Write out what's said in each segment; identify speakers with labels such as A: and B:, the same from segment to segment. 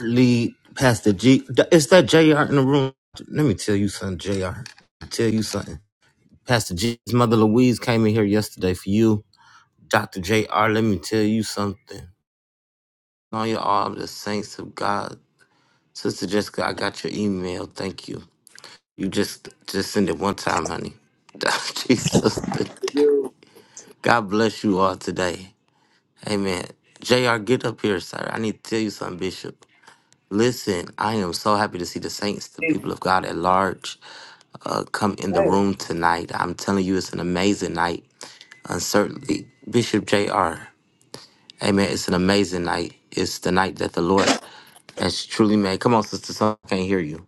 A: lead Pastor G. Is that JR in the room? Let me tell you something, JR. Tell you something. Pastor G's mother Louise came in here yesterday for you. Dr. JR, let me tell you something. All you all the saints of God. Sister Jessica, I got your email. Thank you. You just just send it one time, honey. Jesus today.
B: You
A: God bless you all today. Amen. JR, get up here, sir. I need to tell you something, Bishop. Listen, I am so happy to see the saints, the people of God at large, uh, come in the
B: insane.
A: room tonight. I'm telling you, it's an amazing night. Uncertainly, Bishop J.R. Amen. It's an amazing night. It's the night that the Lord has truly made. Come on, Sister Sonia. I can't hear you.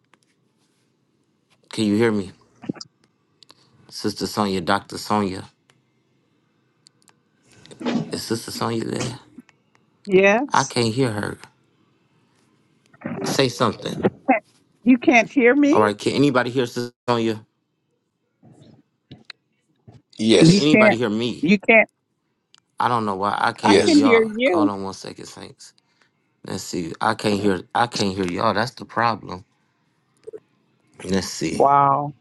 A: Can you hear me? Sister Sonia, Dr. Sonia. Is Sister Sonia there? I
C: Yes.
A: can't hear her. Say something.
C: You can't hear
A: All right.
C: me?
A: Can anybody hear Sister Sonia? Can
C: You
D: Yes.
A: anybody
C: can't.
A: hear me?
C: You can't.
A: I don't know why I can't
C: I
A: hear
C: can
D: Yes.
C: hear
A: y'all. Hold
C: you.
A: on one second, Saints. Let's see. I can't hear. I can't hear y'all. That's the problem. Let's see.
C: Wow.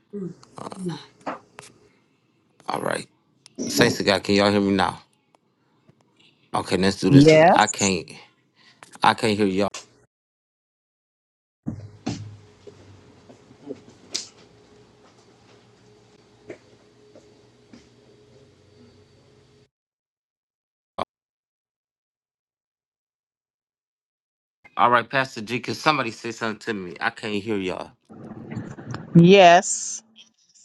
B: Hello,
A: All right. Saints of God, can y'all hear me now? Okay, let's do this because I
C: Yes.
A: can't. I can't hear y'all. All right, Pastor G, can somebody say something to me? I can't hear y'all.
C: Yes.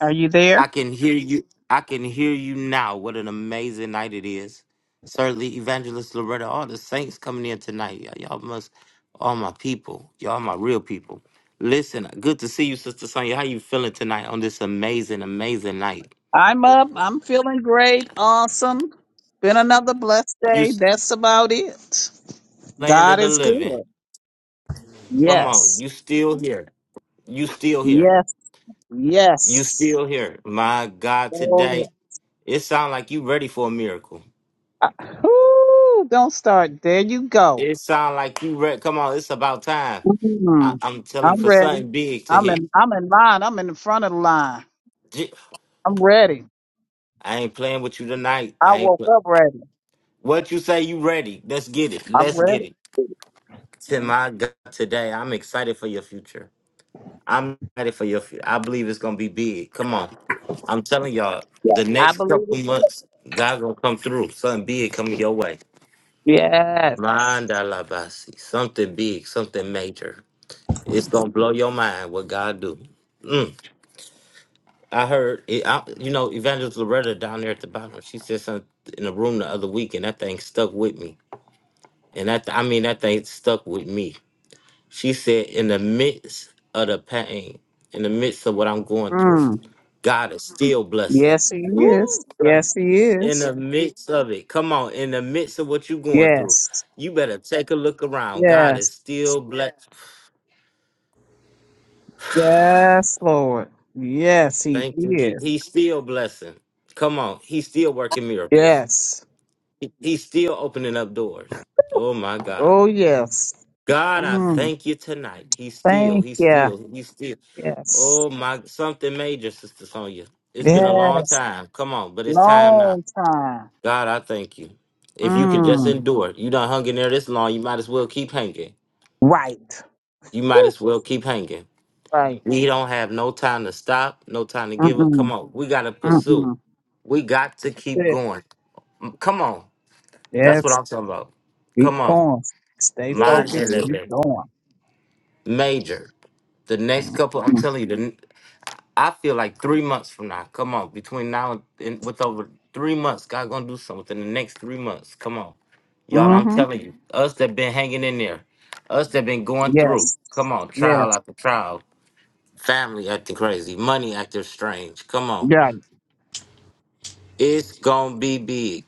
C: Are you there?
A: I can hear you. I can hear you now. What an amazing night it is. Certainly, Evangelist Loretta, all the saints coming in tonight. Y'all, y'all must, all my people. Y'all my real people. Listen, good to see you, Sister Sonya. How you feeling tonight on this amazing, amazing night?
C: I'm up. I'm feeling great. Awesome. Been another blessed
A: You.
C: day. That's about it.
A: land of
C: God
A: the
C: is
A: living.
C: good.
A: Come on,
C: Yes.
A: you still here. You still here.
C: Yes.
A: You
C: Yes.
A: still here. My God,
C: Oh, yeah.
A: today it sound like you ready for a miracle.
C: I- Whoo, don't start. There you go.
A: It sound like you ready. Come on, it's about time. I-
C: Mm,
A: I'm telling you,
C: I'm
A: for
C: ready.
A: something big to
C: I'm
A: hit.
C: in. I'm in line. I'm in the front of the line.
A: J-
C: I'm ready.
A: I ain't playing with you tonight.
C: I
A: I ain't
C: woke
A: play.
C: up ready.
A: What you say? You ready? Let's get it.
C: I'm
A: Let's get
C: ready.
A: it. To my God, today I'm excited for your future. I'm ready for your. fu- I believe it's gonna be big. Come on, I'm telling y'all,
C: Yeah.
A: the
C: I
A: next
C: believe
A: couple
C: it. too.
A: months, God gonna come through. Something big coming your way.
C: Yes.
A: Manda la basi. Something big, something major. It's gonna blow your mind what God do. Mm. I heard it. I, you know, Evangelist Loretta down there at the bottom. She said something in the room the other week, and that thing stuck with me. And that I mean, that thing stuck with me. She said, in the midst of the pain, in the midst of what I'm going through.
C: Mm.
A: God is still blessing.
C: Yes, he is. Yes, he
A: In
C: is.
A: the midst of it, come on, in the midst of what you're going through,
C: Yes.
A: you better take a look around. God
C: Yes.
A: is still blessing.
C: Yes, Lord. Yes, he
A: Thank you, Jesus.
C: is.
A: He's still blessing. Come on, He's still working miracles.
C: Yes.
A: He- He's still opening up doors. Oh my God.
C: Oh, yes.
A: God, I
C: Mm.
A: thank you tonight. He's still,
C: Thank
A: he's
C: you.
A: still, he's still.
C: Yes.
A: Oh my, something major, Sister Sonia. It's been a long
C: Yes.
A: time. Come on, but it's time now.
C: Long time.
A: God, I thank you. If you could just
C: Mm.
A: endure, you done hung in there this long, you might as well keep hanging.
C: Right.
A: You might as well keep hanging.
C: Right.
A: We don't have no time to stop, no time to give up. Come
C: Mm-mm.
A: on, we got to pursue.
C: Mm-mm.
A: We got to keep going. M- Come on. That's
C: Yes.
A: what I'm talking about. Come
C: Keep
A: on.
C: going. Stay
A: mind
C: focused. Keep
A: delivered.
C: going.
A: Major. The next couple, I'm telling you, the, n- I feel like three months from now. Come on. Between now and and with over three months, God going to do something in the next three months. Come on. Y'all, I'm
C: Mm-hmm.
A: telling you, us that been hanging in there, us that been going through,
C: Yes.
A: come on, trial
C: Yes.
A: after trial, family acting crazy, money acting strange. Come on.
C: Yeah.
A: It's gonna be big.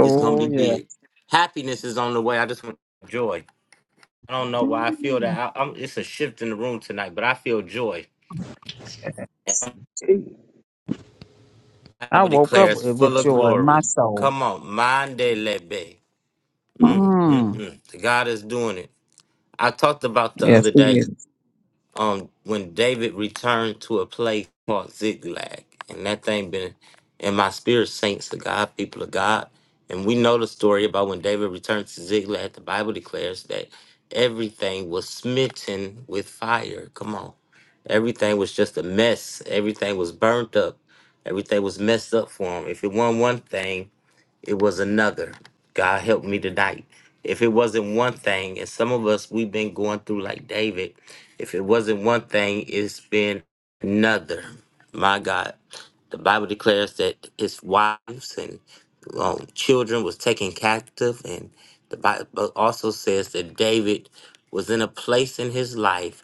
A: It's gonna be
C: yeah.
A: big. Happiness is on the way. I just want joy. I don't know why I feel
C: Yes.
A: that. I, I'm, it's a shift in the room tonight, but I feel joy.
C: Gee,
A: I
C: I
A: will
C: woke
A: declare
C: up
A: it's
C: with with
A: full of
C: joy in
A: glory.
C: my soul.
A: Come on, Mande Lebe. Mm, mm,
C: Mm.
A: mm. God is doing it. I talked about the
C: Yes,
A: other
C: it
A: day.
C: is.
A: um when David returned to a place called Ziklag, and that thing been in my spirit, saints of God, people of God, and we know the story about when David returned to Ziklag. The Bible declares that everything was smitten with fire. Come on, everything was just a mess. Everything was burnt up. Everything was messed up for him. If it wasn't one thing, it was another. God help me tonight. If it wasn't one thing, and some of us we've been going through like David, if it wasn't one thing, it's been another. My God, the Bible declares that his wives and um, children was taken captive, and the Bible also says that David was in a place in his life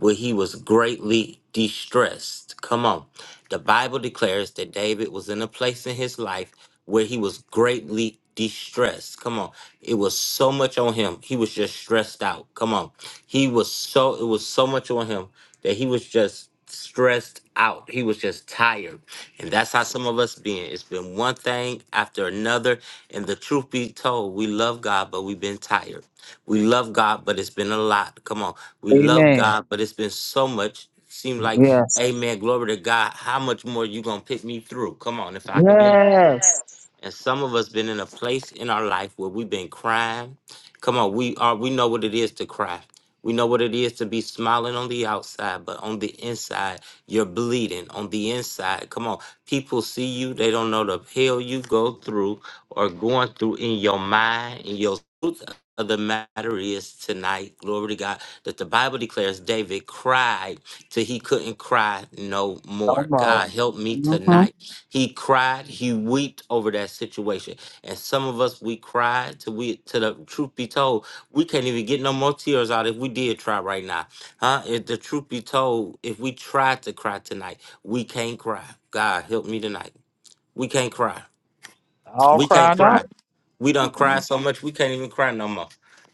A: where he was greatly distressed. Come on. The Bible declares that David was in a place in his life where he was greatly distressed. Come on. It was so much on him. He was just stressed out. Come on. He was so it was so much on him that he was just stressed out. He was just tired. And that's how some of us been. It's been one thing after another. And the truth be told, we love God, but we've been tired. We love God, but it's been a lot. Come on. We love
C: Amen.
A: God, but it's been so much. Seem like,
C: Yes.
A: amen, glory to God. How much more you going to pick me through? Come on, if I can be
C: Yes.
A: honest. And some of us been in a place in our life where we've been crying. Come on, we are we know what it is to cry. We know what it is to be smiling on the outside, but on the inside, you're bleeding. On the inside, come on. People see you, they don't know the hell you go through or going through in your mind, in your of the matter is tonight, glory to God, that the Bible declares David cried till he couldn't cry no
C: Come
A: more. God
C: on.
A: help me
C: Mm-hmm.
A: tonight. He cried, he wept over that situation. And some of us we cried till we till the truth be told, we can't even get no more tears out if we did try right now. Huh? If the truth be told, if we tried to cry tonight, we can't cry. God help me tonight. We can't cry.
C: All
A: We can't
C: cried out.
A: cry. We done cried
C: Mm-mm.
A: so much we can't even cry no more.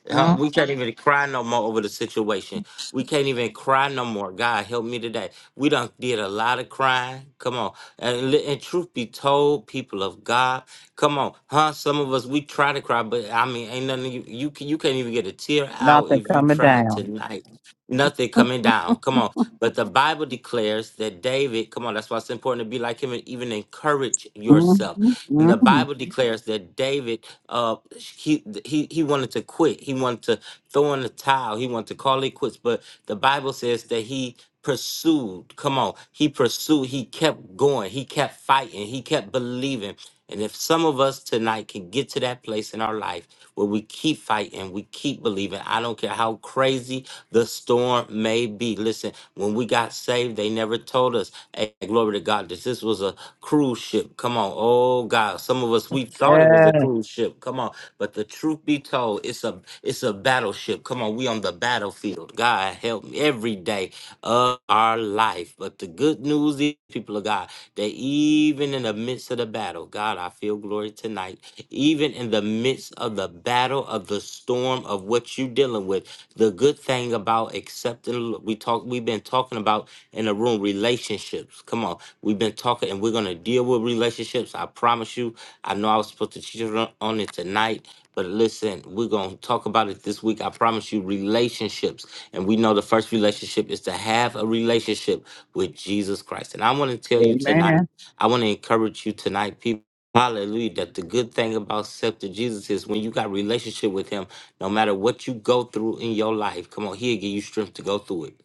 A: Huh?
C: Mm.
A: We can't even cry no more over the situation. We can't even cry no more. God help me today. We done did a lot of crying. Come on. And, li- and truth be told, people of God, come on. Huh? Some of us we try to cry, but I mean ain't nothing you you, can, you can't even get a tear out
C: Nothing
A: if you
C: coming
A: try
C: down.
A: tonight. Nothing coming down. Come on. But the Bible declares that David, come on, that's why it's important to be like him and even encourage yourself.
C: Mm-hmm.
A: And the
C: Mm-hmm.
A: Bible declares that David, uh, he he he wanted to quit. He wanted to throw in the towel. He wanted to call it quits. But the Bible says that he pursued. Come on, he pursued. He kept going. He kept fighting. He kept believing. And if some of us tonight can get to that place in our life where we keep fighting, we keep believing, I don't care how crazy the storm may be. Listen, when we got saved, they never told us, hey, glory to God, that this was a was a cruise ship. Come on. Oh God. Some of us we thought it was a
C: Yes.
A: cruise ship. Come on. But the truth be told, it's a it's a battleship. Come on. We on the battlefield. God help me every day of our life. But the good news is, people of God, that even in the midst of the battle, God, I feel glory tonight. Even in the midst of the battle of the storm of what you're dealing with, the good thing about accepting we talk we've been talking about in the room relationships. Come on, we've been talking, and we're gonna deal with relationships. I promise you. I know I was supposed to teach on on it tonight, but listen, we're gonna talk about it this week. I promise you, relationships, and we know the first relationship is to have a relationship with Jesus Christ. And I want to tell you tonight.
C: Amen.
A: I want to encourage you tonight, people. Hallelujah. That the good thing about accepting Jesus is when you got relationship with him, no matter what you go through in your life, come on, he'll give you strength to go through it.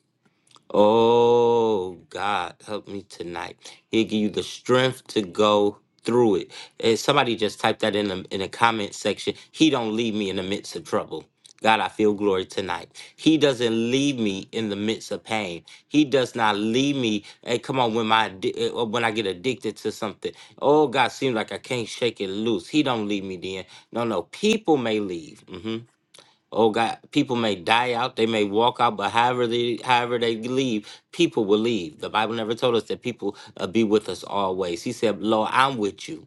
A: Oh God, help me tonight. He'll give you the strength to go through it. And somebody just typed that in the in the comment section. He don't leave me in the midst of trouble. God, I feel glory tonight. He doesn't leave me in the midst of pain. He does not leave me. Hey, come on, when my addi- uh, when I get addicted to something, oh God, seems like I can't shake it loose. He don't leave me then. No, no, people may leave. Mm-hmm. Oh God, people may die out, they may walk out, but however they however they leave, people will leave. The Bible never told us that people uh, be with us always. He said, "Lord, I'm with you."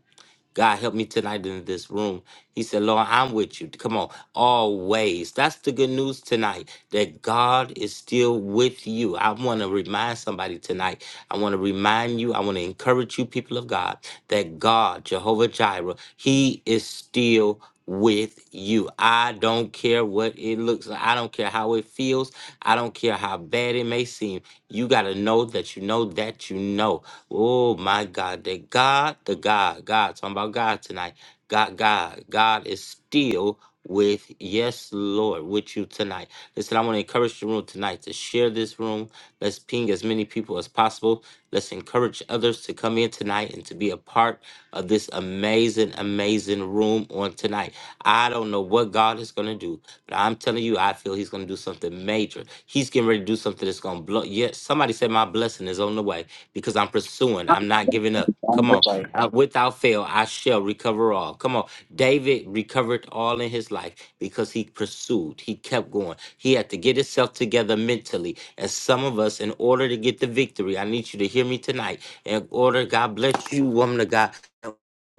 A: God help me tonight in this room. He said, Lord, I'm with you. Come on, always. That's the good news tonight that God is still with you. I want to remind somebody tonight. I want to remind you, I want to encourage you, people of God, that God, Jehovah Jireh, He is still with you. I don't care what it looks like. I don't care how it feels. I don't care how bad it may seem. You got to know that you know that you know. Oh my God, that God, the God, God, talking about God tonight. God, God, God is still with yes, Lord, with you tonight. Listen, I want to encourage the room tonight to share this room. Let's ping as many people as possible. Let's encourage others to come in tonight and to be a part of this amazing, amazing room on tonight. I don't know what God is going to do, but I'm telling you, I feel He's going to do something major. He's getting ready to do something that's going to blow. Yes, somebody said my blessing is on the way because I'm pursuing, I'm not giving up. Come on, Uh, without fail, I shall recover all. Come on, David recovered all in his life because he pursued, he kept going. He had to get himself together mentally. And some of us, in order to get the victory, I need you to hear me tonight. In order, God bless you, woman of God.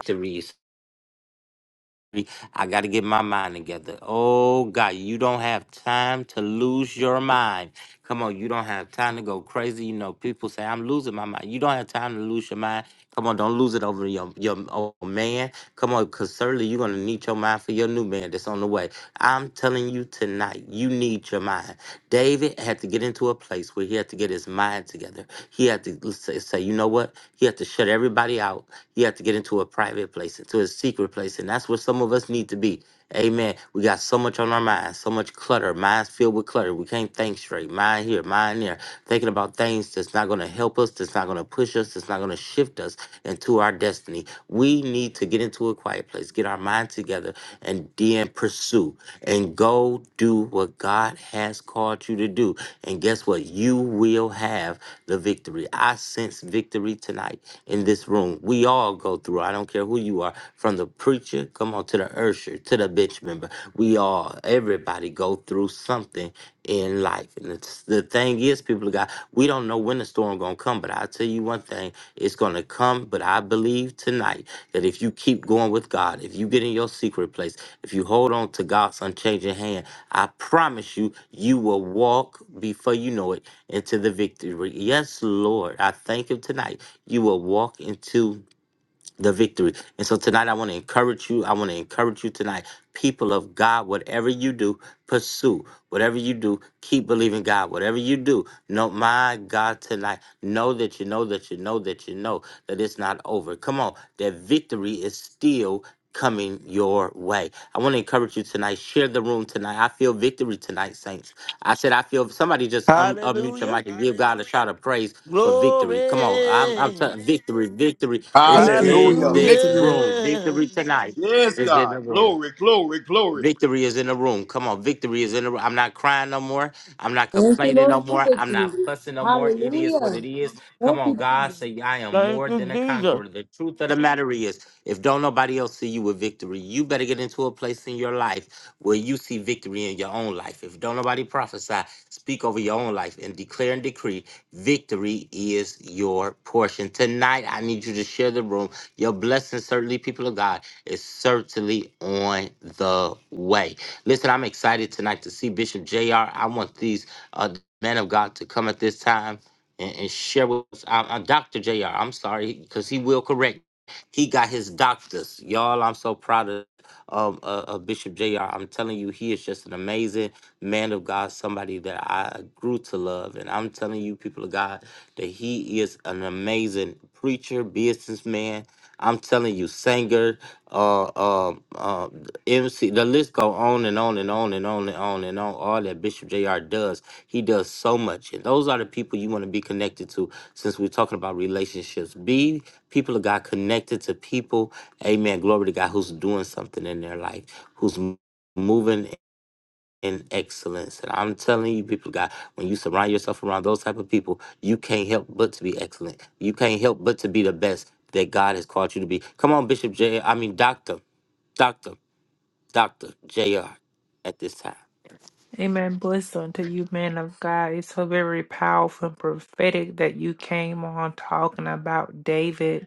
A: victories. I got to get my mind together. Oh, God, you don't have time to lose your mind. Come on, you don't have time to go crazy. You know, people say, I'm losing my mind. You don't have time to lose your mind. Come on, don't lose it over your, your old man. Come on, because certainly you're going to need your mind for your new man that's on the way. I'm telling you tonight, you need your mind. David had to get into a place where he had to get his mind together. He had to say, say, you know what? He had to shut everybody out. He had to get into a private place, into a secret replace. And that's what some of us need to be. Amen. We got so much on our minds, so much clutter. Minds filled with clutter. We can't think straight. Mind here, mind there. Thinking about things that's not going to help us, that's not going to push us, that's not going to shift us into our destiny. We need to get into a quiet place, get our mind together, and then pursue and go do what God has called you to do. And guess what? You will have the victory. I sense victory tonight in this room. We all go through. I don't care care who you are, from the preacher, come on, to the usher, to the bench member. We all, everybody go through something in life. And it's, the thing is, people of God, we don't know when the storm going to come, but I'll tell you one thing, it's going to come. But I believe tonight that if you keep going with God, if you get in your secret place, if you hold on to God's unchanging hand, I promise you, you will walk before you know it into the victory. Yes, Lord, I thank Him tonight. You will walk into the victory. And so tonight, I want to encourage you. I want to encourage you tonight, people of God, whatever you do, pursue. Whatever you do, keep believing God. Whatever you do, know, my God, tonight, know that you know that you know that you know that it's not over. Come on, that victory is still coming your way. I want to encourage you tonight. Share the room tonight. I feel victory tonight, saints. I said I feel somebody just un- unmute your
E: Hallelujah.
A: mic and give God a shout of praise for victory. Come on, I'm, I'm
E: Glory.
A: telling victory, victory. It's
F: Victory
A: in
D: Hallelujah.
F: belongs
A: this
F: to me.
D: Victory.
A: room.
E: Hallelujah.
A: Victory tonight
D: Yes,
A: is in
D: God.
A: the room.
D: Glory, glory, glory.
A: Victory is in the room. Come on, victory is in the room. I'm not crying no more. I'm not
G: Thank you,
A: complaining no
G: Lord, for
A: more. I'm
G: victory.
A: not fussing no more. It is what it
G: Hallelujah.
A: is. Come
G: Thank you,
A: on, God
G: Jesus.
A: say I am
E: Thank
A: more
E: you,
A: than a
E: Jesus.
A: conqueror. The truth of the matter is, if don't nobody else see you with victory, you better get into a place in your life where you see victory in your own life. If don't nobody prophesy, speak over your own life and declare and decree victory is your portion. Tonight, I need you to share the room. Your blessing, certainly, people of God, is certainly on the way. Listen, I'm excited tonight to see Bishop JR. I want these uh, men of God to come at this time and, and share with us. I, I, Dr. JR, I'm sorry, because he will correct. He got his doctors. Y'all, I'm so proud of um, uh, uh, Bishop Jr. I'm telling you, he is just an amazing man of God, somebody that I grew to love. And I'm telling you, people of God, that he is an amazing preacher, businessman. I'm telling you, singer, uh, uh, uh, See, the list go on and on and on and on and on and on. All that Bishop Jr. does, he does so much, and those are the people you want to be connected to. Since we're talking about relationships, be people of God connected to people. Amen. Glory to God, who's doing something in their life, who's m- moving in excellence. And I'm telling you, people of God, when you surround yourself around those type of people, you can't help but to be excellent. You can't help but to be the best that God has called you to be. Come on, Bishop J. I mean, Doctor. Doctor. Dr. JR at this time.
H: Amen. Bless unto you, man of God. It's so very powerful and prophetic that you came on talking about David.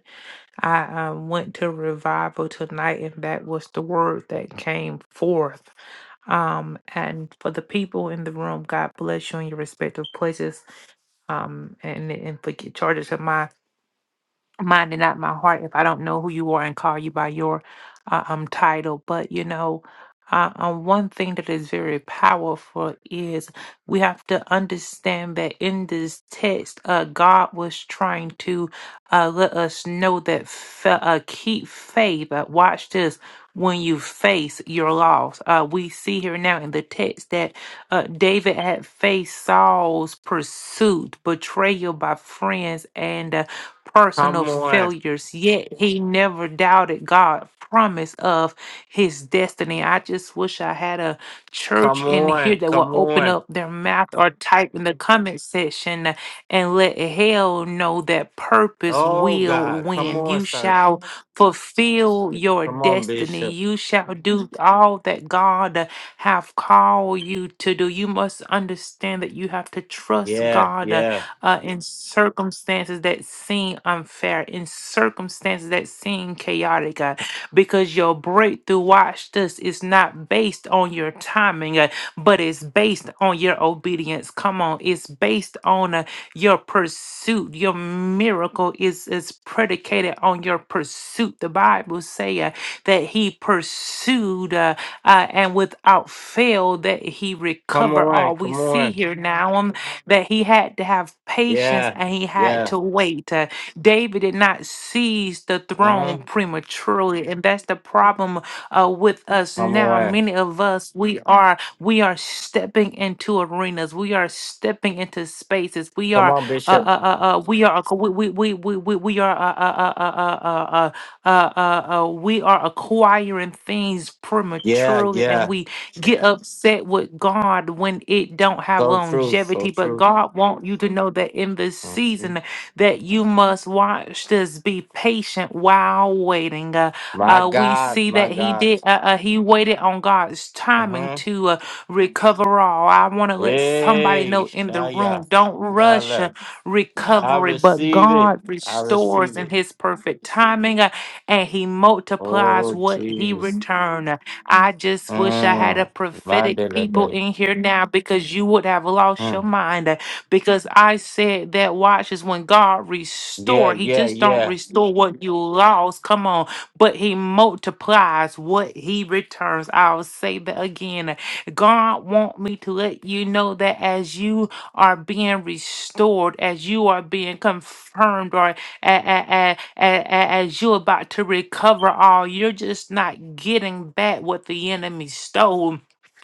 H: I um, went to revival tonight, and that was the word that came forth. Um, and for the people in the room, God bless you in your respective places. Um, and and forget charges of mine mind and not my heart if I don't know who you are and call you by your uh, um title. But you know, uh, um, one thing that is very powerful is we have to understand that in this text, uh, God was trying to uh, let us know that fa- uh, keep faith. Uh, watch this. When you face your loss, uh, we see here now in the text that uh, David had faced Saul's pursuit, betrayal by friends, and uh, personal
A: Come on.
H: failures, yet he never doubted God's promise of his destiny. I just wish I had a church
A: Come
H: in here
A: on.
H: that
A: Come
H: will open
A: on.
H: up their mouth or type in the comment section and let hell know that purpose
A: Oh,
H: will
A: God. Come
H: win.
A: on,
H: You
A: sir.
H: shall fulfill your
A: Come on,
H: destiny.
A: Bishop.
H: You shall do all that God have called you to do. You must understand that you have to trust
A: Yeah.
H: God uh,
A: Yeah.
H: uh, in circumstances that seem unfair, in circumstances that seem chaotic, uh, because your breakthrough, watch this, is not based on your timing, uh, but it's based on your obedience. Come on, it's based on uh, your pursuit. Your miracle is, is predicated on your pursuit. The Bible say uh, that he pursued uh, uh, and without fail that he
A: Come
H: recovered
A: on.
H: all. We
A: Come
H: see
A: on.
H: here now. um, that he had to have patience
A: Yeah.
H: and he had
A: Yeah.
H: to wait. Uh, David did not seize the throne
A: Mhm.
H: prematurely, and that's the problem uh, with us
A: Come
H: now.
A: on.
H: Many of us, we are we are stepping into arenas, we are stepping into spaces, we
A: Come
H: are
A: on,
H: uh,
A: Bishop.
H: uh, uh, uh, we are we we we we we we are uh, uh, uh, uh, uh, uh, uh, uh, uh, uh, uh, we are acquiring things
A: Yeah.
H: prematurely and
A: Yeah.
H: we get upset with God when it don't have
A: So true. So
H: longevity. But
A: true.
H: God want you to know that in this
A: Mhm.
H: season that you must watch this, be patient while waiting. Uh,
A: My
H: uh, we
A: God.
H: see that
A: My
H: he
A: God.
H: did. Uh, uh, he waited on God's timing
A: Mm-hmm.
H: to uh, recover all. I want to let somebody
A: Hey,
H: know in the room:
A: Shaya.
H: don't rush. uh,
A: Lala. I
H: recovery, but
A: receive it.
H: God
A: I
H: restores
A: receive
H: in
A: it.
H: his perfect timing uh, and he multiplies
A: Oh,
H: what he
A: Jesus.
H: returned. I just wish I had a
A: Mm.
H: prophetic people
A: Vandelebe.
H: in here now because you would have lost your
A: Mm.
H: mind. uh, Because I said that watch is when God
A: Yeah,
H: restore. He
A: yeah,
H: just don't
A: yeah.
H: restore what you lost. Come on, but he multiplies what he returns. I'll say that again. God want me to let you know that as you are being restored, as you are being confirmed, or a- a- a- a- a- as you're about to recover all. You're just not getting back what the enemy stole.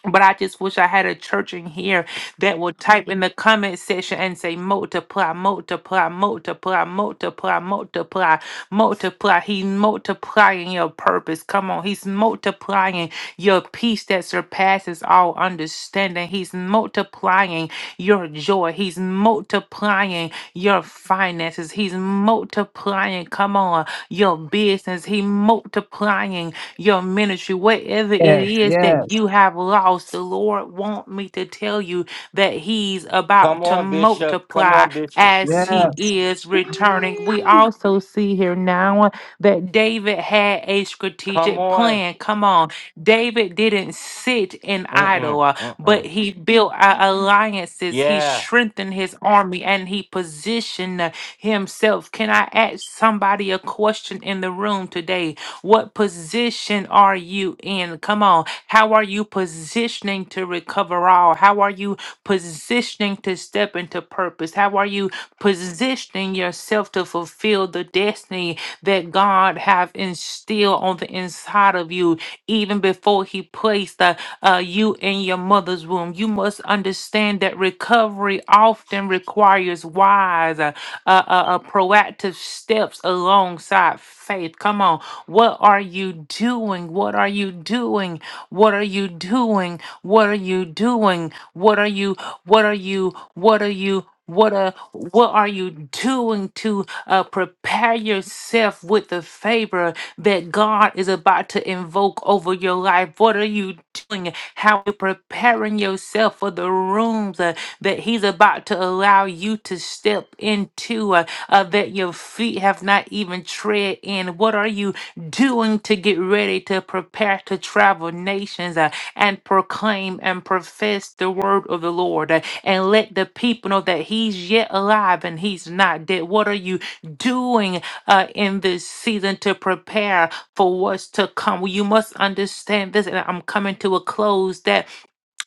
H: But I just wish I had a church in here that would type in the comment section and say multiply, multiply, multiply, multiply, multiply, multiply. He's multiplying your purpose. Come on, he's multiplying your peace that surpasses all understanding. He's multiplying your joy. He's multiplying your finances. He's multiplying, come on, your business. He multiplying your ministry. Whatever it
C: Yes.
H: is that
C: Yes.
H: you have lost, the Lord want me to tell you that He's about
A: Come
H: to
A: on, Bishop. Come
H: multiply
A: on, Bishop.
H: as He
C: Yes.
H: is returning. We
A: Eee.
H: also see here now that David had a
A: Come
H: strategic
A: on.
H: plan. Come on. David didn't sit in
A: Mm-mm.
H: idle but
A: Mm-mm.
H: he built a- alliances, he
A: Yeah.
H: strengthened his army, and he positioned himself. Can I ask somebody a question in the room today? What position are you in? Come on. How are you positioning to recover all? How are you positioning to step into purpose? How are you positioning yourself to fulfill the destiny that God have instilled on the inside of you even before he placed uh, uh, you in your mother's womb? You must understand that recovery often requires wise, uh, uh, uh, uh, proactive steps alongside faith. Come on. What are you doing? What are you doing? What are you doing? What are you doing? What are you, what are you, what are you? What uh, what are you doing to uh, prepare yourself with the favor that God is about to invoke over your life? life? What are you doing? How are you preparing yourself for the rooms uh, that He's about to allow you to step into uh, uh, that your feet have not even tread in? What are you doing to get ready to prepare to travel nations uh, and proclaim and profess the word of the Lord uh, and let the people know that He's yet alive and He's not dead? What are you doing uh, in this season to prepare for what's to come. You must understand this, and I'm coming to a close that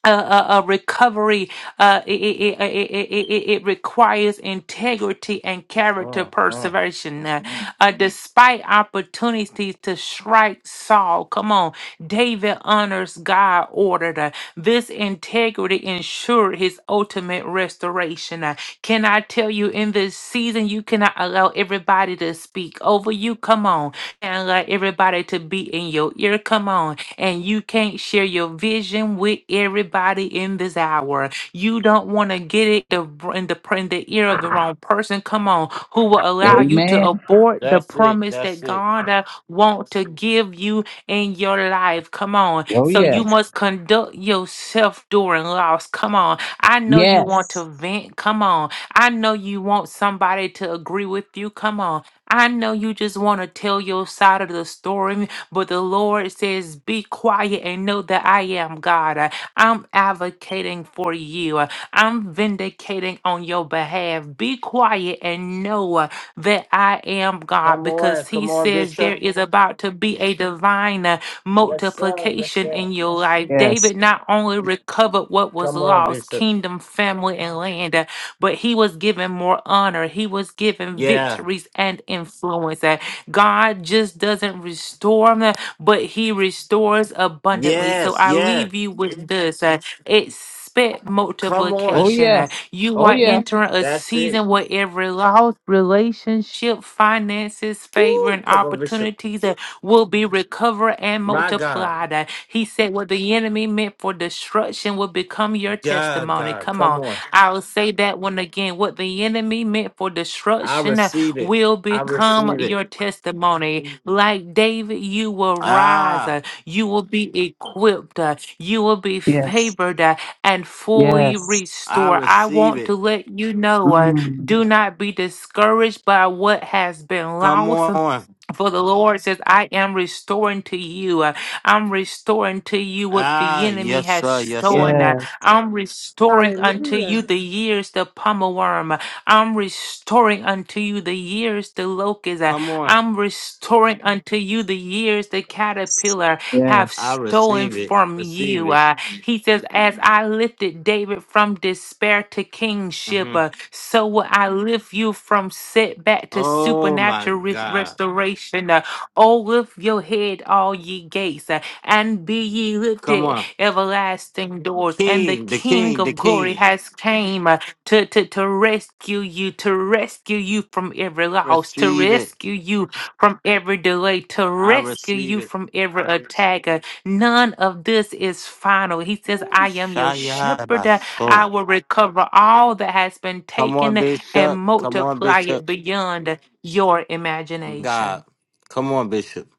H: uh, uh, uh, recovery uh, it, it, it, it, it, it it requires integrity and character
A: Mm-mm. Mm.
H: perseveration. Uh, uh, despite opportunities to strike Saul, come on, David honors God ordered. Uh, this integrity ensured his ultimate restoration. Uh, can I tell you? you in this season. You cannot allow everybody to speak over you. Come on. And allow everybody to be in your ear. Come on. And you can't share your vision with everybody in this hour. You don't want to get it the in the in the ear of the wrong person. Come on, who will allow you to
C: Amen.
H: abort the
A: That's it.
H: promise that
A: That's it.
H: God uh, want to give you in your life. Come on.
C: Oh,
H: So you
C: yes.
H: must conduct yourself during loss. Come on. I know you want to
C: Yes.
H: vent. Come on. I know you want somebody to agree with you. Come on. I know you just want to tell your side of the story, but the Lord says, Be quiet and know that I am God. Uh, I'm advocating for you. Uh, I'm vindicating on your behalf. Be quiet and know uh, that I am God
A: Come on.
H: because He
A: Come on,
H: says there
A: Bishop.
H: is about to be a divine uh,
A: Yes, sir. Yes,
H: multiplication
A: sir.
H: in your life.
C: Yes.
H: David not only recovered what was
A: Come on,
H: lost,
A: Bishop.
H: kingdom, family, and land, but he was given more honor. He was given
A: Yeah.
H: victories and influence. And God just doesn't restore, them, but he restores abundantly. So
A: Yes.
H: I
A: Yeah.
H: leave you with this. uh, It's expect
A: Come
C: Oh,
A: on.
H: multiplication. Uh,
C: yes.
H: You
C: Oh,
H: are Mhm.
C: yes.
H: entering a
A: That's it.
H: season where every loss, relationship, finances, favor,
A: Woo.
H: and
A: Come on, Bishop.
H: opportunities uh, will be recovered and
A: My God.
H: multiplied. Uh, He said, What the enemy meant for destruction will become your
A: God,
H: testimony.
A: God.
H: Come
A: Come
H: on.
A: on.
H: I'll say that one again. What the enemy meant for
A: I
H: destruction uh,
A: receive it.
H: will
A: I
H: become
A: receive it.
H: your testimony. Like David, you will rise,
A: Ah.
H: uh, you will be equipped, uh, you will be
C: Yes.
H: favored uh, and fully
C: Yes.
A: I
H: restored. I
A: receive
H: want to
A: it.
H: let you know uh, do
C: Mm.
H: not be discouraged by what has been
A: Come
H: lost.
A: on.
H: For the Lord says, I am restoring to you. uh, I'm restoring to you what the
A: Ah,
H: enemy
A: yes,
H: has
A: sir. Yes, sir.
H: stolen. uh,
C: Yes.
H: I'm restoring unto you
G: Hallelujah.
H: the years the pommel worm. uh, I'm restoring unto you the years the locust. uh,
A: Come on.
H: I'm restoring unto you the years the caterpillar have
C: Yes.
A: I
H: stolen
A: receive it.
H: from
A: Receive
H: you. Uh,
A: it.
H: he says, As I lifted David from despair to kingship,
A: hmm
H: uh, so will I lift you from setback to
A: Oh, my
H: supernatural res-
A: God.
H: restoration. Uh, oh, lift your head, all ye gates, uh, and be ye
A: Come
H: lifted,
A: on.
H: everlasting doors. And the
A: King, the
H: King
A: king, the
H: of glory
A: king.
H: has came uh, to, to, to rescue you, to rescue you from every loss, to
A: Receive it.
H: rescue you from every delay, to
A: I
H: rescue
A: receive
H: you
A: it.
H: from every attack. uh, None of this is final. He says,
A: Ooh,
H: I am your
A: Shia
H: shepherd. I
A: Baso.
H: will recover all that has been
A: Come on,
H: taken and
A: Bishop. Come on,
H: multiply it
A: Bishop.
H: beyond your imagination.
A: God. Come on, Bishop.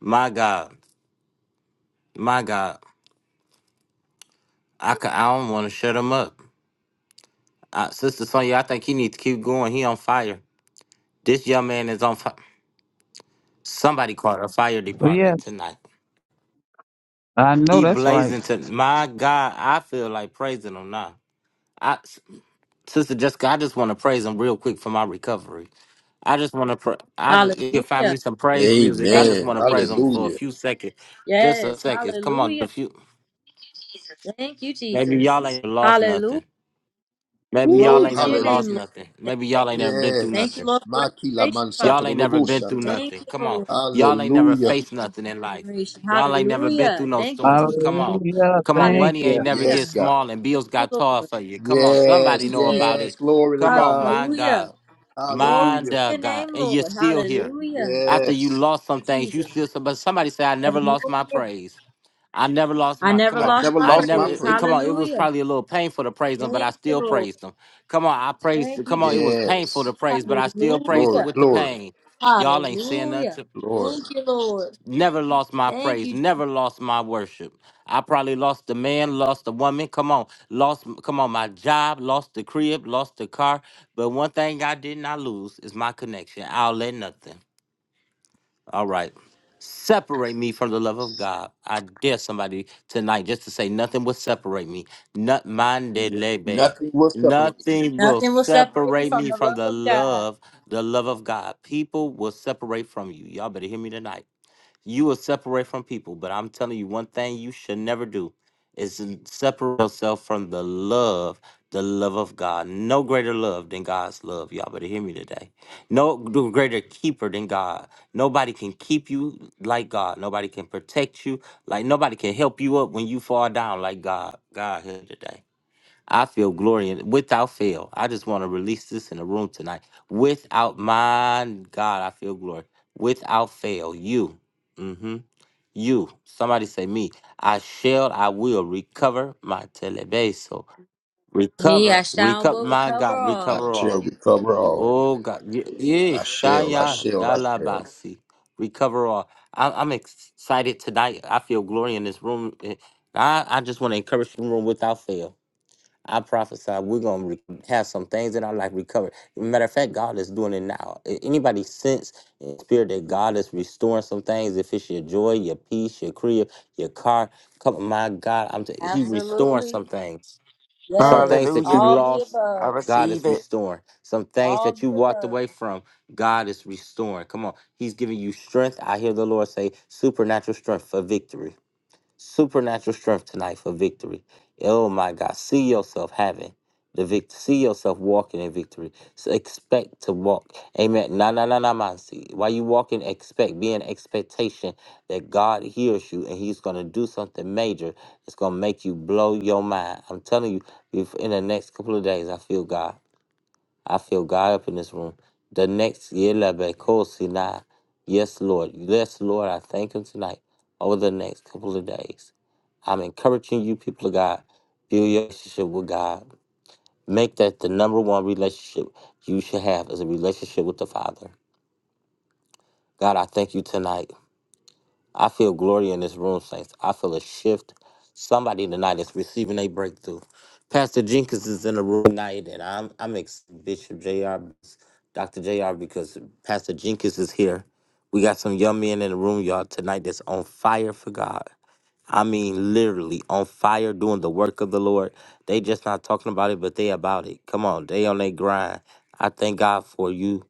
A: My God. My God. I, ca- I don't want to shut him up. Uh, Sister Sonya, I think he needs to keep going. He on fire. This young man is on fire. Somebody called the fire
C: Oh,
A: department
C: yes.
A: tonight.
C: I know
A: He
C: that's right.
A: blazing to my God. I feel like praising him now. I, Sister Jessica, I just want to praise him real quick for my recovery. I just want to, pra- I just, you can find
G: Hallelujah.
A: me some praise music. I
G: Thank
A: just
D: Amen.
A: want
G: you,
A: to
G: Jesus.
A: praise him for a
D: Hallelujah.
A: few seconds, just a
G: Yes.
A: second. Come on,
G: Hallelujah.
A: a few.
G: Thank you,
A: Maybe y'all
G: Jesus.
A: ain't lost
G: Hallelujah.
A: nothing. Maybe y'all
D: Woo.
G: Glory
A: ain't
G: to
A: never
G: your name,
A: lost
G: Lord.
D: Hallelujah.
A: nothing.
G: Thank
A: Maybe y'all ain't never been through
G: thank
A: nothing.
G: you,
D: Yes.
G: Lord, for
D: Makila
G: restoration, Father.
D: mansato
A: Y'all ain't never
D: dolobo
A: been through
D: shanta.
G: Thank
A: nothing.
G: you,
A: Come on.
G: Lord.
A: Y'all ain't never
D: Hallelujah.
G: Thank you,
A: faced nothing in
G: for
A: life.
G: restoration.
A: Y'all ain't never been through
G: Hallelujah.
A: no
G: Thank you,
A: storms.
G: Jesus.
A: Come on.
C: Hallelujah.
A: Come on.
C: Thank
A: Money
C: you.
A: ain't never get
D: Yes,
G: Hallelujah.
D: God.
A: small and
G: Thank
A: bills
G: you,
A: got
G: Lord.
A: tall for you. Come on. Somebody
D: Yes.
G: Thank you,
A: know
G: Jesus.
A: about
D: Yes.
A: it.
D: Glory to
A: Come on.
D: God.
A: My
G: Hallelujah.
A: God.
G: Glory
A: My
G: to
D: Hallelujah.
A: da-
G: your
A: God.
G: name,
A: And you're
G: Lord.
A: still here.
G: Hallelujah.
A: After you
D: Yes.
A: lost
G: Thank
A: some
G: you,
A: things, you
G: Jesus.
A: still, but somebody say, I never lost my
G: Hallelujah.
A: praise. I never lost
G: I
A: my.
G: never
A: Come
D: I
A: on,
G: lost
D: never
G: my
A: I
D: lost
A: never.
D: my
G: praise.
A: It, it-
D: praise.
A: come on, it was
G: Hallelujah.
A: probably a little painful to praise him, but
G: Thank
A: I
G: you,
A: still
G: Lord.
A: praised him. Come on, I praised.
G: Thank you,
A: Come on, it
G: Jesus.
A: was painful
D: Yes.
A: to praise, but I still praised him
D: Glory,
G: Hallelujah.
A: with the
D: glory,
A: pain. Y'all ain't saying
G: Hallelujah.
A: nothing. To,
D: glory.
G: Thank you, Lord.
A: never lost my
G: Thank
A: praise.
G: you, Jesus.
A: Never lost my worship. I probably lost the man, lost the woman. Come on, lost. Come on, my job, lost the crib, lost the car. But one thing I did not lose is my connection. I'll let nothing. All right. Separate me from the love of God. I dare somebody tonight just to say nothing will separate me. Not mandelebe.
D: Nothing will separate me.
A: Nothing will
G: Nothing will separate me
A: separate
G: from
A: me
G: the
A: from
G: love
A: the
G: of God.
A: love, the love of God. People will separate from you. Y'all better hear me tonight. You will separate from people, but I'm telling you one thing you should never do is to separate yourself from the love, the love of God. No greater love than God's love. Y'all better hear me today. No greater keeper than God. Nobody can keep you like God. Nobody can protect you. Like nobody can help you up when you fall down like God. God here today. I feel glory in without fail. I just want to release this in the room tonight. Without my God, I feel glory. Without fail, you, mm-hmm, you. Somebody say me. I shall, I will recover my telebeso.
G: Me, I
A: Recover,
G: shall
A: recover,
G: will
A: my
G: recover
A: God,
D: I
A: recover
G: all.
D: shall
A: all.
D: recover all.
A: Oh God, Ye- yeah,
D: I shall, I
A: Shaya
D: shall, I shall.
A: Dalabasi, recover all. I, I'm excited tonight. I feel glory in this room. Eh, I, I just want to encourage the room without fail. I prophesy we're gonna re- have some things in our life recovered. Matter of fact, God is doing it now. A- Anybody sense in spirit that God is restoring some things? If it's your joy, your peace, your career, your car, come on, my God, I'm t- He restoring
G: Absolutely.
A: some things. Some things
G: Yes.
A: that you
E: Hallelujah.
G: All the
A: lost,
E: I
G: above.
A: God is
E: receive it.
A: restoring. Some things
G: All
A: that you
G: the
A: walked
G: above.
A: away from, God is restoring. Come on, He's giving you strength. I hear the Lord say, supernatural strength for victory supernatural strength tonight for victory. Oh my God. See yourself having the victory. See yourself walking in victory. So expect to walk. Amen. Na na na na man. See, while you walking, expect. Be in expectation that God hears you and He's gonna do something major that's gonna make you blow your mind. I'm telling you, if in the next couple of days, I feel God. I feel God up in this room. The next year, Sinai. Yes, Lord. Yes, Lord. I thank Him tonight. Over the next couple of days, I'm encouraging you, people of God, build your relationship with God. Make that the number one relationship you should have is a relationship with the Father. God, I thank you tonight. I feel glory in this room, saints. I feel a shift. Somebody tonight is receiving a breakthrough. Pastor Jenkins is in the room tonight, and I'm I'm ex- Bishop Jr. Dr. Jr. because Pastor Jenkins is here. We got some young men in the room, y'all, tonight that's on fire for God. I mean, literally on fire doing the work of the Lord. They just not talking about it, but they about it. Come on, they on their grind. I thank God for you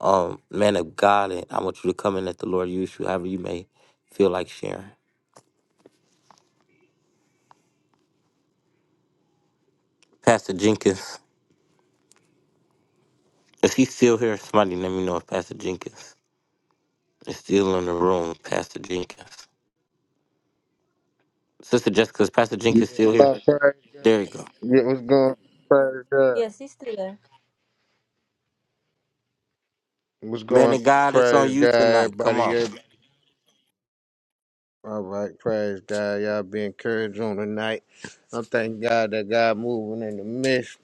A: um, man of God, and I want you to come in at the Lord use you however you may feel like sharing. Pastor Jenkins, if he's still here, somebody let me know if Pastor Jenkins is still in the room. Pastor Jenkins, Sister Jessica, is Pastor Jenkins still here?
B: praise.
A: There you go.
B: Yeah, what's going? Praise God.
G: Yes, he's still there.
B: What's
A: Man
B: going?
A: of God, it's on
B: Praise
A: you
B: God,
A: tonight. Come
B: everybody.
A: on.
B: everybody. All right, praise God. Y'all be encouraged on tonight. I'm thanking God that God moving in the midst.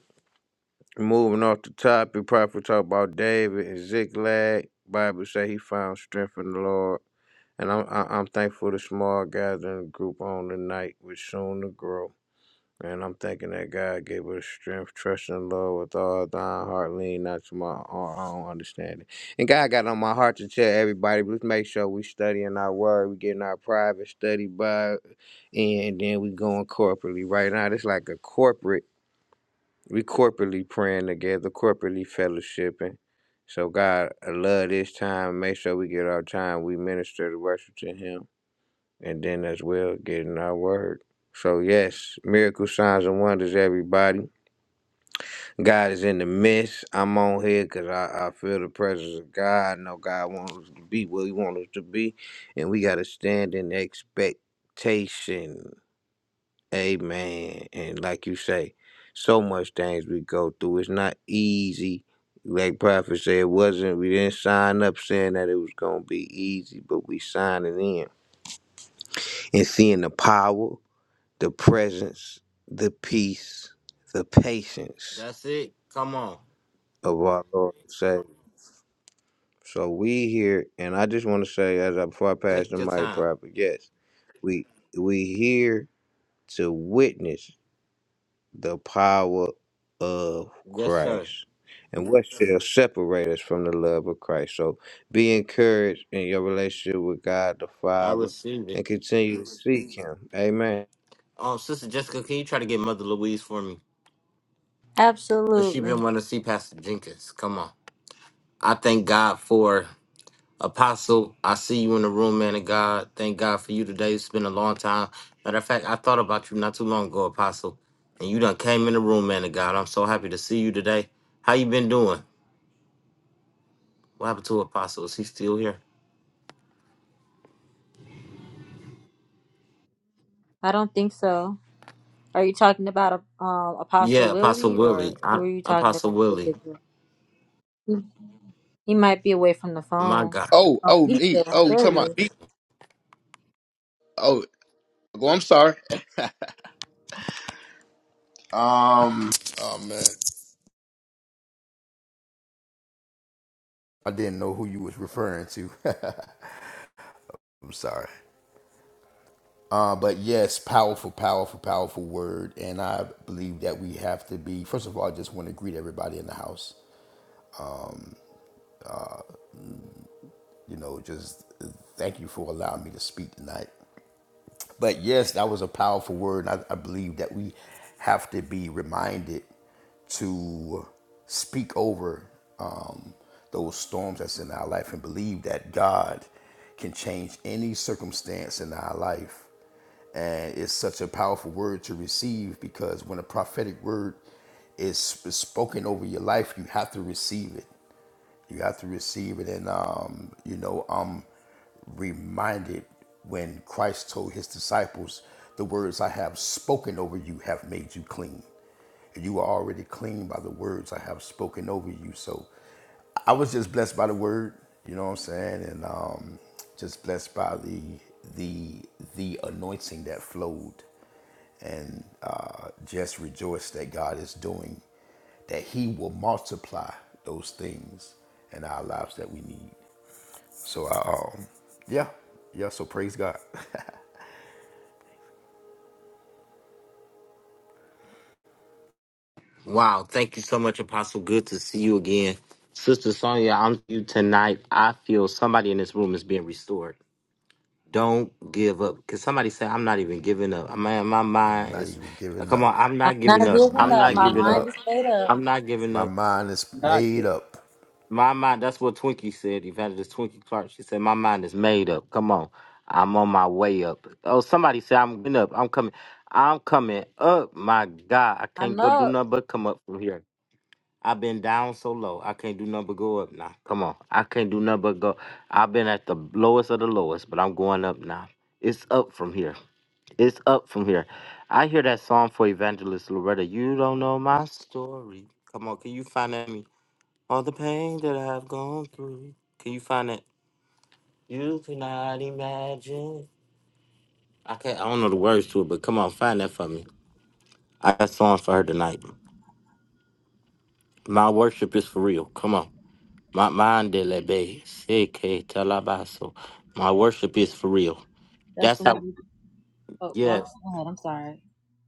B: Moving off the topic, probably talk about David and Ziklag. Bible say he found strength in the Lord, and I'm I- I'm thankful the small gathering group on tonight, which soon to grow. And I'm thinking that God gave us strength, trust in love with all thine heart, lean not to my own own understanding. And God got on my heart to tell everybody, let's make sure we studying our word, we getting our private study by, and then we going corporately. Right now, it's like a corporate, we corporately praying together, corporately fellowshipping. So God, I love this time. Make sure we get our time. We minister to worship to Him and then as well getting our word. So yes, miracle signs and wonders, everybody. God is in the midst. I'm on here because I, I feel the presence of God. I know God wants us to be where He wants us to be, and we got to stand in expectation. Amen. And like you say, so much things we go through. It's not easy. Like Prophet said, it wasn't. We didn't sign up saying that it was gonna be easy, but we signing in and seeing the power. the presence, the peace, the patience
A: That's it. Come on.
B: of our Lord and Savior. So we here, and I just want to say, as I before I pass
A: Take
B: the
A: your
B: mic,
A: time.
B: proper, yes, we we here to witness the power of
A: Yes, sir.
B: Christ, and what shall separate us from the love of Christ? So be encouraged in your relationship with God the
A: I
B: Father,
A: received
B: and
A: it.
B: continue to seek Him. Amen.
A: Um, Sister Jessica, can you try to get Mother Louise for me? Cause she
G: Absolutely.
A: been wanting to see Pastor Jenkins. Come on. I thank God for Apostle, I see you in the room, man of God. Thank God for you today. It's been a long time. Matter of fact, I thought about you not too long ago, Apostle, and you done came in the room, man of God. I'm so happy to see you today. How you been doing? What happened to Apostle? Is he still here?
G: I don't think so. Are you talking about uh, um, Apostle
A: Yeah, Apostle
G: Willie or
A: Willie.
G: who
A: I,
G: are you talking
A: Apostle
G: about in
A: Willie.
G: particular? He might be away from the
A: My
G: phone.
A: God.
D: Oh,
G: Oh,
D: oh,
G: He
D: me.
G: said,
D: Oh, you talking about
G: "Serious.
D: me? Oh, well, I'm sorry. Um, oh man, I didn't know who you was referring to. I'm sorry. Uh, but yes, powerful, powerful, powerful word, and I believe that we have to be. First of all, I just want to greet everybody in the house. You know, just thank you for allowing me to speak tonight. But yes, that was a powerful word. And I, I believe that we have to be reminded to speak over um, those storms that's in our life and believe that God can change any circumstance in our life. And it's such a powerful word to receive because when a prophetic word is, is spoken over your life, you have to receive it. You have to receive it. And, um, you know, I'm reminded when Christ told his disciples, The words I have spoken over you have made you clean and You are already clean by the words I have spoken over you. So I was just blessed by the word, you know what I'm saying? And um, just blessed by the the the anointing that flowed and uh, just rejoice that God is doing, that He will multiply those things in our lives that we need. So I um yeah, yeah, so praise God.
A: Wow. Thank you so much, Apostle. Good to see you again. Sister Sonia, I'm you tonight. I feel somebody in this room is being restored. Don't give up. Cause somebody said I'm not even giving up. Man, my
D: I'm
A: mind
D: not
A: is
D: even giving
A: come
D: up.
A: on, I'm
G: I'm
A: not
G: not
A: giving up.
D: I'm
G: giving
A: I'm
D: not
G: up.
A: not
G: My
D: giving
A: giving
G: mind
A: up.
D: up.
G: is made up.
A: I'm not giving
D: My
A: up.
D: mind is
C: Not
D: made up.
A: My mind that's what Twinkie said, Evangelist Twinkie Clark. She said, My mind is made up. Come on. I'm on my way up. Oh, somebody said I'm getting up. I'm coming. I'm coming up. My God. I can't
G: I'm
A: go do
G: up.
A: nothing but come up from here. I've been down so low. I can't do nothing but go up now. Come on. I can't do nothing but go. I've been at the lowest of the lowest, but I'm going up now. It's up from here. It's up from here. I hear that song for Evangelist Loretta. You don't know my story. Come on, can you find that me? All the pain that I've gone through. Can you find it? You cannot imagine. I can't. I don't know the words to it, but come on, find that for me. I got songs for her tonight. My worship is for real. Come on. My mind de la bay. CK Talabaso. My worship is for real.
G: That's
A: That's
G: the one.
A: how.
G: You, oh, go
A: Yes.
G: ahead. I'm sorry.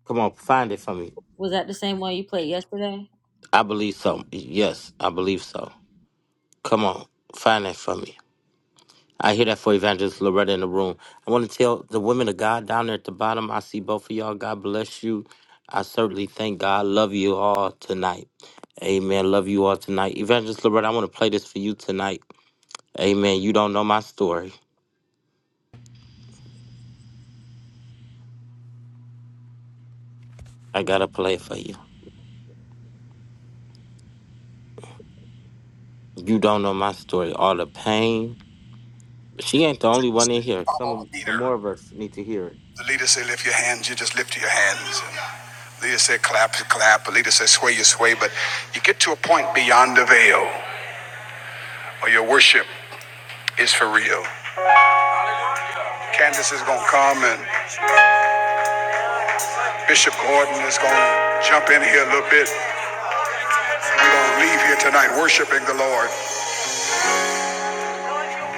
A: Come on, find it for me.
G: Was that the same one you played yesterday?
A: I believe so. Yes, I believe so. Come on, find that for me. I hear that for Evangelist Loretta in the room. I want to tell the women of God down there at the bottom, I see both of y'all. God bless you. I certainly thank God. Love you all tonight. Amen. Love you all tonight. Evangelist Loretta, I want to play this for you tonight. Amen. You don't know my story. I got to play it for you. You don't know my story. All the pain. She ain't the only one in here. Some
G: follow
A: of,
G: the
A: some
G: leader.
A: more of us need to hear it.
G: The leader said, lift your hands. You just lift your hands. The leader said, clap, you clap. The leader said, sway, you sway. But you get to a point beyond the veil or your worship is for real. Candace is going to come and Bishop Gordon is going to jump in here a little bit. We're going to leave here tonight worshiping the Lord.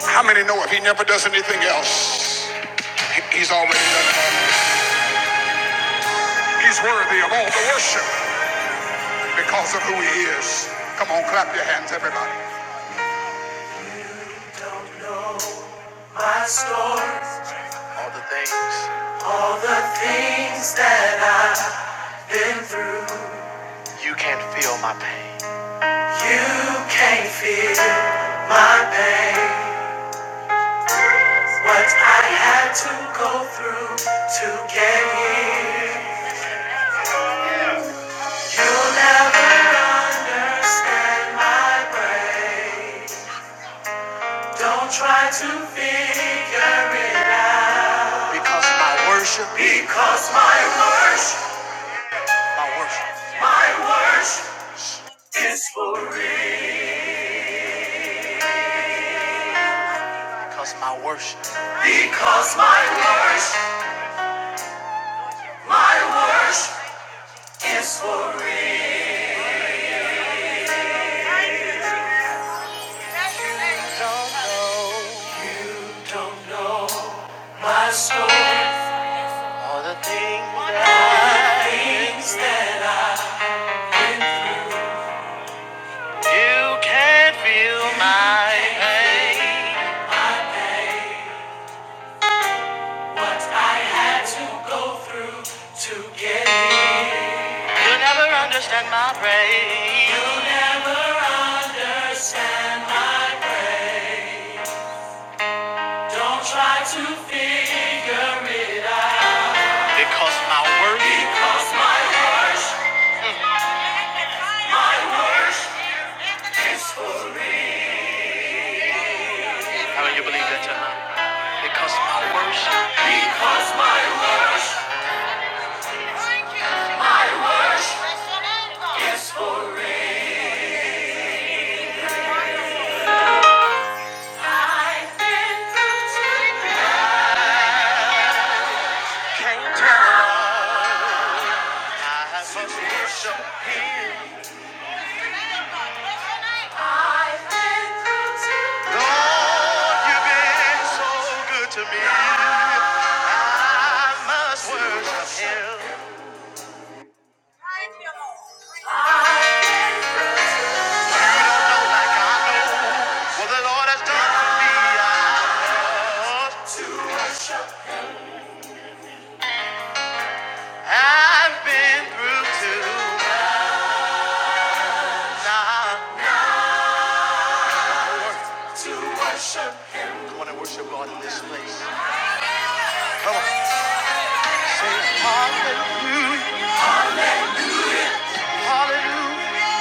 G: How many know if he never does anything else, he's already done it? He's worthy of all the worship because of who he is. Come on, clap your hands, everybody. Don't know My story, all the things, all the things that I've been through. You can't feel my pain. You can't feel my pain. What I had to go through to get here. You'll never understand my praise. Don't try to figure it out. Because my worship. Because my worship. My worship. My worship is for real. Because my worship. Because my worship. My worship is for real. Don't know my soul, All the things that you can feel my pain. I had to go through to get here. You'll never understand my pain. You'll never understand my pain. Don't try to figure it out. Because my worst. Because my worst. My worst. How do you believe that tonight? Because my worst. Because my worst. Is for I've been through to Can't tell. I must worship Lord, you've been so good to me. I must worship Him. I know like I know what the Lord has done for me. I must. I've been through too much. Now I want to worship God in this place. Come on, say hallelujah. Hallelujah.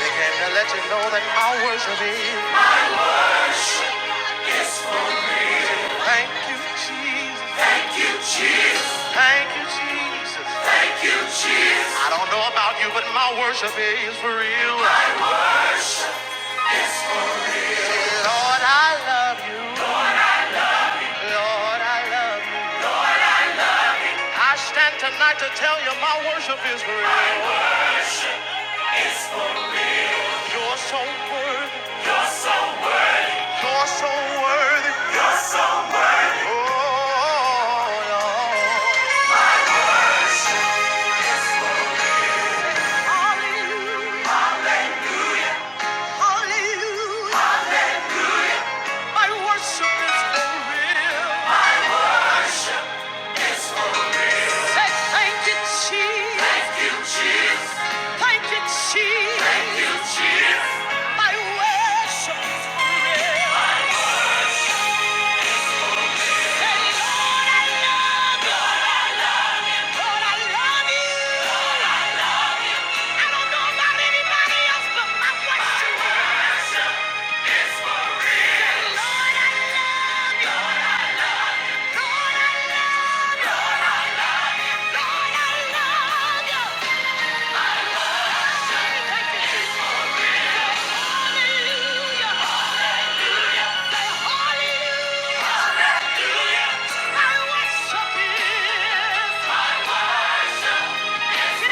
G: We came to let you know that our worship is. Thank you, Jesus. Thank you, Jesus. I don't know about you, but my worship is for real. Lord, I love you. Lord, I love you. I stand tonight to tell you my worship is for real. You're so worthy. You're so worthy. Oh, Lord. Hallelujah. Hallelujah. My worship is for real. Thank you, Jesus. Thank you, Jesus. Thank you, Jesus. My worship is real. I don't know about anybody else, but I worship you. Lord, I, Lord, I love, Lord, I love you. Thank you, hallelujah. Say hallelujah. Hallelujah. My worship is. My worship Thank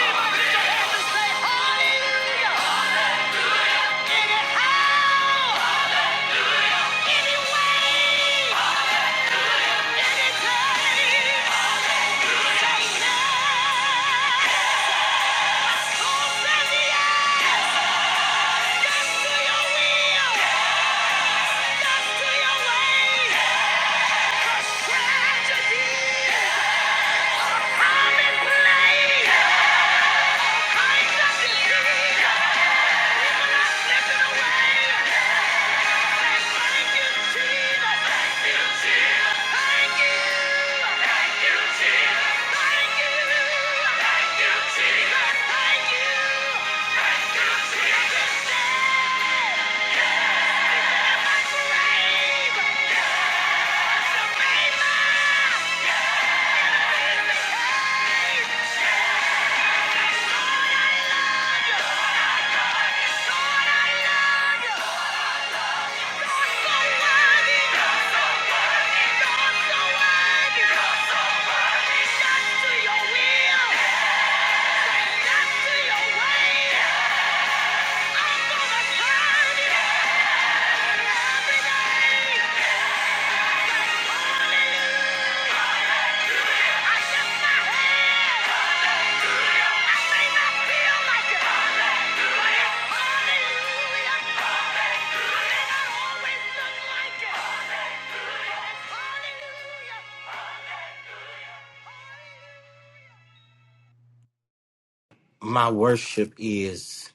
G: you. Yes to your will. Say yes to your way.
A: My worship is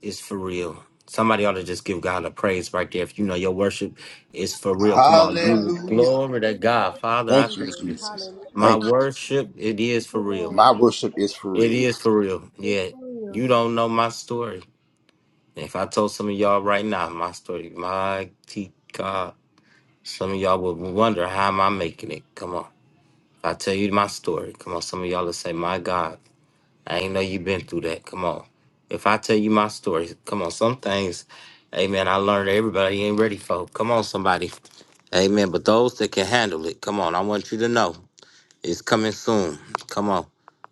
A: is for real. Somebody ought to just give God a praise right there. If you know your worship is for real, come on, you
D: Hallelujah.
A: glory to God, Father. I
D: Thank you,
A: thank you.
G: Hallelujah!
D: Jesus.
A: My
D: Thank
A: worship, it is for
D: you.
A: real.
D: My worship is for
A: It
D: real.
A: is for real. Yeah, you don't know my story. If I told some of y'all right now my story, my T God, some of y'all would wonder how am I making it. Come on, if I tell you my story. Come on, some of y'all would say, my God. I ain't know you been through that. Come on. If I tell you my story, come on, some things, amen, I learned everybody ain't ready for. Come on, somebody. Amen. But those that can handle it, come on, I want you to know it's coming soon. Come on.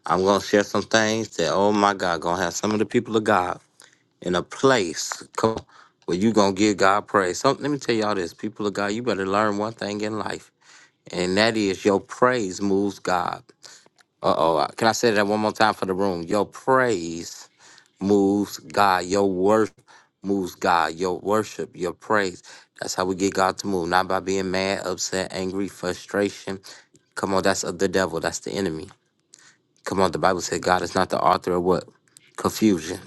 A: I'm going to share some things that, oh my God, going to have some of the people of God in a place come on, where you going to give God praise. So, let me tell y'all this, people of God, you better learn one thing in life, and that is your praise moves God. Uh oh. Can I say that one more time for the room? Your praise moves God. Your worth moves God. Your worship, your praise. That's how we get God to move. Not by being mad, upset, angry, frustration. Come on, that's of the devil. That's the enemy. Come on, the Bible said God is not the author of what? Confusion.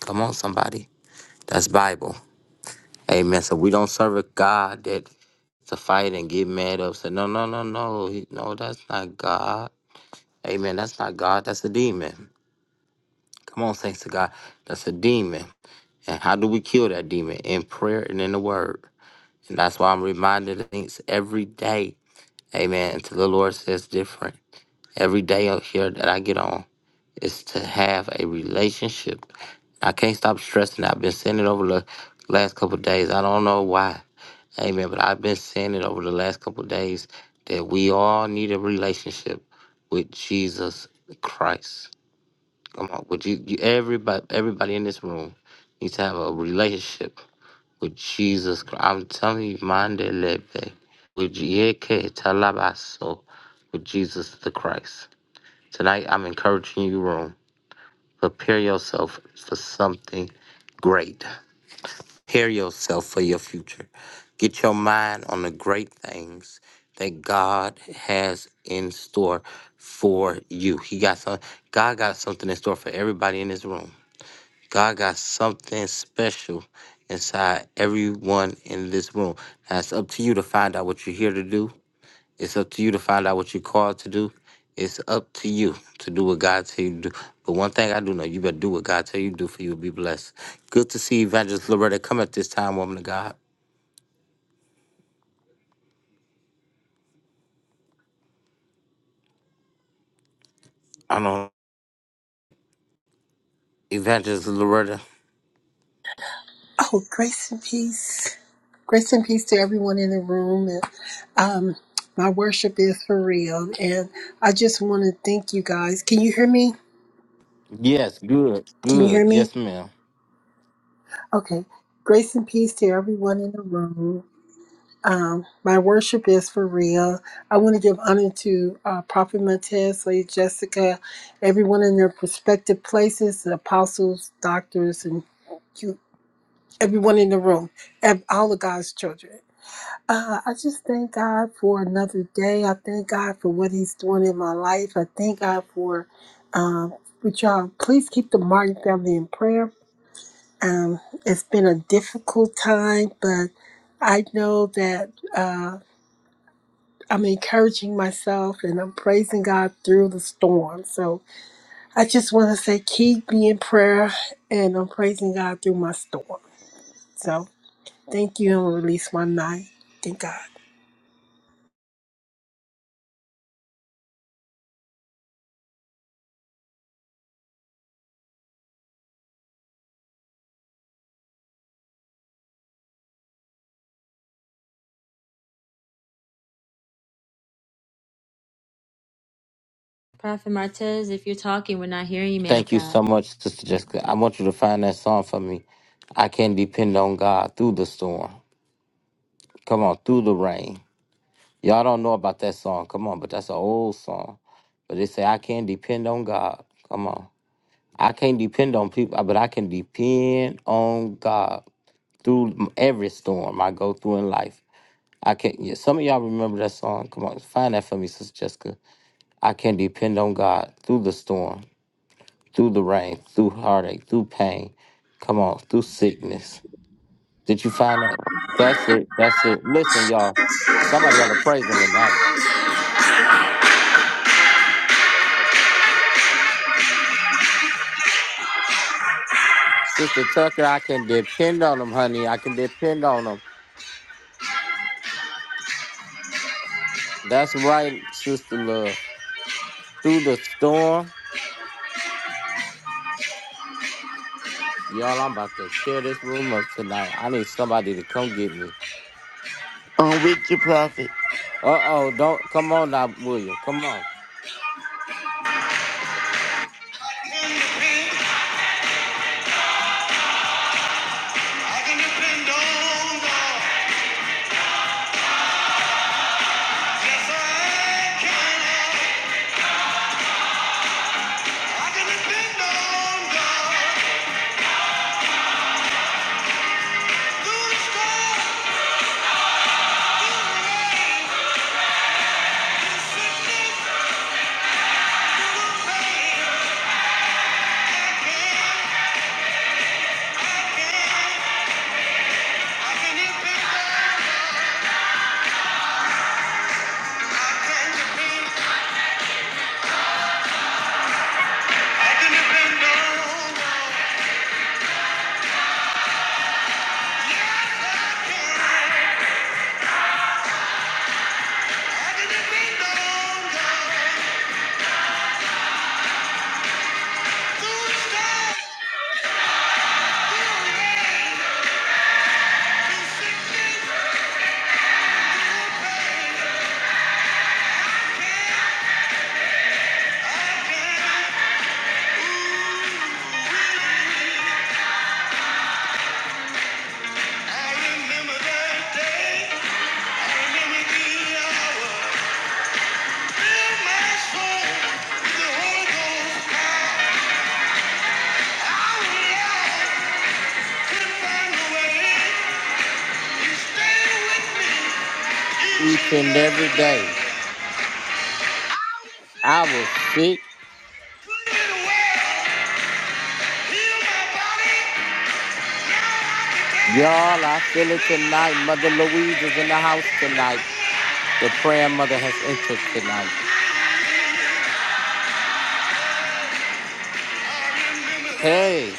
A: Come on, somebody. That's Bible. Amen. So we don't serve a God that to fight and get mad upset. No, no, no, no. He- No, that's not God. Amen. That's not God. That's a demon. Come on, thanks to God. That's a demon. And how do we kill that demon? In prayer and in the word. And that's why I'm reminded of things every day. Amen. Until the Lord says different. Every day out here that I get on is to have a relationship. I can't stop stressing. that. I've been saying it over the last couple of days. I don't know why. Amen. But I've been saying it over the last couple of days that we all need a relationship with Jesus Christ. Come on, would you, you everybody everybody in this room needs to have a relationship with Jesus Christ. I'm telling you, Mande Lebe, with Yeke Talabaso, with Jesus the Christ. Tonight, I'm encouraging you, room. Prepare yourself for something great. Prepare yourself for your future. Get your mind on the great things that God has in store for you. He got some. God got something in store for everybody in this room. God got something special inside everyone in this room. Now it's up to you to find out what you're here to do. It's up to you to find out what you're called to do. It's up to you to do what God tell you to do. But one thing I do know, you better do what God tell you to do for you will be blessed. Good to see Evangelist Loretta come at this time, woman of God. I know Evangelist Loretta.
F: Oh, grace and peace. Grace and peace to everyone in the room. And, um, my worship is for real. And I just want to thank you guys. Can you hear me?
A: Yes, good,
F: Can you
A: good.
F: hear me?
A: Yes, ma'am.
F: Okay. Grace and peace to everyone in the room. Um, my worship is for real. I want to give honor to uh, Prophet Montez, Lady Jessica, everyone in their prospective places, the apostles, doctors, and you, everyone in the room, and all of God's children. Uh, I just thank God for another day. I thank God for what He's doing in my life. I thank God for, um, which y'all please keep the Martin family in prayer. Um, it's been a difficult time, but I know that uh, I'm encouraging myself and I'm praising God through the storm. So I just want to say, keep me in prayer, and I'm praising God through my storm. So thank you, and release my night. Thank God.
G: Prophet Martez, if you're talking, we're not hearing you, man of
A: Thank you
G: God.
A: so much, Sister Jessica. I want you to find that song for me. I can depend on God through the storm. Come on, through the rain. Y'all don't know about that song. Come on, but that's an old song. But they say I can't depend on God. Come on, I can't depend on people, but I can depend on God through every storm I go through in life. I can't. Yeah, some of y'all remember that song. Come on, find that for me, Sister Jessica. I can depend on God through the storm, through the rain, through heartache, through pain. Come on, through sickness. Did you find out? That's it. That's it. Listen, y'all. Somebody ought to praise him tonight. Sister Tucker, I can depend on him, honey. I can depend on him. That's right, Sister Love. Through the storm, y'all, I'm about to tear this room up tonight. I need somebody to come get me.
E: I'm with you, prophet.
A: Uh oh, don't come on now, William. Come on.
G: I can depend I can depend on God. Yes, I can. I can depend on God. Through storm, through rain, through sickness, through pain. I can, I can, I can depend on God. I can depend, I can depend on God. Yes, I can. I can depend on God. Through storm.
A: Each and every day.
G: Couldn't
A: I was sick.
G: get away. Heal my body. I can
A: Y'all,
G: dance.
A: I
G: I
A: feel
G: can
A: it tonight.
G: feel.
A: Mother Louise is in the house
G: I
A: tonight. The prayer mother has entered tonight.
G: can feel. I remember her.
A: Hey,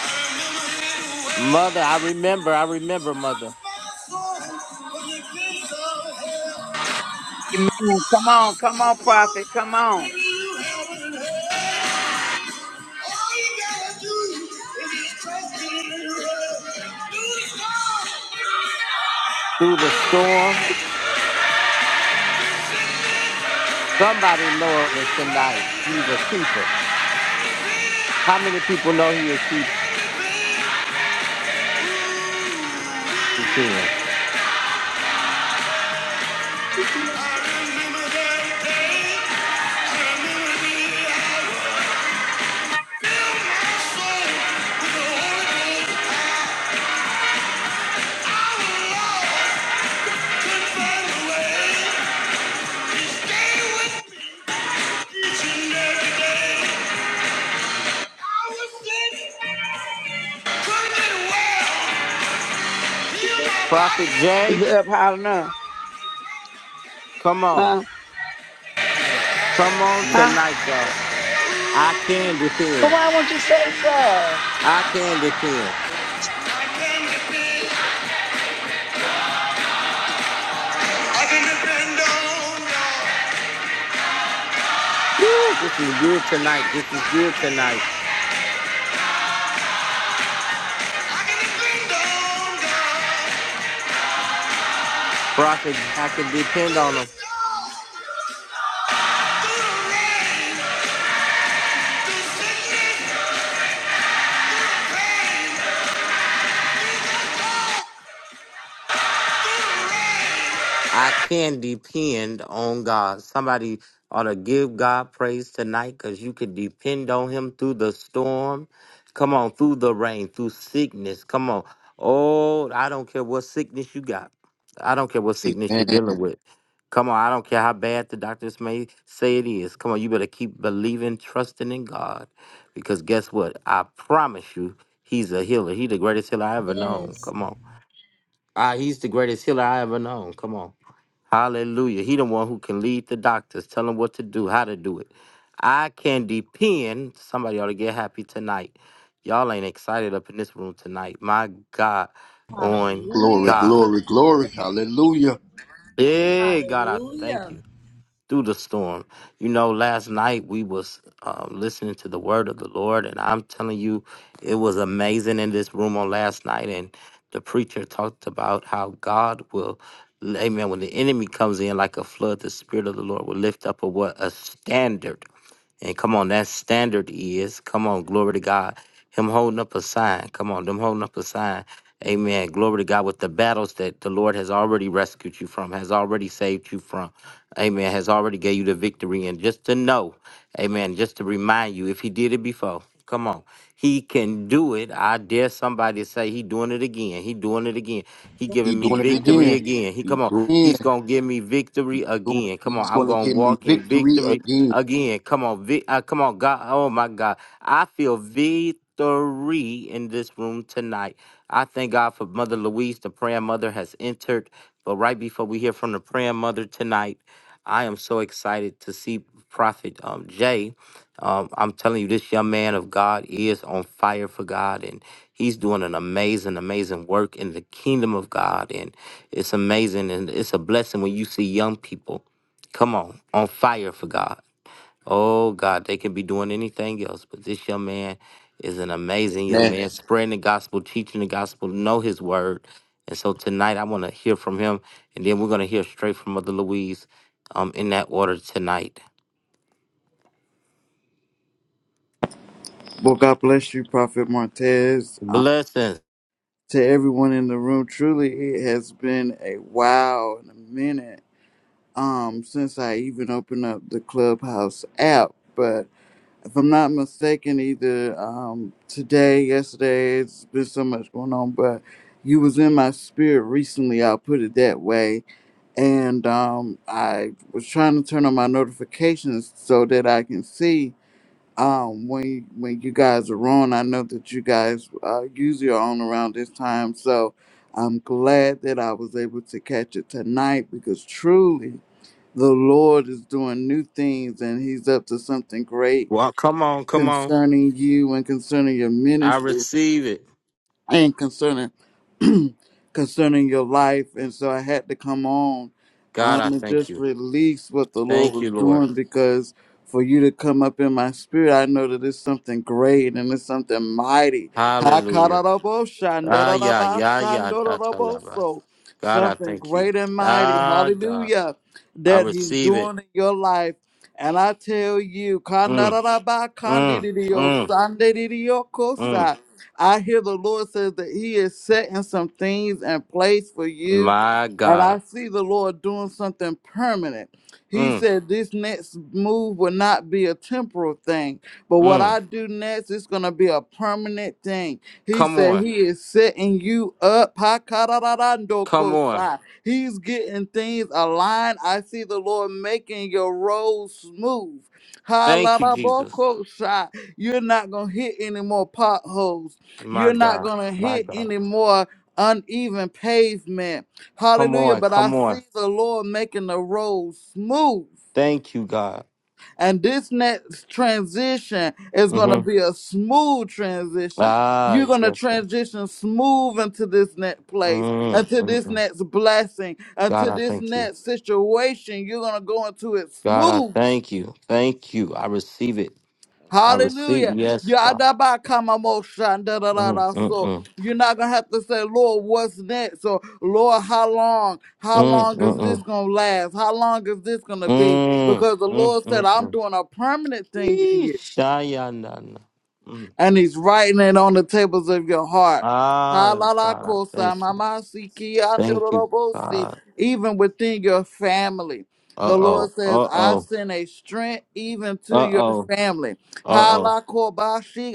G: I remember her well.
A: Mother, I remember, I remember, mother.
I: Amen. Come on, come on, prophet. Come on.
G: All you gotta do is just trust me and love.
A: Through the storm, somebody know it tonight he's a keeper. How many people know he a keep- keeping?
G: I remember that day. I remember the hour. Fill my soul with the Holy Ghost. I will always find a way.
I: Is
A: Prophet Jay,
I: it up high enough?
A: come on.
I: Huh?
A: Come on
I: Huh?
A: tonight, y'all.
I: But
A: I can depend.
I: why won't you say so?
A: I can depend. Woo, this is good tonight. This is good tonight. Prophet, Jay, I can depend on him. I can depend on God. Somebody ought to give God praise tonight because you can depend on Him through the storm. Come on, through the rain, through sickness. Come on. Oh, I don't care what sickness you got. I don't care what sickness you're
D: Amen.
A: dealing with. Come on, I don't care how bad the doctors may say it is. Come on, you better keep believing, trusting in God. Because guess what? I promise you, He's a healer. He's the greatest healer I ever known.
G: Yes.
A: Come on. Ah, he's the greatest healer I ever known. Come on. Hallelujah. He the one who can lead the doctors, tell them what to do, how to do it. I can depend. Somebody ought to get happy tonight. Y'all ain't excited up in this room tonight. My God, on
G: Hallelujah.
D: Glory,
A: God.
D: glory, glory. Hallelujah.
A: Hey, God, I thank
G: Hallelujah.
A: you through the storm. You know, last night we was um, listening to the word of the Lord, and I'm telling you, it was amazing in this room on last night. And the preacher talked about how God will, Amen. When the enemy comes in like a flood, the Spirit of the Lord will lift up a what a standard and come on, that standard is, come on, glory to God. Him holding up a sign. Come on, them holding up a sign. Amen. Glory to God with the battles that the Lord has already rescued you from, has already saved you from. Amen. Has already gave you the victory. And just to know, amen, just to remind you, if he did it before, come on. He can do it. I dare somebody to say he doing it again. He doing it again. He
D: He
A: giving me
D: doing it
A: victory
D: again.
A: again. He
D: He
A: come on.
D: doing it.
A: He's gonna give me
D: He
A: victory
D: doing it.
A: again. Come
D: He's
A: on. I'm
D: going to
A: gonna
D: give me
A: walk in
D: victory
A: victory
D: again.
A: Again, come on, vi- uh, come on, God. Oh my God, I feel victory in this room tonight. I thank God for Mother Louise, the prayer mother has entered. But right before we hear from the prayer mother tonight, I am so excited to see Prophet um, Jay. Um, I'm telling you, this young man of God is on fire for God, and he's doing an amazing, amazing work in the kingdom of God. And it's amazing, and it's a blessing when you see young people come on on fire for God. Oh God, they can be doing anything else, but this young man is an amazing young
D: Amen.
A: man, spreading the gospel, teaching the gospel, know his word. And so tonight I want to hear from him, and then we're going to hear straight from Mother Louise um, in that order tonight.
J: Well, God bless you, Prophet Martez. Uh,
A: Blessings.
J: to everyone in the room, truly, it has been a wow and a minute um, since I even opened up the Clubhouse app. But if I'm not mistaken, either um, today, yesterday, it's been so much going on. But you was in my spirit recently. I'll put it that way. And um, I was trying to turn on my notifications so that I can see um when when you guys are on i know that you guys uh usually are on around this time so i'm glad that i was able to catch it tonight because truly the lord is doing new things and he's up to something great
A: Well, come on, come on.
J: concerning you and concerning your
A: I
J: ministry
A: receive it.
J: and concerning concerning your life and so i had to come on
A: God,
J: um
A: I
J: and
A: thank
J: just
A: you.
J: release what the lord
A: Thank
J: was
A: you, Lord.
J: doing because for you to come up in my spirit i know that it's something great and it's something mighty
A: Hallelujah. Ah, yeah, yeah, yeah. That's a lot.
J: Hakaraboshandarabasandoroboso.
A: God, I
J: something
A: thank you.
J: great and mighty
A: Ah, God,
J: hallelujah
A: I
J: that he's
A: receive it.
J: doing in your life and I tell you,
A: Mm, mm, mm. Mm,
J: Kanarabakandidiosandidiokosai. I hear the Lord says that He is setting some things in place for you.
A: my
J: And
A: God.
J: I see the Lord doing something permanent. He
A: Mm,
J: said this next move will not be a temporal thing, but what
A: mm.
J: I do next is going to be a permanent thing. He
A: Come
J: said
A: on.
J: he is setting you up.
A: Come on.
J: Pakararandokosai. He's getting things aligned. I see the Lord making your road smooth.
A: Thank you, Jesus.
J: Halalabokosai. You're not going to hit any more potholes.
A: My
J: You're not
A: God.
J: going to
A: My
J: hit
A: God.
J: any more uneven pavement.
A: Come
J: Hallelujah.
A: on.
J: But I
A: Come on.
J: see the Lord making the road smooth.
A: Thank you, God.
J: And this next transition is going to
A: Mm-hmm.
J: be a smooth transition.
A: Ah,
J: You're going to
A: yes, sir.
J: transition smooth into this next place,
A: Mm,
J: into
A: mm,
J: this
A: mm.
J: next blessing,
A: God,
J: into
A: I
J: this
A: thank you.
J: next situation. You're going to go into it
A: God, I
J: smooth.
A: thank you. Thank you. I receive it. I receive.
J: Hallelujah.
A: Yes, God. Mm, mm,
J: Yadabakamamoshandararaso.
A: mm.
J: You're not going to have to say, Lord, what's next? Or, Lord, how long? How
A: Mm,
J: long
A: mm,
J: is this
A: mm.
J: going to last? How long is this going to be?
A: Mm,
J: Because the
A: mm,
J: Lord said,
A: mm,
J: I'm
A: mm.
J: doing a permanent thing in you
A: Eesh, ah, yeah, nah, nah. Mm,
J: and
A: mm.
J: he's writing it on the tables of your heart.
A: Ah, God, I
J: Halalakosa
A: thank you.
J: mamasiki
A: Thank you,
J: andorobosi,
A: God.
J: Even within your family.
A: Uh
J: The Lord
A: oh.
J: says,
A: Uh
J: I
A: oh.
J: send a strength even to
A: Uh
J: your
A: oh.
J: family.
A: Uh oh.
J: Halakobashi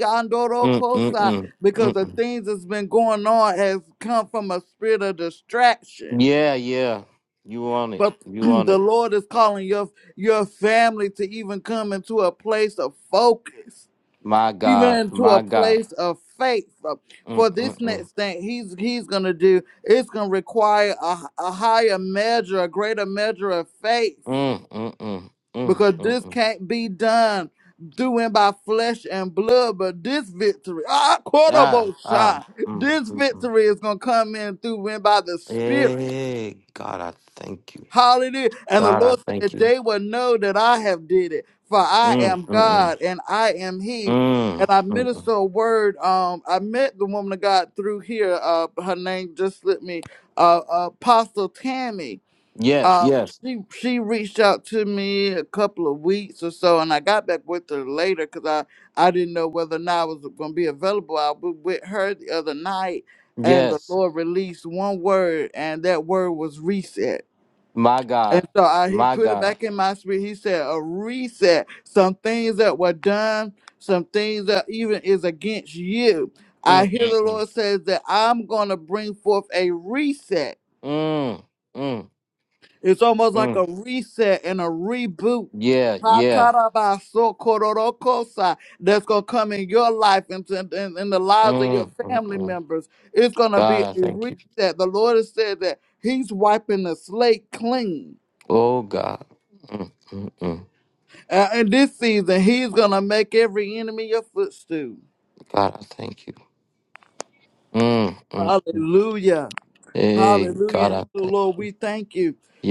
A: Mm mm
J: andorokosa,
A: mm
J: Because
A: mm.
J: the
A: mm.
J: things that's been going on has come from a spirit of distraction.
A: Yeah, yeah. You want it.
J: But
A: You want
J: the
A: it.
J: Lord is calling your, your family to even come into a place of focus
A: My God.
J: even to a
A: My God.
J: place of faith Uh,
A: Mm
J: for this
A: mm mm.
J: next thing he's he's gonna do it's gonna require a, a higher measure a greater measure of faith
A: Mm mm mm. Mm
J: because
A: mm
J: this
A: mm.
J: can't be done doing by flesh and blood but this victory ah,
A: Ah
J: quotable
A: ah.
J: shot
A: Mm
J: this
A: mm mm.
J: victory is gonna come in through and by the spirit
A: Hey, God, I thank you.
J: Hallelujah. And the
A: God, I
J: Lord
A: thank
J: said,
A: you.
J: They will know that I have did it, for I
A: Mm
J: am
A: mm mm.
J: God and I am He. And
A: Mm.
J: I
A: mm.
J: minister a word. Um, I met the woman of God through here. Uh, her name just slipped me. Uh, Apostle Tammy.
A: Yes,
J: Um,
A: yes,
J: she she reached out to me a couple of weeks or so, and I got back with her later because I I didn't know whether or not I was going to be available. I was with her the other night, and the
A: yes.
J: Lord released one word, and that word was reset
A: My
J: and
A: God.
J: so I, he
A: My
J: put it
A: God.
J: back in my spirit. He said, a reset. Some things that were done, some things that even is against you. I
A: Mm
J: hear
A: mm
J: the
A: mm.
J: Lord says that I'm going to bring forth a reset.
A: Mm mm
J: It's almost
A: mm.
J: like a reset and a reboot.
A: Yeah, yeah.
J: Hakarabasokororokosa, That's going to come in your life and to- and in the lives of your
A: Mm, mm,
J: family
A: mm.
J: members. It's going to be
A: God,
J: a
A: I thank you.
J: reset. The Lord has said that He's wiping the slate clean
A: Oh, God. Mm, mm, mm.
J: Uh, in this season, he's going to make every enemy your footstool.
A: God, I thank you. Mm, mm.
J: Hallelujah.
A: Hey, God,
J: Hallelujah.
A: I
J: So,
A: thank
J: Lord, we thank you.
A: you.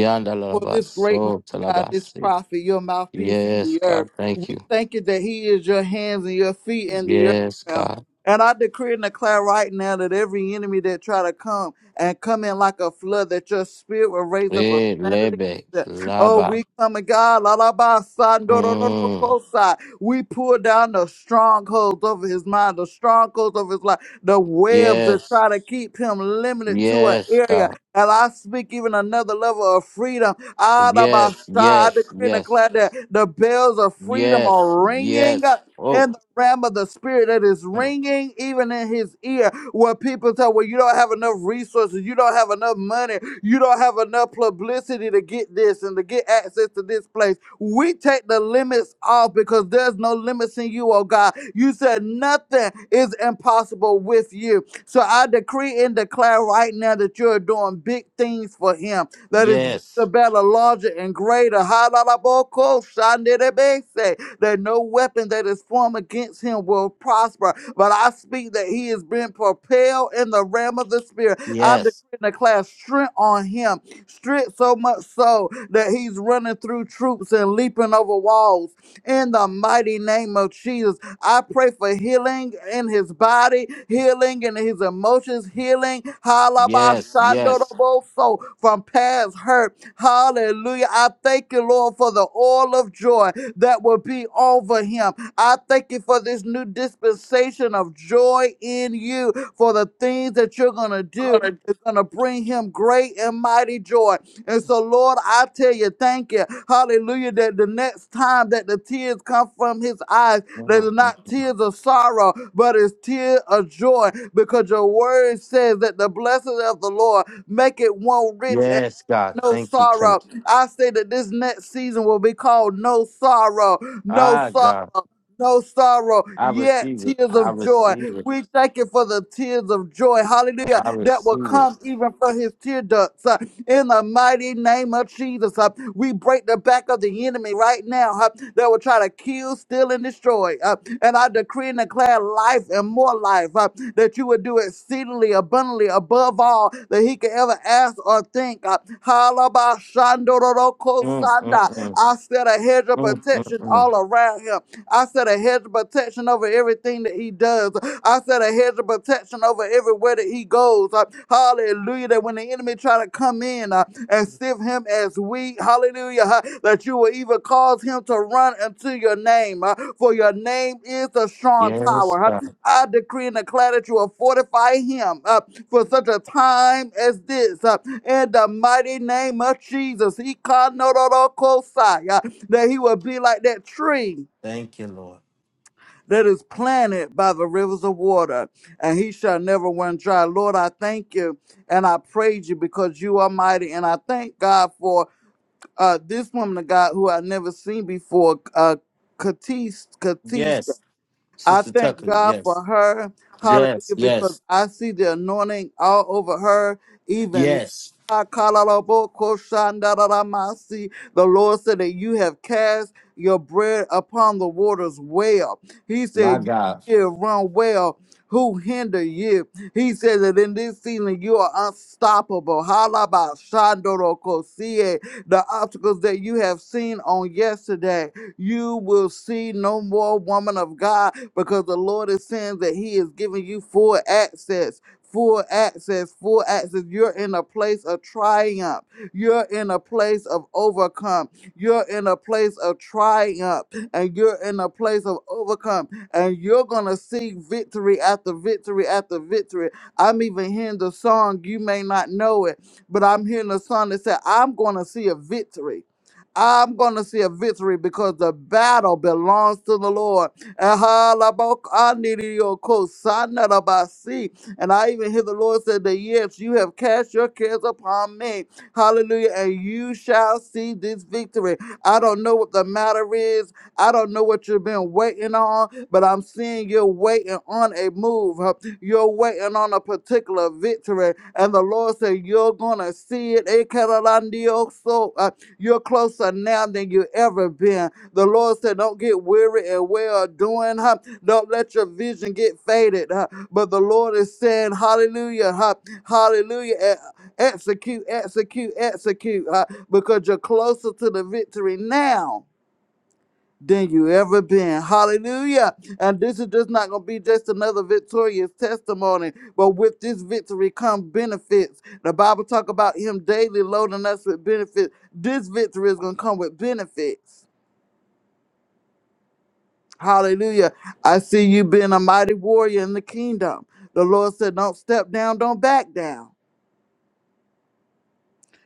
J: for this great man,
A: Yandalabaso
J: of God, this
A: talabasi.
J: prophet, your mouthpiece in
A: Yes,
J: the earth.
A: God, thank you.
J: We thank you that he is your hands and your feet in the earth.
A: Yes,
J: God.
A: God.
J: And I decree and declare right now that every enemy that try to come and come in like a flood, that your spirit will raise up a
A: Hey,
J: standard against
A: lebe,
J: it. Oh,
A: laba.
J: we come and God, la la ba sa, do, do, do, do,
A: Mm.
J: po, sa. we pull down the strongholds over his mind, the strongholds of his life, the webs that
A: Yes,
J: try to keep him limited to an
A: yes,
J: area
A: God.
J: and I speak even another level of freedom. Adabasha,
A: Yes,
J: I
A: yes,
J: decree and
A: yes,
J: declare that the bells of freedom
A: yes,
J: are ringing
A: yes. Oh,
J: in the realm of the spirit that is
A: mm.
J: ringing even in his ear where people tell well you don't have enough resources you don't have enough money you don't have enough publicity to get this and to get access to this place we take the limits off because there's no limits in you oh god you said nothing is impossible with you so I decree and declare right now that you're doing big things for him. That is bigger,
A: yes,
J: better, larger, and greater. Halalaboko shandelebese. That no weapon that is formed against him will prosper. But I speak that he is being propelled in the realm of the spirit. I decree
A: yes,
J: and declare strength on him. Strength so much so that he's running through troops and leaping over walls in the mighty name of Jesus. I pray for healing in his body, healing in his emotions, healing
A: yes, yes.
J: halabashandoroboso, from past hurt. Hallelujah. I thank you, Lord, for the oil of joy that will be over him. I thank you for this new dispensation of joy in you, for the things that you're going to do
A: Hallelujah.
J: is going to bring him great and mighty joy. And so, Lord, I tell you, thank you. Hallelujah. That the next time that the tears come from his eyes, they're
A: Mhm.
J: not tears of sorrow, but it's tears of joy. Because your word says that the blessings of the Lord make it one rich and
A: Yes, God.
J: no
A: Thank you tonight.
J: sorrow. I say that this next season will be called No Sorrow, No
A: Ah,
J: Sorrow
A: God.
J: no sorrow,
A: I
J: yet
A: receive it.
J: tears
A: I
J: of joy.
A: receive it.
J: We thank you for the tears of joy, hallelujah,
A: I
J: that will
A: receive it.
J: come even from his tear ducts. uh, in the mighty name of Jesus, uh, we break the back of the enemy right now uh, that will try to kill, steal, and destroy. uh, and I decree and declare life and more life uh, that you would do exceedingly abundantly above all that he could ever ask or think. uh,
A: Mm, mm,
J: Halabashandorokosanda.
A: mm,
J: I set a hedge of
A: mm, mm,
J: protection
A: mm.
J: all around him. I set a hedge of protection over everything that he does. I set a hedge of protection over everywhere that he goes. Uh, Hallelujah. That when the enemy try to come in uh, and sift him as wheat, hallelujah, huh, that you will even cause him to run into your name. uh, For your name is a strong
A: Yes,
J: tower. huh.
A: God.
J: I decree and declare that you will fortify him uh, for such a time as this. uh, in the mighty name of Jesus, He kanororokosai, uh, that he will be like that tree
A: Thank you, Lord.
J: that is planted by the rivers of water, and he shall never run dry. Lord, I thank you and I praise you because you are mighty, and I thank God for uh, this woman of God who I've never seen before, uh, Katis,
A: Yes.
J: I
A: Sister
J: thank
A: Tucker,
J: God for
A: yes.
J: her.
A: Yes,
J: Hallelujah. Because
A: yes,
J: I see the anointing all over her, even
A: yes.
J: the Lord said that you have cast your bread upon the waters well. He
A: My
J: said, You
A: God.
J: did run well. Who hinder you? He said that in this season you are unstoppable. Halabashandorokosie. The obstacles that you have seen on yesterday you will see no more woman of God because the Lord is saying that He is giving you full access. Full access, full access. You're in a place of triumph. You're in a place of overcome. You're in a place of triumph and you're in a place of overcome. And you're going to see victory after victory after victory. I'm even hearing the song, you may not know it, but I'm hearing the song that said, I'm going to see a victory. I'm going to see a victory because the battle belongs to the Lord. Ahalabokanidiyokosanarabasi. And I even hear the Lord say that, yes, you have cast your cares upon me. Hallelujah. And you shall see this victory. I don't know what the matter is. I don't know what you've been waiting on, but I'm seeing you're waiting on a move. huh? You're waiting on a particular victory. And the Lord said, You're going to see it. You're closer now than you ever been. The Lord said, Don't get weary and well doing. Huh? Don't let your vision get faded. Huh? But the Lord is saying, Hallelujah, huh? Hallelujah. E- Execute, execute, execute. Huh? Because you're closer to the victory now than you ever been. Hallelujah. And this is just not going to be just another victorious testimony, but with this victory come benefits. The Bible talk about him daily loading us with benefits. This victory is going to come with benefits. Hallelujah. I see you being a mighty warrior in the kingdom. The Lord said, don't step down, don't back down.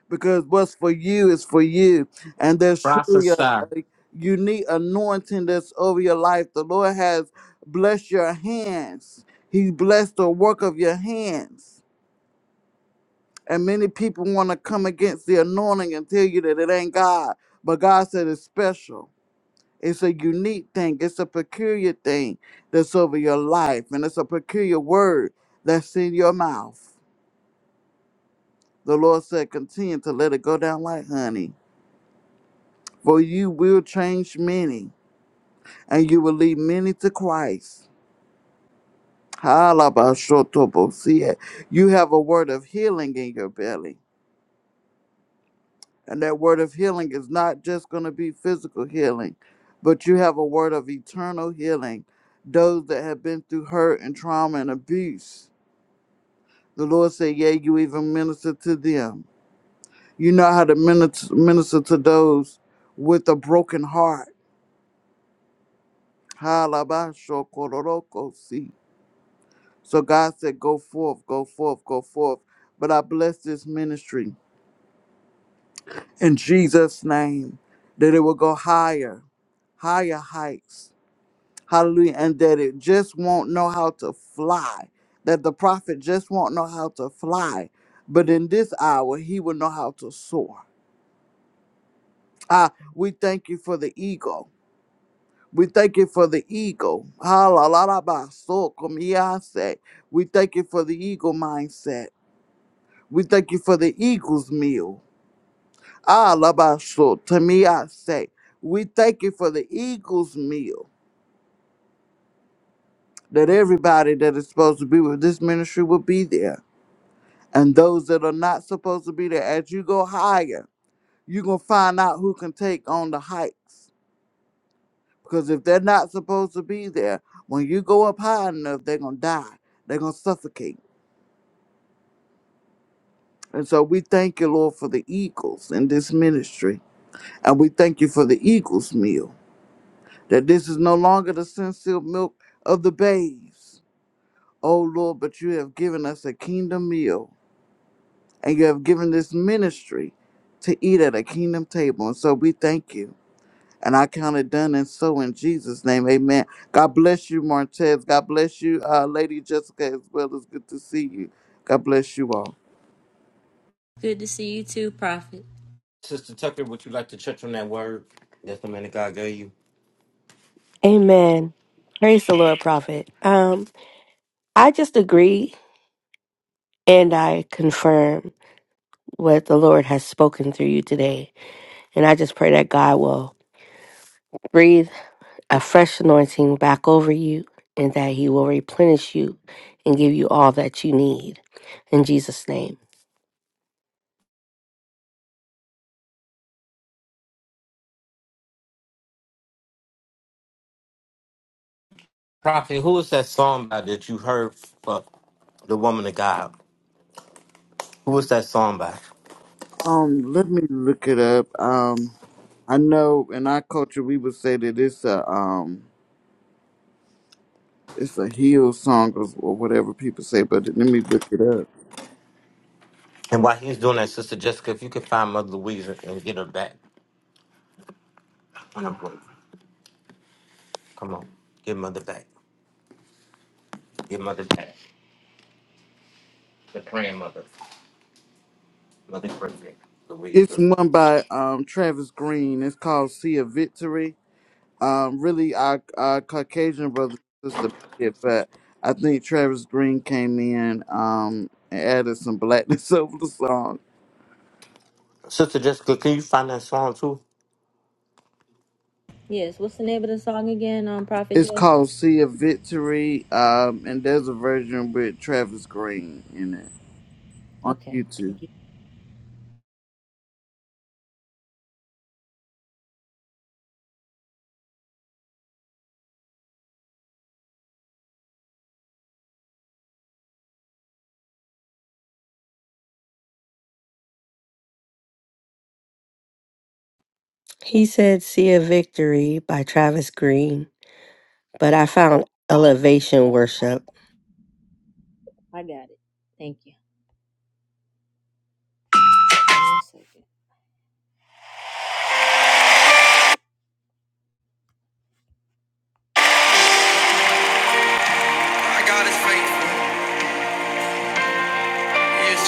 J: because what's for you is for you. And there's truly a,
A: Prophesy.
J: a unique anointing that's over your life. The Lord has blessed your hands, He blessed the work of your hands. And many people want to come against the anointing and tell you that it ain't God. But God said it's special. It's a unique thing. It's a peculiar thing that's over your life. And it's a peculiar word that's in your mouth. The Lord said, continue to let it go down like honey for you will change many, and you will lead many to Christ. Halabashotobosia. You have a word of healing in your belly, and that word of healing is not just going to be physical healing, but you have a word of eternal healing. Those that have been through hurt and trauma and abuse, the Lord said, "Yea, you even minister to them. You know how to minister, minister to those with a broken heart." Halabashokororokosi. So God said, Go forth, go forth, go forth. But I bless this ministry in Jesus' name that it will go higher, higher heights. Hallelujah. And that it just won't know how to fly. That the prophet just won't know how to fly. But in this hour, he will know how to soar. Ah, we thank you for the eagle. We thank you for the eagle. Hallelujah. We thank you for the eagle mindset. We thank you for the eagle's meal. Ah, Labaso, to me I say, we thank you for the eagle's meal. That everybody that is supposed to be with this ministry will be there. And those that are not supposed to be there, as you go higher, you're going to find out who can take on the heights. Because if they're not supposed to be there, when you go up high enough, they're going to die. They're going to suffocate. And so we thank you, Lord, for the eagles in this ministry. And we thank you for the eagle's meal. that this is no longer the sincere milk of the babes. O Lord, but you have given us a kingdom meal, and you have given this ministry to eat at a kingdom table. And so we thank you. And I count it done and so in Jesus' name. Amen. God bless you, Martez. God bless you, uh, Lady Jessica, as well. It's good to see you. God bless you all.
G: Good to see you too, Prophet.
A: Sister Tucker, would you like to touch on that word that the man of God gave you?
K: Amen. Praise the Lord, prophet. Um, I just agree and I confirm what the Lord has spoken through you today. And I just pray that God will breathe a fresh anointing back over you and that he will replenish you and give you all that you need. In Jesus' name.
A: Prophet, who is that song by that you heard for the woman of God? Who was that song by?
J: Um, let me look it up. Um, I know in our culture we would say that it's a um It's a heel song or or whatever people say, but let me look it up.
A: And while he's doing that, Sister Jessica, if you could find Mother Louise and and get her back on her break. Come on, get Mother back. Get Mother back. The grandmother. Mother Mother Griffin. Louise.
J: It's
A: Griffin.
J: one by um, Travis Green. It's called "Sea of Victory." Um, really, our, our Caucasian brother and sister did it, but I think Travis Green came in um, and added some blackness over the song.
A: Sister Jessica, can you find that song too?
G: Yes, what's the name of the song again, um, Prophet
J: It's
G: J?
J: called "Sea of Victory," um, and there's a version with Travis Green in it on
G: Okay,
J: YouTube.
G: thank you.
K: He said See a Victory by Travis Green, but I found Elevation Worship.
G: I got it. Thank you. One second.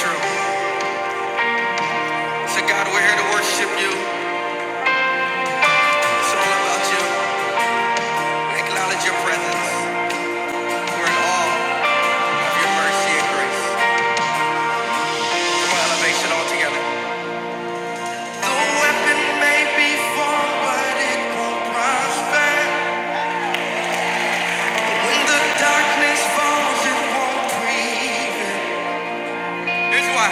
G: God, we're here to worship you, about your presence. We're in awe of your mercy and grace. Come on, elevation all together. The weapon may be formed, but it won't prosper. When the darkness falls, it won't prevail. Here's why.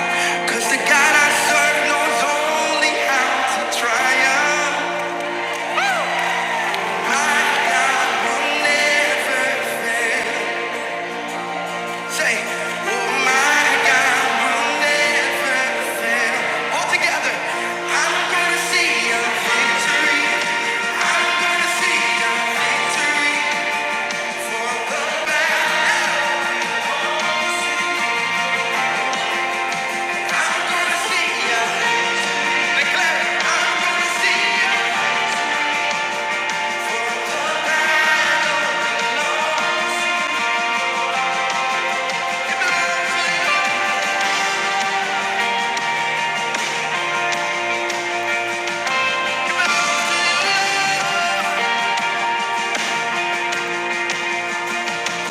G: Cause the God I serve knows only how to triumph. Yeah.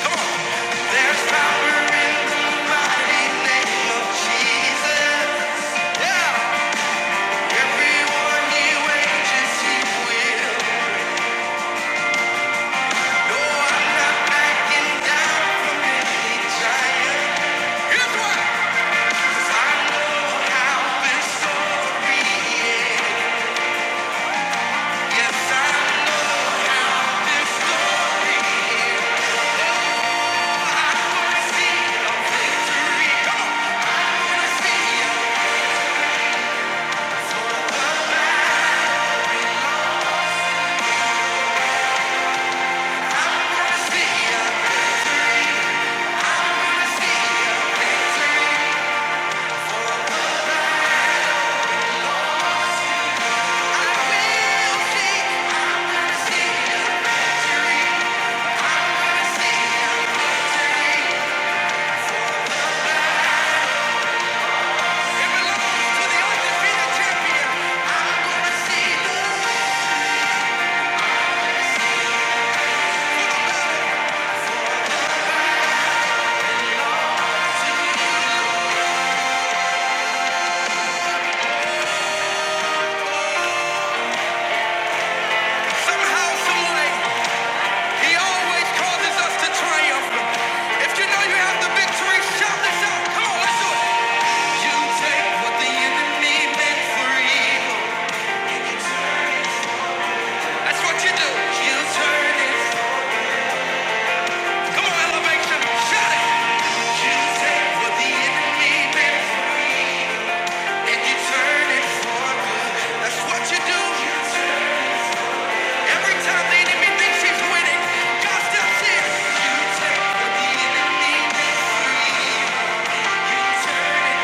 G: There's power in the mighty name of Jesus. Yeah. Everyone he wages, he will. No, I'm not backing down from any giant. Here's why. 'Cause I know how this story ends. Yes, I know how this story ends. Gonna see a victory. Come on. Gonna see a victory. Somehow, some he always causes us to triumph. If you know you have the victory, shout this out. Come on, let's do it. You take what the enemy meant for evil. That's what you do. You turn it. Come on, elevation. Shout it. You take what the enemy meant for evil, and you turn it for good. That's what you do. You turn Every time the enemy thinks he's winning, God steps in. You take what the enemy meant for evil. You turn it.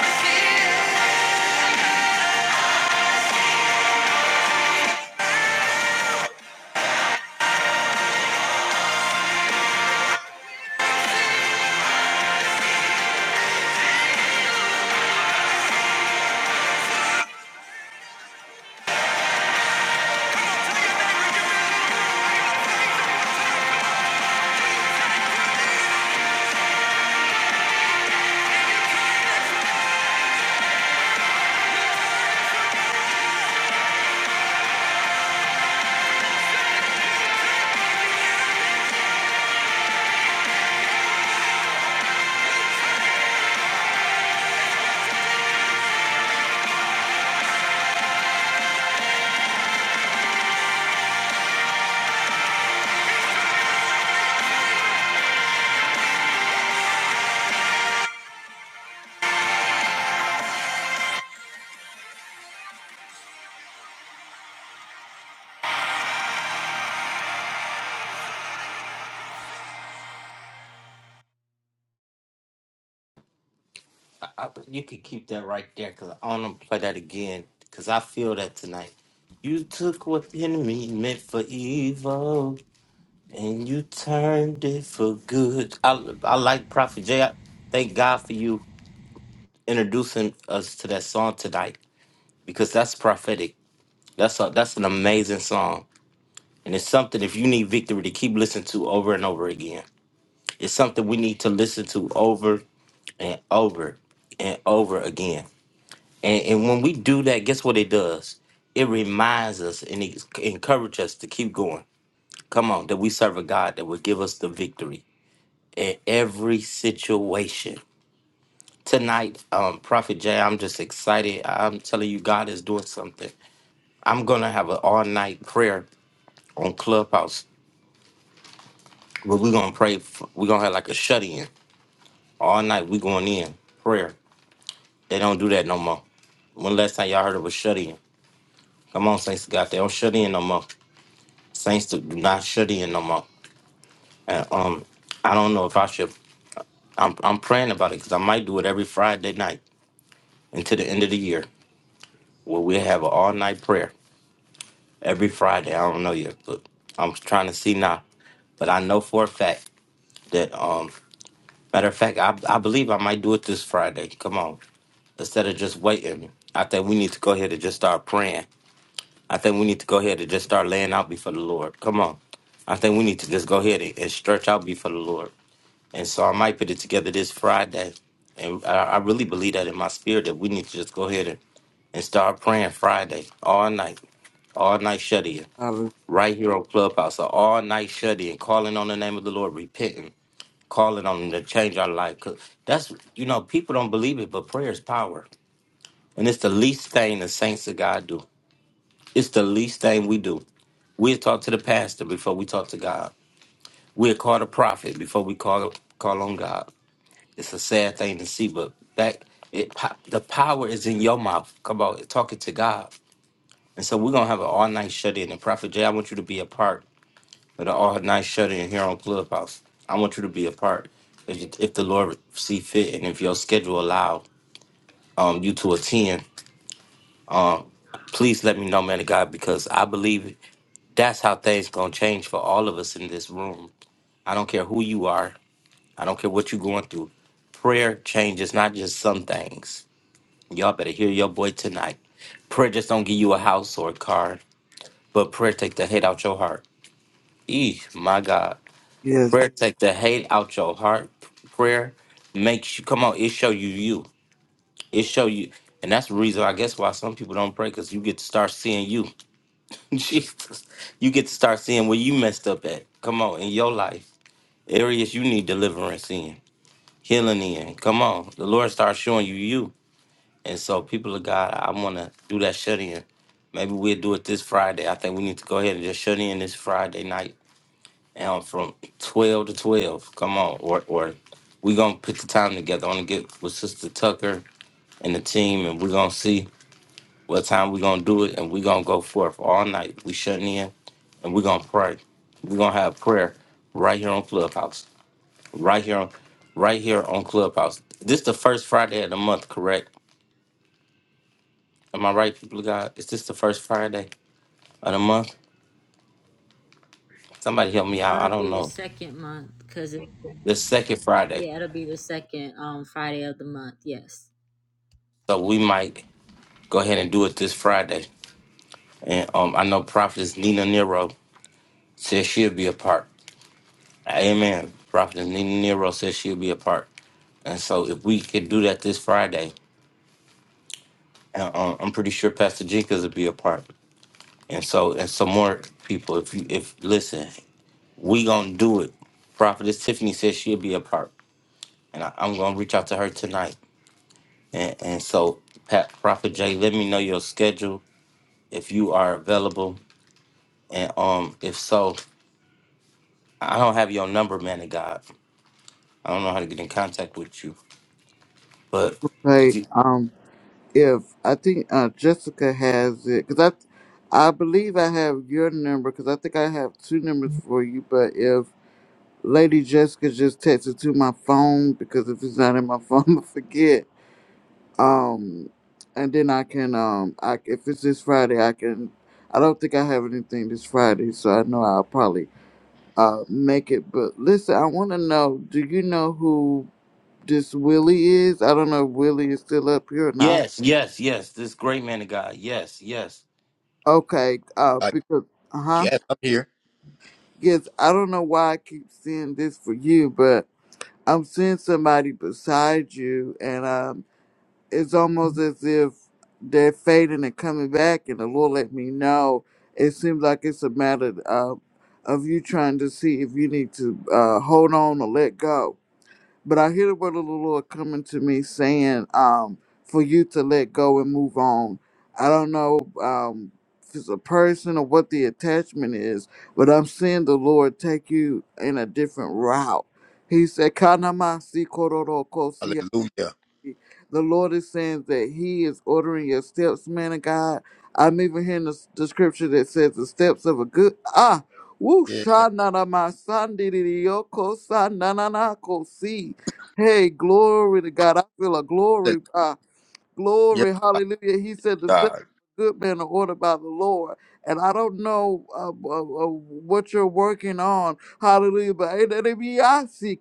G: See ya.
A: I, I, you can keep that right there because I want to play that again because I feel that tonight. You took what the enemy meant for evil and you turned it for good. I, I like Prophet J. I, thank God for you introducing us to that song tonight because that's prophetic. That's a, that's an amazing song, and it's something if you need victory to keep listening to over and over again. It's something we need to listen to over and over and over again. And, and when we do that, guess what it does? It reminds us and it encourages us to keep going. Come on, that we serve a God that will give us the victory in every situation. Tonight, um, Prophet Jay, I'm just excited. I'm telling you, God is doing something. I'm gonna have an all night prayer on Clubhouse. But we're gonna pray. f- We're gonna have like a shut in all night. We going in prayer. They don't do that no more. When last time y'all heard of a shut in? Come on, Saints of God, they don't shut in no more. Saints do do not shut in no more. And um, I don't know if I should. I'm I'm praying about it because I might do it every Friday night until the end of the year, where we have an all night prayer every Friday. I don't know yet, but I'm trying to see now. But I know for a fact that um, matter of fact, I I believe I might do it this Friday. Come on. instead of just waiting. I think we need to go ahead and just start praying. I think we need to go ahead and just start laying out before the Lord. Come on. I think we need to just go ahead and, and stretch out before the Lord. And so I might put it together this Friday. And I, I really believe that in my spirit that we need to just go ahead and, and start praying Friday, all night, all night shut in,
J: Uh,
A: right here on Clubhouse, so all night shut in, calling on the name of the Lord, repenting, calling on Him to change our life. 'Cause that's, you know, people don't believe it, but prayer is power. And it's the least thing the saints of God do. It's the least thing we do. We'll talk to the pastor before we talk to God. We'll call the prophet before we call call on God. It's a sad thing to see, but that it po- the power is in your mouth. Come on, talk it to God. And so we're gonna have an all night shut in. And Prophet Jay, I want you to be a part of the all night shut in here on Clubhouse. I want you to be a part if, you- if the Lord see fit and if your schedule allow um, you to attend, please let me know, man of God, because I believe it. That's how things gonna change for all of us in this room. I don't care who you are. I don't care what you're going through. Prayer changes not just some things. Y'all better hear your boy tonight. Prayer just don't give you a house or a car, but prayer take the hate out your heart. Eeh, my God.
J: Yes,
A: Prayer take the hate out your heart. Prayer makes you come on. It show you you. It show you, and that's the reason I guess why some people don't pray because you get to start seeing you. Jesus, you get to start seeing where you messed up at. Come on, in your life areas you need deliverance in, healing in. Come on, the Lord starts showing you you. And so, people of God, I want to do that shut in. Maybe we'll do it this Friday. I think we need to go ahead and just shut in this Friday night um, from 12 to 12. Come on, or, or we're going to put the time together. I'm going to get with Sister Tucker and the team, and we're going to see what time we're going to do it. And we're going to go forth all night. we shutting in and we're going to pray. We're going to have prayer right here on Clubhouse right here on right here on Clubhouse. This the first Friday of the month, correct? Am I right, people of God? Is this the first Friday of the month? Somebody help me
G: No,
A: out. I
G: it'll be
A: don't
G: the
A: know.
G: second month because it,
A: The second Friday.
G: yeah, it'll be the second um Friday of the month. Yes.
A: So we might go ahead and do it this Friday. And um I know Prophetess Nina Nero says she'll be a part. Amen. Prophetess Nina Nero says she'll be a part. And so if we could do that this Friday, and um, I'm pretty sure Pastor Jenkins will be a part. And so and some more people, if you if listen, We gonna do it. Prophetess Tiffany says she'll be a part, and I, I'm gonna reach out to her tonight. And, and so, Pat, Prophet Jay, let me know your schedule if you are available, and um, if so, I don't have your number, man of God. I don't know how to get in contact with you, but
J: play.
A: y-
J: Um, if I think uh, Jessica has it because I, I believe I have your number because I think I have two numbers for you. But if Lady Jessica just texts it to my phone because if it's not in my phone, I forget. Um, and then I can um, I if it's this Friday, I can. I don't think I have anything this Friday, so I know I'll probably uh make it. But listen, I want to know. Do you know who this Willie is? I don't know if Willie is still up here or not.
A: yes, yes, yes, this great man of God, yes, yes.
J: Okay, uh,
D: I
J: because uh huh,
D: guess I'm here.
J: yes, I don't know why I keep seeing this for you, but I'm seeing somebody beside you, and um, it's almost as if they're fading and coming back, and the Lord let me know. It seems like it's a matter uh, of you trying to see if you need to uh, hold on or let go. But I hear the word of the Lord coming to me saying, um, for you to let go and move on. I don't know um, if it's a person or what the attachment is, but I'm seeing the Lord take you in a different route. He said, Kanamasi
D: Hallelujah.
J: the Lord is saying that He is ordering your steps, man of God. I'm even hearing the, the scripture that says the steps of a good ah woo
D: Yeah.
J: shanana my son yoko na na na ko see. Hey, glory to God. I feel a
D: Hallelujah.
J: glory. ah,
D: Yes,
J: Glory, hallelujah. He said the steps
D: God.
J: of a good man are ordered by the Lord. And I don't know uh, uh, uh, what you're working on. Hallelujah. But eh, that it be I see,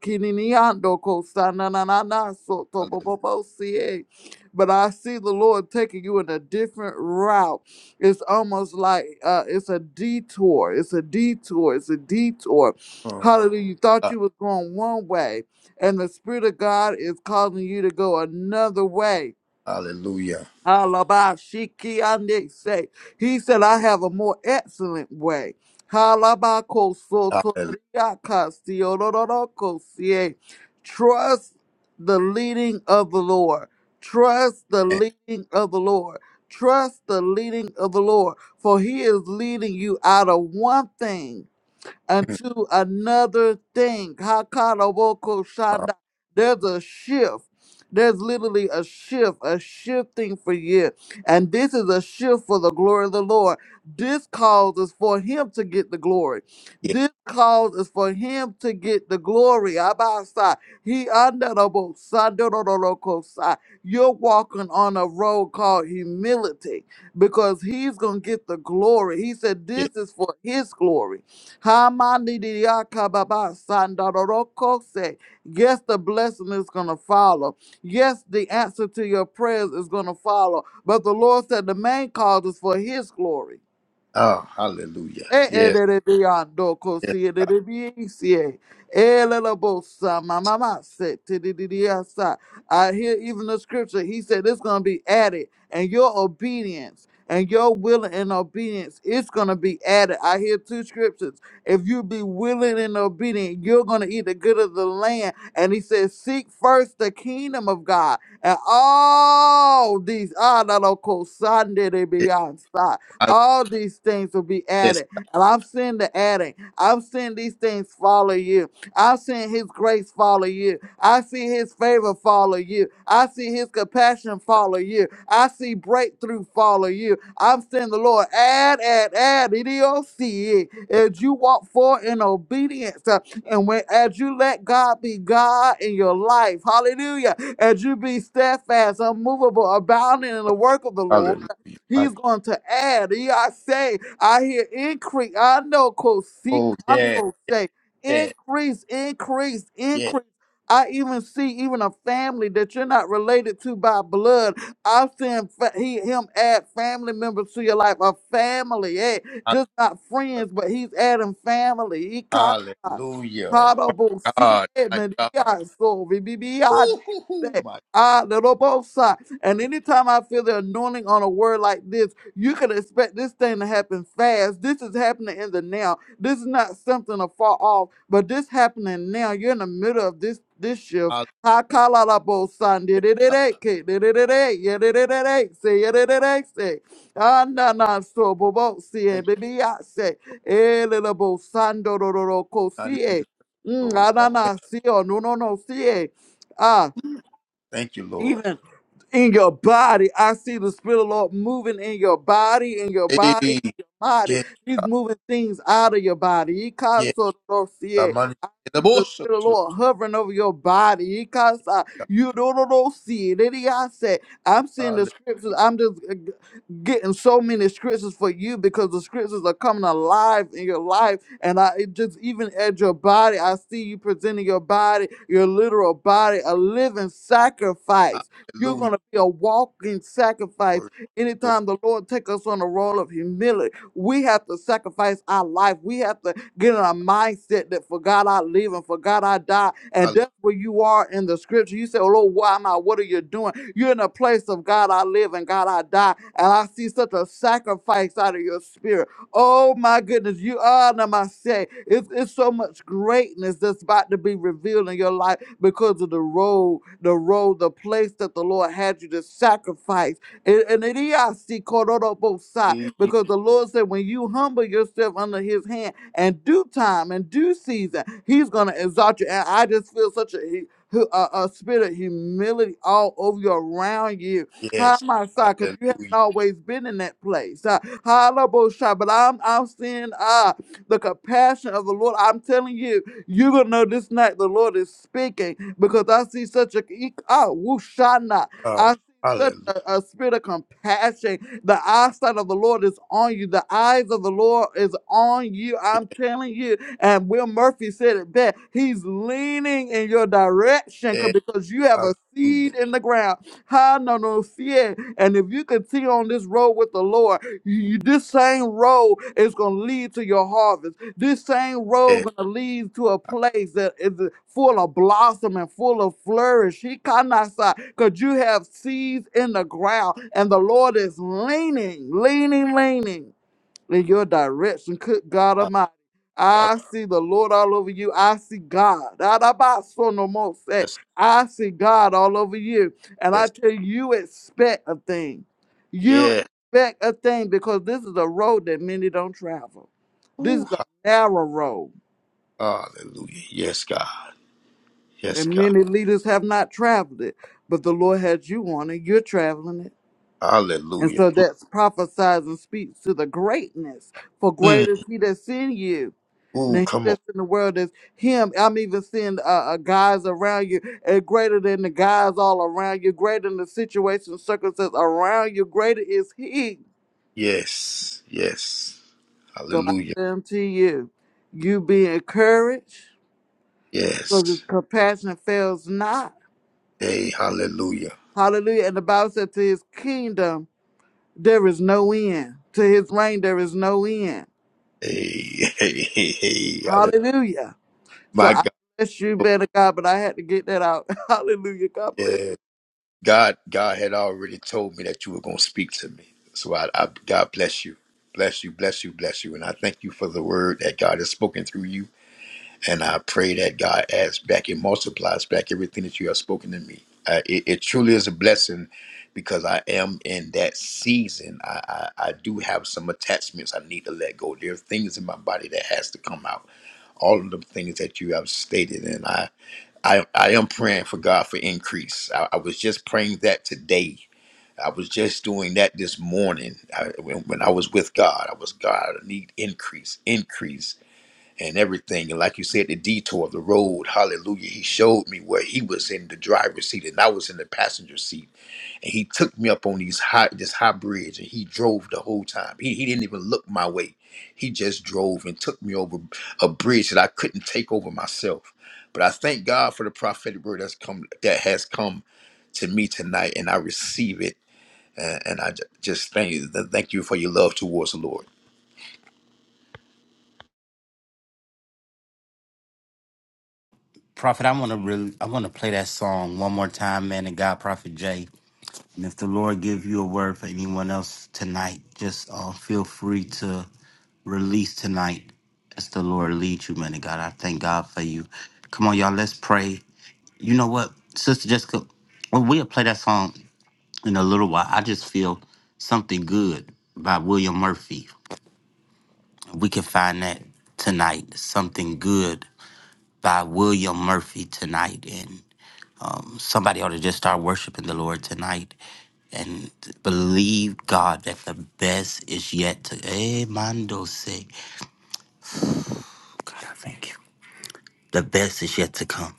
J: so
D: Hallelujah.
J: si eh. But I see the Lord taking you in a different route. It's almost like uh, it's a detour. It's a detour. It's a detour.
D: Oh,
J: Hallelujah. You thought
D: God.
J: you was going one way, and the Spirit of God is causing you to go another way
D: Hallelujah.
J: Halabashiki ande say. He said, I have a more excellent way. Halabako
D: Hallelujah.
J: sotoriakastiorororokosie. Trust the leading of the Lord. Trust the leading of the Lord. Trust the leading of the Lord, for he is leading you out of one thing
D: Mm.
J: unto another thing. Hakaraboko
D: Oh,
J: shanda. There's a shift. There's literally a shift, a shifting for you. And this is a shift for the glory of the Lord. This causes for him to get the glory.
D: yeah,
J: This cause is for him to get the glory. Abasa. He under the boat, sandororoko You're walking on a road called humility because he's gonna get the glory. He said,
D: yeah.
J: This is for his glory. Hamandidiakababa-sandarorokose. Yes, the blessing is going to follow. Yes, the answer to your prayers is going to follow. But the Lord said the main cause is for His glory.
D: Oh, hallelujah.
J: Eh, eh,
D: Yes,
J: de, de, de, ah, do, ko,
D: yes,
J: si, eh, de, de, de, eh, si, eh. Eh, la, la, bo, sa, ma, ma, ma, se, te, de, de, de, ah, sa. I hear even the scripture. He said it's going to be added, and your obedience and your willing and obedience is going to be added. I hear two scriptures. If you be willing and obedient, you're going to eat the good of the land. And he says, Seek first the kingdom of God, and all these, ah, la, la, ko, sa, de, de,
D: yes.
J: de, ah, sa.
D: Hall-
J: all these things will be
D: Yes,
J: added. And I've seen the addict. I've seen these things follow you. I've seen his grace follow you. I see his favor follow you. I see his compassion follow you. I see breakthrough follow you. I've seen the Lord add, add, add. EDOC.
D: yes.
J: As you walk forward in obedience, uh, and when as you let God be God in your life, hallelujah, as you be steadfast, unmovable, abounding in the work of the Lord.
D: Hallelujah.
J: He's
D: My-
J: going to add. He, I say, I hear increase. I know, Kosik.
D: Oh,
J: I
D: yes,
J: know, say,
D: yes,
J: increase, increase,
D: yes.
J: increase. I even see even a family that you're not related to by blood. I've seen fa- he him add family members to your life, a family, eh? Just not friends, but he's adding family. He caught
D: Hallelujah. My God. My God. Woo-hoo-hoo. My
J: so and anytime I feel the anointing on a word like this, you can expect this thing to happen fast. This is happening in the now. This is not something afar off, but this happening now. You're in the middle of this this shift.
D: God.
J: Ha kala la bo san de de de de ke de de de de ye de de de de say ye de de de say ah na na so bo bo si e
D: Thank you.
J: baby ya say eh le la bo san do do do do ko
D: Not
J: si
D: even
J: e
D: deserve,
J: mm
D: Lord.
J: ah
D: I
J: na na si oh no no no si e ah
D: Thank you, Lord.
J: even in your body. I see the Spirit of the Lord moving in your body, in your
D: Hey,
J: body, in your body.
D: yes,
J: He's
D: God.
J: moving things out of your body.
D: Yes, the
J: Ikasotorosie.
D: money
J: I
D: in the
J: see The
D: bush. oh,
J: Spirit of the
D: to
J: Lord hovering over your body. Ikasa.
D: God.
J: You don't know, see it. Then I said, I'm seeing the
D: Halle-
J: scriptures. I'm just uh, g- getting so many scriptures for you because the scriptures are coming alive in your life. And I it just even at your body, I see you presenting your body, your literal body, a living sacrifice. You're
D: Hallelujah.
J: going to be a walking sacrifice.
D: Lord. Lord.
J: Anytime the Lord take us on a role of humility, we have to sacrifice our life. We have to get in a mindset that for God I live and for God I die. And that's where you are in the scripture. You say, oh, Lord, why am I? What are you doing? You're in a place of God I live and God I die. And I see such a sacrifice out of your spirit. Oh my goodness, you are Namaste. It's, it's so much greatness that's about to be revealed in your life because of the road, the road, the place that the Lord had you to sacrifice. And, and it is I see Kororo side
D: Hallelujah.
J: because the Lord said, when you humble yourself under His hand, and due time and due season, He's gonna exalt you. And I just feel such a hu- a, a spirit of humility all over you, around you how
D: Yes.
J: my side, because you haven't
D: Hallelujah.
J: always been in that place. Uh, Halabosha, but I'm I'm seeing uh the compassion of the Lord. I'm telling you, you're gonna know this night the Lord is speaking because I see such a uh, wushana.
D: Oh,
J: I see such
D: Hallelujah.
J: a, a spirit of compassion. The eyesight of the Lord is on you. The eyes of the Lord is on you. I'm telling you. And Will Murphy said it best. He's leaning in your direction 'cause-
D: Yes.
J: because you have a
D: Hallelujah.
J: seed in the ground Ha no no fear. And if you continue on this road with the Lord, you, you- this same road is gonna lead to your harvest. This same road
D: Yes.
J: gonna lead to a place that is full of blossom and full of flourish. He cannot because you have seeds in the ground, and the Lord is leaning, leaning, leaning in your direction. Good God
D: God.
J: Almighty.
D: Oh,
J: I see the Lord all over you. I see God. Adabasonomose.
D: Yes.
J: I see God all over you. And I
D: Yes.
J: tell you, you expect a thing. You
D: Yes.
J: expect a thing because this is a road that many don't travel. This
D: Ooh,
J: is a
D: ha-
J: narrow road,
D: Hallelujah. Yes, God. Yes,
J: and
D: God.
J: many leaders have not traveled it. But the Lord has you on it. You're traveling it. And
D: Hallelujah.
J: so that's prophesies and speaks to the greatness. For great is he that's in you The
D: Ooh,
J: he
D: come on.
J: that's in the world is him. I'm even seeing uh, uh, guys around you uh, greater than the guys all around you, greater than the situation, circumstances around you. Greater is he.
D: Yes. Yes.
J: So I
D: Hallelujah.
J: say unto you, you be encouraged because his
D: Yes.
J: compassion fails not.
D: Hey, hallelujah.
J: Hallelujah. And the Bible said to his kingdom, there is no end. To his reign, there is no end.
D: Hey, hey, hey, hey. Hallelujah.
J: Hallelujah. So
D: My
J: I
D: God.
J: bless you, man of God, but I had to get that out. Hallelujah. God bless
D: Yeah. God, God had already told me that you were going to speak to me. So I, I, God bless you. Bless you, bless you, bless you. And I thank you for the word that God has spoken through you. And I pray that God adds back and multiplies back everything that you have spoken to me. Uh, it, it truly is a blessing because I am in that season. I, I, I do have some attachments I need to let go. There are things in my body that has to come out. All of the things that you have stated, and I I, I am praying for God for increase. I, I was just praying that today. I was just doing that this morning I, when, when I was with God. I was God. I need increase, increase and everything. And like you said, the detour of the road, hallelujah. He showed me where he was in the driver's seat and I was in the passenger seat. And he took me up on these high this high bridge and he drove the whole time. He he didn't even look my way. He just drove and took me over a bridge that I couldn't take over myself. But I thank God for the prophetic word that's come that has come to me tonight and I receive it. And, and I ju- just thank you, thank you for your love towards the Lord.
A: Prophet, I want to really, I want to play that song one more time, man of God, Prophet Jay. And if the Lord give you a word for anyone else tonight, just uh, feel free to release tonight as the Lord leads you, man of God. I thank God for you. Come on, y'all, let's pray. You know what, Sister Jessica, well, we'll play that song in a little while. I just feel something good by William Murphy. We can find that tonight. Something good by William Murphy tonight. And um, somebody ought to just start worshiping the Lord tonight and believe God that the best is yet to. Hey, Mando, say, God, I thank you. The best is yet to come.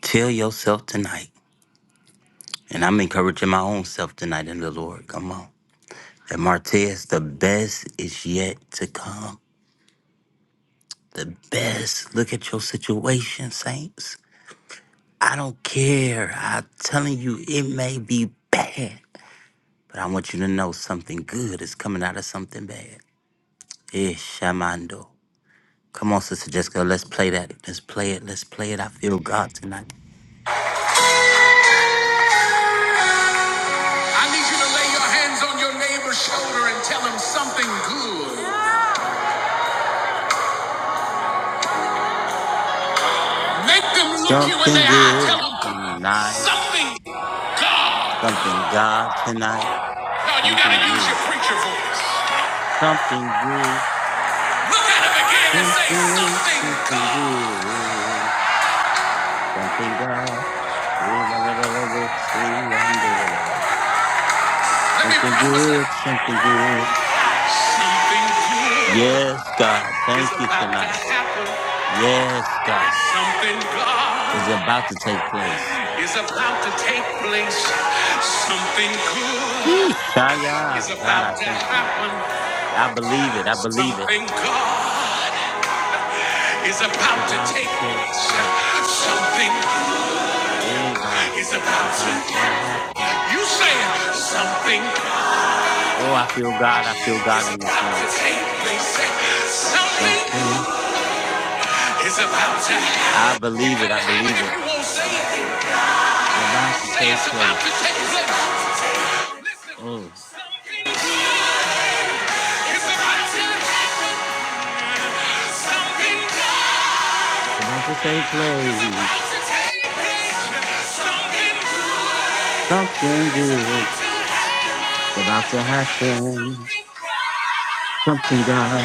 A: Tell yourself tonight, and I'm encouraging my own self tonight in the Lord. Come on. And Martez, the best is yet to come. The best. Look at your situation, saints. I don't care. I'm telling you, it may be bad, but I want you to know something good is coming out of something bad. Ishamando. Come on, Sister Jessica, let's play that. Let's play it. Let's play it. I feel God tonight. Something good. Something God tonight. Something good. Something good. Something, something good. Something God. Yeah, la, la, la, la, la, see, um, la, la, la, la, la. Something good. Something good. Yes, God. Thank you tonight.
G: happen.
A: Yes, God.
G: Something
A: It's
G: God
A: about to take place.
G: is about to take place. Something good
A: Yeesh.
G: is
A: Shia. God, I
G: about to
A: thank you.
G: happen.
A: I believe it. I believe it.
G: Something God is
A: It's
G: about to
A: about
G: take
A: to take
G: place.
A: place.
G: Something
A: Hey, God.
G: is
A: It's
G: about
A: about to
G: to.
A: happen.
G: You say it. something
A: Oh, I feel God. I feel
G: is
A: God in this
G: about
A: room.
G: to take place. Something
A: Something.
G: is about to happen.
A: I
G: You
A: believe it.
G: can't
A: I
G: have it
A: believe
G: if
A: it.
G: you won't say it.
A: It's about to
G: Say it's
A: take
G: about
A: place.
G: to take place. Listen,
A: Oh,
G: something good is about to happen. Something good
A: it's about to take
G: is about
A: place.
G: to take place. Something good
A: Something
G: is
A: good.
G: about to
A: It's about to
G: happen.
A: happen.
G: Something
A: Something
G: good.
A: God.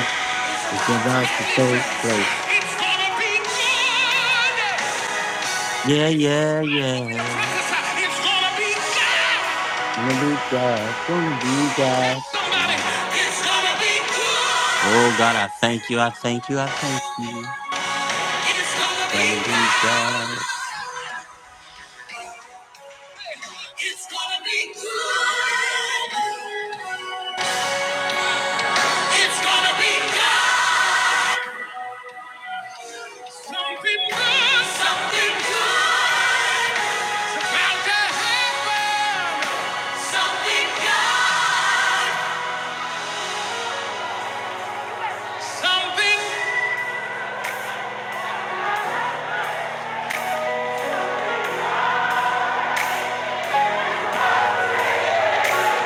A: It's about to
G: Now listen,
A: take place.
G: it's gonna be good.
A: Yeah, yeah,
G: God told me to
A: yeah.
G: prophesy. It's gonna be good.
A: Gonna be God. Gonna be
G: Tell
A: God.
G: somebody, it's gonna be good.
A: Oh God, I thank you. I thank you. I thank you.
G: It's gonna be
A: Gonna be
G: good.
A: God.
G: It's gonna be good. It's gonna be good. Something good. Something good. About to happen. Something good. Something.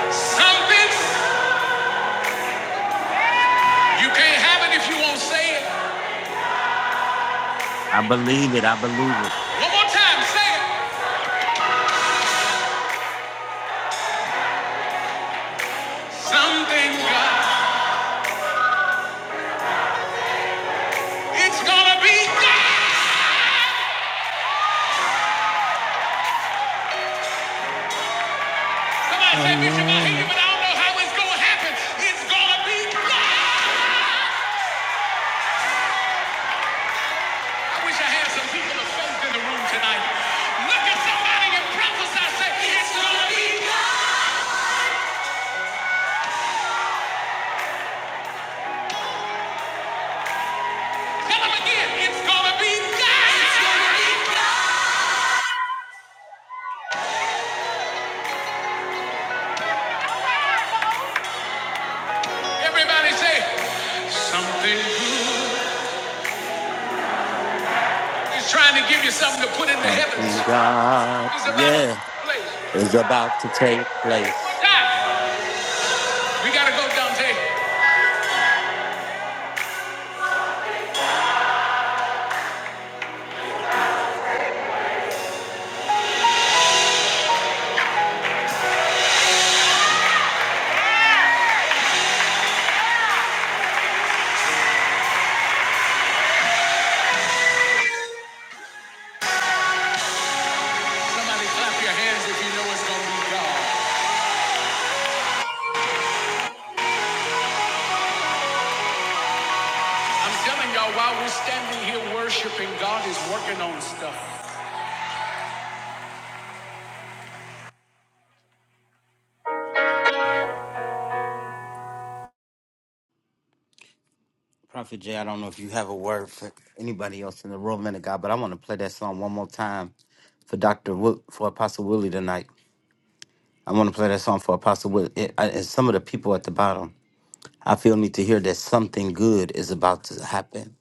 G: Something. You can't have it if you won't say it.
A: I believe it. I believe it.
G: One more time. Say it. Something good. It's gonna be good. Somebody said, Bishop, I hear you, but I don't know how it's going to happen. It's going to be God. I wish I had some people of faith in the room tonight. Look at somebody and prophesy, say, it's going to be God. Tell them again, it's going to be God. Everybody say, something good. He's trying to give you something to put in the heavens.
A: Something God.
G: It's about to
A: Yeah.
G: place.
A: is about to take place.
G: We got to go, Dante. Somebody clap your hands if you know it's going to be God. I'm telling y'all, while we're standing here worshiping, God is working on stuff.
A: Prophet Jay, I don't know if you have a word for anybody else in the room, man of God, but I want to play that song one more time for Doctor Wo- for Apostle Willie tonight. I want to play that song for Apostle Willie it, I, and some of the people at the bottom. I feel need to hear that something good is about to happen.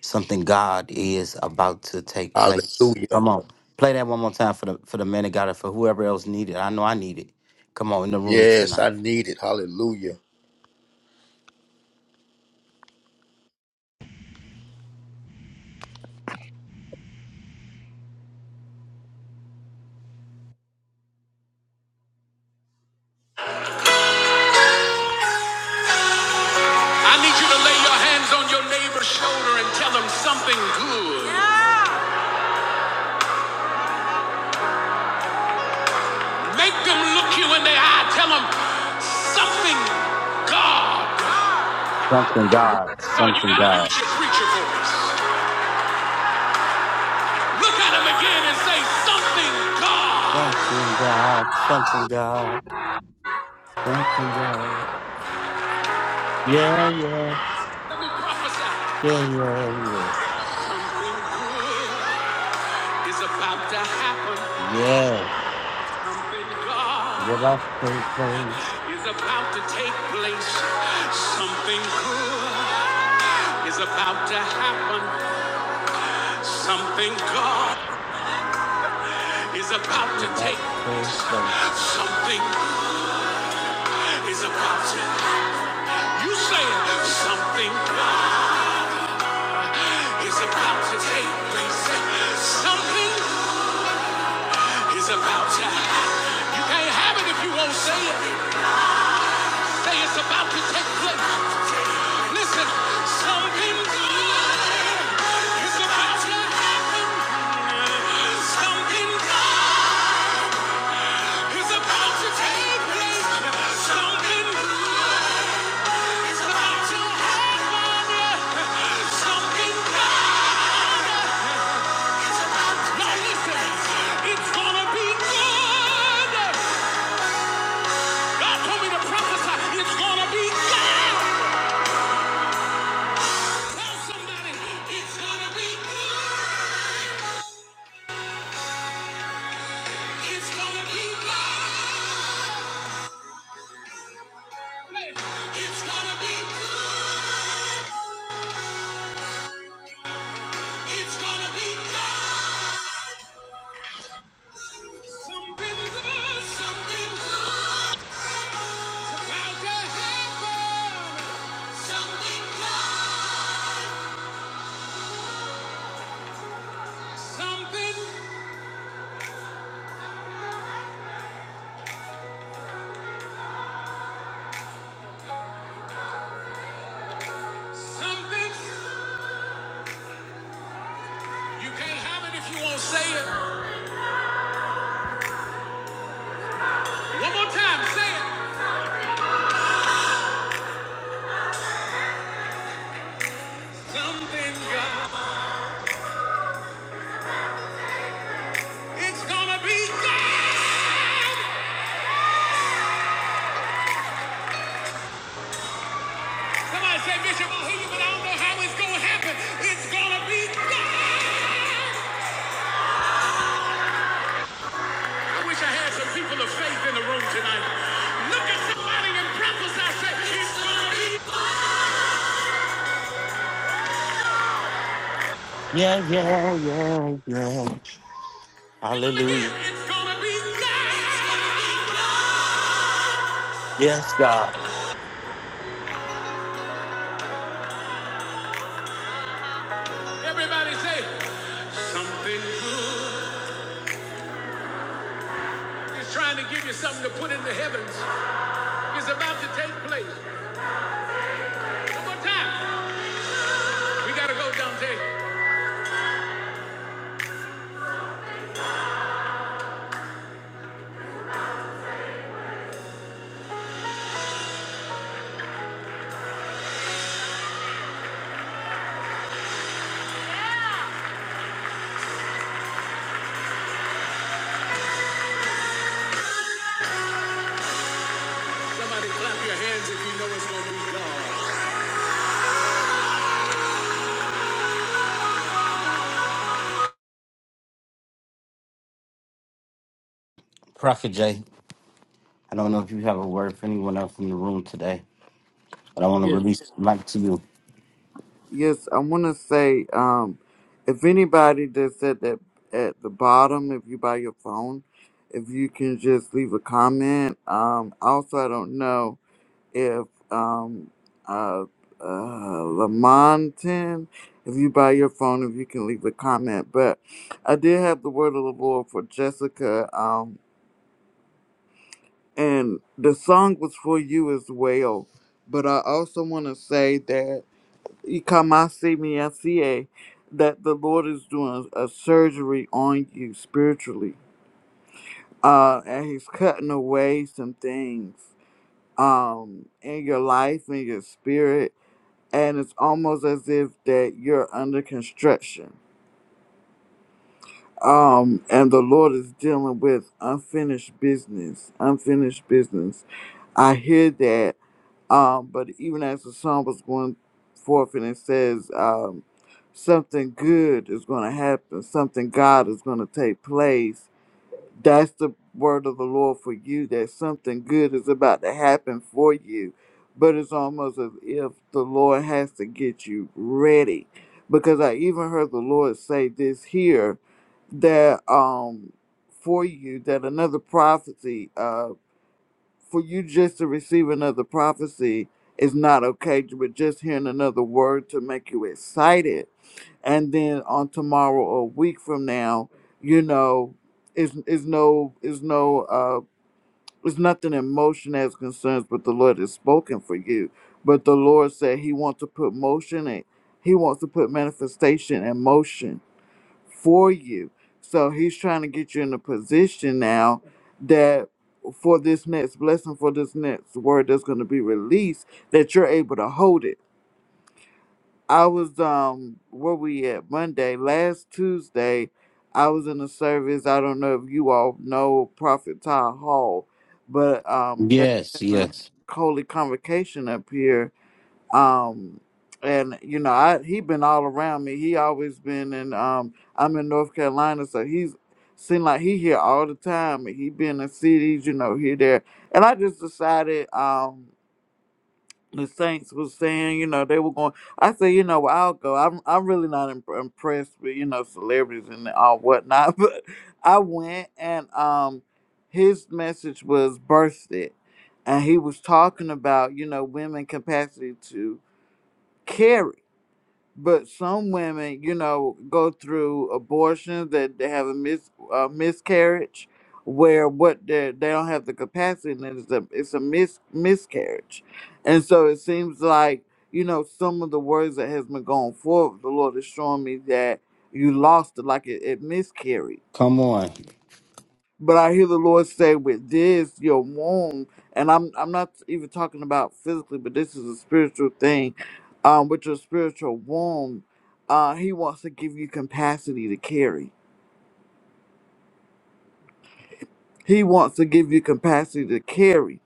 A: Something God is about to take place.
D: Hallelujah.
A: Come on, play that one more time for the for the man of God and for whoever else needed. I know I need it. Come on in the room
D: Yes, I
A: tonight.
D: need it. Hallelujah.
A: Something God, something God.
G: Preacher voice. Look at him again and say something. God
A: Something God, something God, something God. Yeah, yeah,
G: prophesy
A: yeah, yeah, yeah.
G: is about to happen.
A: Yeah.
G: God
A: We're about to take place.
G: is about to take place. Something good is about to happen. Something God is about
A: We're
G: to take
A: about to take
G: place.
A: place.
G: Something is about to. You say it. something God is about to take place. Something It's about time. You can't have it if you won't say it. Say it's about to take place. Listen, something good is about to happen. Something good is about to take place. Something good is about to happen. Something good. is about to Now listen, it's gonna be good. It's gonna be God. Tell somebody it's gonna be good. It's gonna be God. It's gonna be good. It's gonna be God. Something good. Something good. About to happen. Something good. Something. Something. You can't have it if you won't say it. One more time. Say it. Something good. It's gonna be God. Somebody say, Bishop, I hear you, but I don't know how it's going to happen. It's going to be God. I wish I had some people of faith in the room tonight. Look at somebody and prophesy, say, it's going to be God.
A: Yeah, yeah, yeah, yeah.
G: Tell them again,
A: Hallelujah.
G: it's going to be God.
A: Yes, God.
G: Everybody say, something good is trying to give you something to put in the heavens. It's about to take place. One more time. We got to go, Dante.
A: Prophet Jay, I don't know if you have a word for anyone else in the room today, but I
J: you.
A: want to
J: Yes.
A: release the mic to you.
J: Yes, I want to say, um, if anybody that's at that at the bottom, if you buy your phone, if you can just leave a comment. Um, also, I don't know if um, uh, uh, Lamontin, if you buy your phone, if you can leave a comment. But I did have the word of the Lord for Jessica, um, and the song was for you as well. But I also want to say that. Ikamasi that the Lord is doing a, a surgery on you spiritually. Uh, and he's cutting away some things um in your life and your spirit and it's almost as if that you're under construction um and the lord is dealing with unfinished business unfinished business i hear that Um, but even as the song was going forth and it says, um, something good is going to happen, something God is going to take place. That's the word of the Lord for you that something good is about to happen for you. But it's almost as if the Lord has to get you ready. Because I even heard the Lord say this here that um for you that another prophecy uh, for you just to receive another prophecy is not okay, but just hearing another word to make you excited. And then on tomorrow or a week from now, you know, is is no is no uh is nothing in motion as concerns but the Lord has spoken for you. But the Lord said he wants to put motion in he wants to put manifestation in motion for you. So he's trying to get you in a position now that for this next blessing, for this next word that's going to be released, that you're able to hold it. I was um where we at Monday last Tuesday. I was in a service. I don't know if you all know Prophet Ty Hall, but um they were
A: Yes,
J: having
A: yes.
J: a holy convocation up here um and you know i he been all around me he always been in um i'm in north carolina so he's seemed like he here all the time and he been in cities you know here there and i just decided um the saints was saying you know they were going i said you know well, i'll go i'm i'm really not imp- impressed with you know celebrities and all whatnot but i went and um his message was birthed it and he was talking about you know women capacity to carry. But some women, you know, go through abortions that they have a mis a miscarriage, where what they they don't have the capacity, and it's a it's a mis miscarriage, and so it seems like you know some of the words that has been going forward, the Lord is showing me that you lost it, like it, it miscarried
A: Come on.
J: but I hear the Lord say, "With this, your womb," and I'm I'm not even talking about physically, but this is a spiritual thing. Um, with your spiritual womb, uh, He wants to give you capacity to carry. He wants to give you capacity to carry.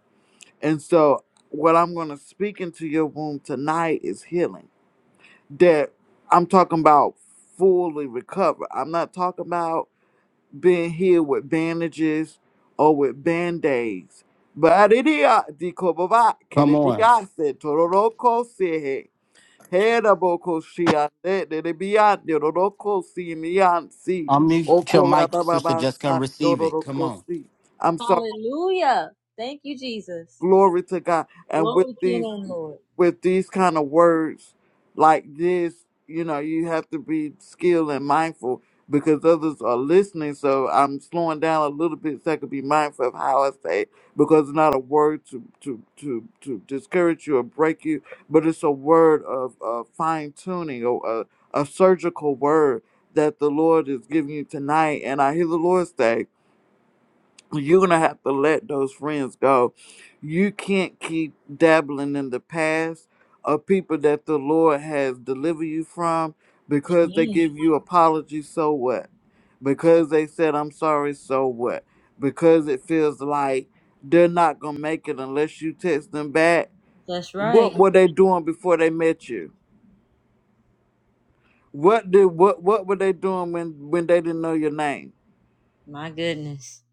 J: And so, what I'm going to speak into your womb tonight is healing. That I'm talking about fully recover. I'm not talking about. being healed with bandages or with band-aids. Baridia di kobaba
A: Come on.
J: kiribiase tororoko sihe. Heraboko shiande de biande roroko si miansi.
A: Unmute your mic, Sister
J: Okorababa
A: Jessica, and
J: san
A: receive it. Come
J: dororoko
A: on.
J: si. I'm sorry.
G: Hallelujah. Thank you, Jesus.
J: Glory to God. And with
G: Glory to your
J: these
G: name, Lord.
J: with these kind of words like this, you know, you have to be skilled and mindful because others are listening. So I'm slowing down a little bit so I can be mindful of how I say it because it's not a word to, to, to, to discourage you or break you, but it's a word of uh, fine tuning or a, a surgical word that the Lord is giving you tonight. And I hear the Lord say, you're gonna have to let those friends go. You can't keep dabbling in the past of people that the Lord has delivered you from because they
G: Amen.
J: give you apologies, so what? Because they said I'm sorry, so what? Because it feels like they're not gonna make it unless you text them back.
G: That's right.
J: What were they doing before they met you? What did what what were they doing when when they didn't know your name?
G: My goodness.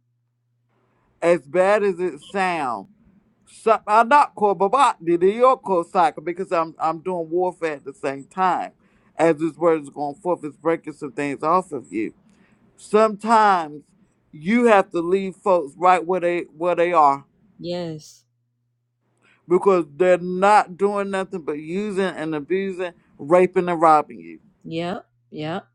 J: As bad as it sounds Sa- I not call Baba the Yoko cycle because I'm I'm doing warfare at the same time. As this word is going forth, it's breaking some things off of you. Sometimes you have to leave folks right where they where they are
G: Yes.
J: because they're not doing nothing but using and abusing, raping and robbing you.
G: Yep. Yep.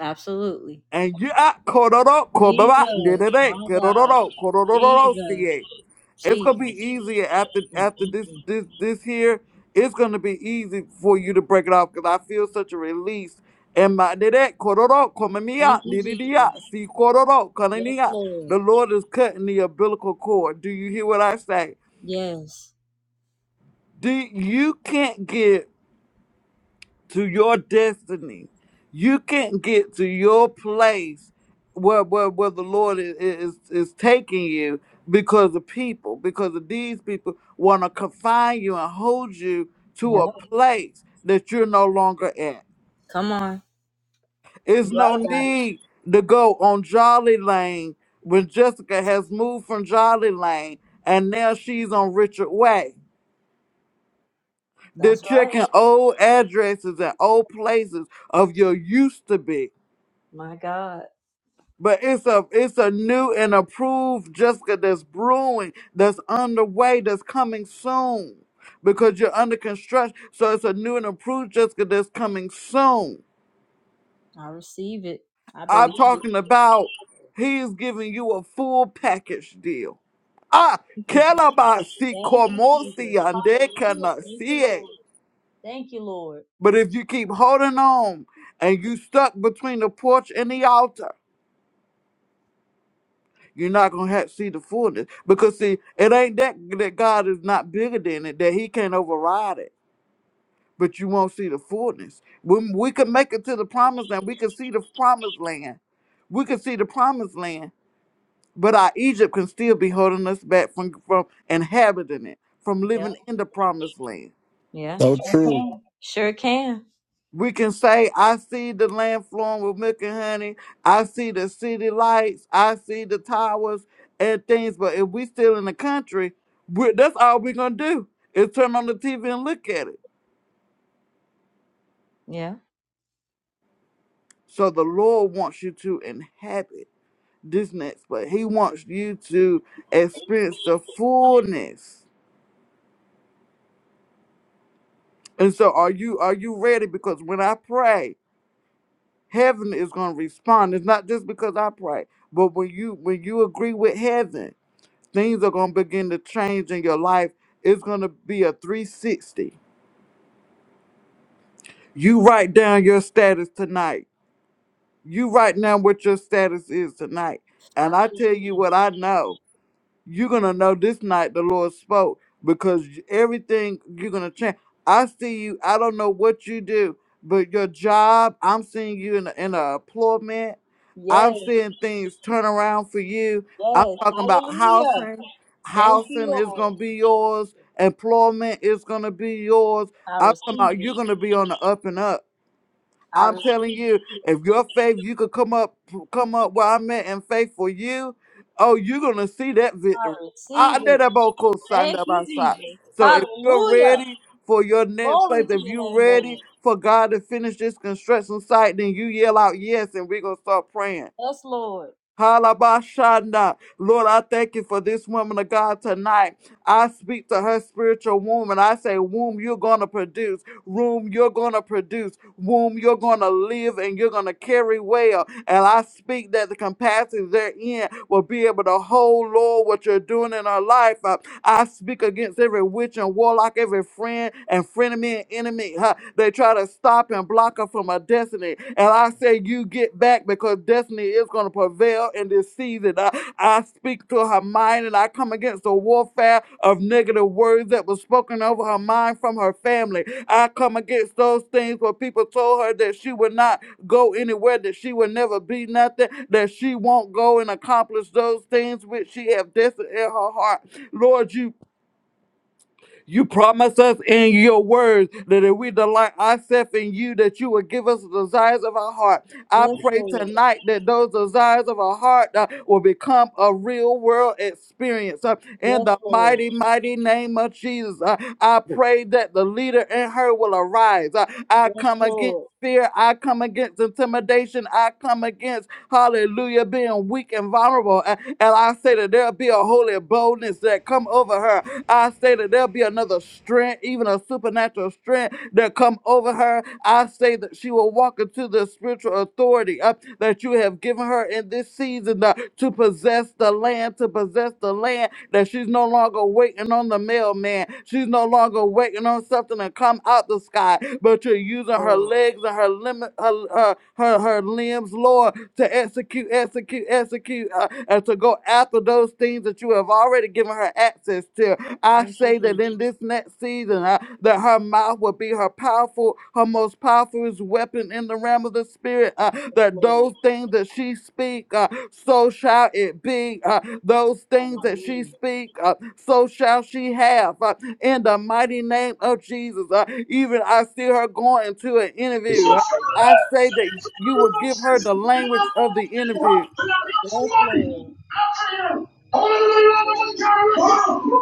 G: Absolutely.
J: and you are kororo
G: Jesus.
J: kobaba nere
G: My God.
J: kororo kororo
G: Jesus.
J: see. It's gonna be
G: Jesus.
J: easier after after this
G: Mm-mm-mm.
J: this this here. It's gonna be easy for you to break it off because I feel such a release. And my nere kororo
G: Thank
J: komamia
G: you, Jesus.
J: niriya see kororo
G: Yes,
J: kanania. The
G: Lord.
J: Lord is cutting the umbilical cord. Do you hear what I say?
G: Yes.
J: Do you can't give? to your destiny. You can't get to your place where where, where the Lord is, is is taking you because of people, because of these people want to confine you and hold you to a
G: Yep.
J: place that you're no longer at.
G: Come on. You
J: It's no
G: right about it.
J: need to go on Jolly Lane when Jessica has moved from Jolly Lane and now she's on Richard Way. They're
G: That's right.
J: checking old addresses and old places of your used to be
G: My God.
J: But it's a it's a new and approved Jessica that's brewing, that's underway, that's coming soon. Because you're under construction. So it's a new and approved Jessica that's coming soon.
G: I receive it. I believe
J: I'm
G: it.
J: talking about he's giving you a full package deal. Ah,
G: Thank you, Jesus.
J: Calabasi
G: Thank you, Jesus.
J: Cormosi Ande
G: Hallelujah. Thank you,
J: Canasie.
G: Lord. Thank you, Lord.
J: But if you keep holding on and you stuck between the porch and the altar, You're not gonna have see the fullness because see it ain't that that God is not bigger than it that He can't override it, but you won't see the fullness. When we can make it to the promised land, we can see the promised land, we can see the promised land, but our Egypt can still be holding us back from from inhabiting it, from living in the promised land.
G: Yeah.
A: So
G: Sure
A: true.
G: can. Sure can.
J: We can say, I see the land flowing with milk and honey. I see the city lights. I see the towers and things. But if we still in the country, we that's all we're going to do is turn on the TV and look at it.
G: Yeah.
J: So the Lord wants you to inhabit this next place. He wants you to experience the fullness. And so are you are you ready? Because when I pray, heaven is going to respond. It's not just because I pray, but when you when you agree with heaven, things are going to begin to change in your life. It's going to be a 360. You write down your status tonight. You write down what your status is tonight. And I tell you
G: Absolutely.
J: what I know. you're gonna know this night the Lord spoke because everything you're gonna change. I see you. I don't know what you do, but your job. I'm seeing you in a, in a employment.
G: Yes.
J: I'm seeing things turn around for you. I'm
G: Yes.
J: talking about
G: Hallelujah.
J: housing.
G: Thank you,
J: Housing is
G: Lord.
J: gonna be yours. Employment is gonna be yours.
G: I
J: I'm talking
G: receive
J: about
G: it.
J: you're gonna be on the up and up
G: I
J: I'm telling
G: receive
J: you, if your faith, you could come up,
G: it.
J: come up where I'm at in faith for you. Oh, you're gonna see that
G: I
J: victory.
G: receive
J: I did
G: it.
J: a vocal sign
G: Thank
J: up
G: you,
J: outside.
G: Jesus.
J: So if you're
G: Hallelujah.
J: ready for your next
G: Glory
J: place,
G: to
J: if
G: your
J: you're
G: name,
J: ready
G: Lord.
J: for God to finish this construction site, then you yell out yes, and we're gonna start praying.
G: Yes, Lord.
J: Halabashanda. Lord, I thank you for this woman of God tonight. I speak to her spiritual womb and I say, Womb, you're going to produce. Womb, you're going to produce. Womb, you're going to live and you're going to carry well. And I speak that the capacity therein will be able to hold, Lord, what you're doing in her life. Uh, I speak against every witch and warlock, every friend and frenemy and enemy. huh, They try to stop and block her from her destiny. And I. I say you get back because destiny is going to prevail in this season. I, I speak to her mind and I come against the warfare of negative words that was spoken over her mind from her family. I come against those things where people told her that she would not go anywhere, that she would never be nothing, that she won't go and accomplish those things which she have destined in her heart. Lord, you you promise us in your words that if we delight ourselves in you, that you will give us the desires of our heart. I
G: Yes,
J: pray
G: Lord.
J: tonight that those desires of our heart uh, will become a real world experience. uh, in
G: Yes,
J: the
G: Lord.
J: mighty, mighty name of Jesus, Uh, I pray that the leader in her will arise. Uh, I
G: Yes,
J: come again
G: Lord.
J: fear. I come against intimidation. I come against, hallelujah, being weak and vulnerable. A- And I say that there'll be a holy boldness that come over her. I say that there'll be another strength, even a supernatural strength that come over her. I say that she will walk into the spiritual authority uh, that you have given her in this season. uh, to possess the land, to possess the land, that she's no longer waiting on the mailman. She's no longer waiting on something to come out the sky, but you're using her
G: Lord.
J: legs and her limit, her, her, her, her limbs, Lord, to execute, execute, execute, uh, and to go after those things that you have already given her access to. I
G: Thank you,
J: say that that
G: Jesus.
J: in this next season, uh, that her mouth will be her powerful, her most powerful weapon in the realm of the spirit. uh, that
G: Lord.
J: those things that she speak, uh, so shall it be. uh, those things that she
G: Hallelujah.
J: speak, uh, so shall she have. uh, in the mighty name of Jesus, uh, even I see her going to an interview. uh, I say that you will give her the language of the interview.
G: Yes, Lord.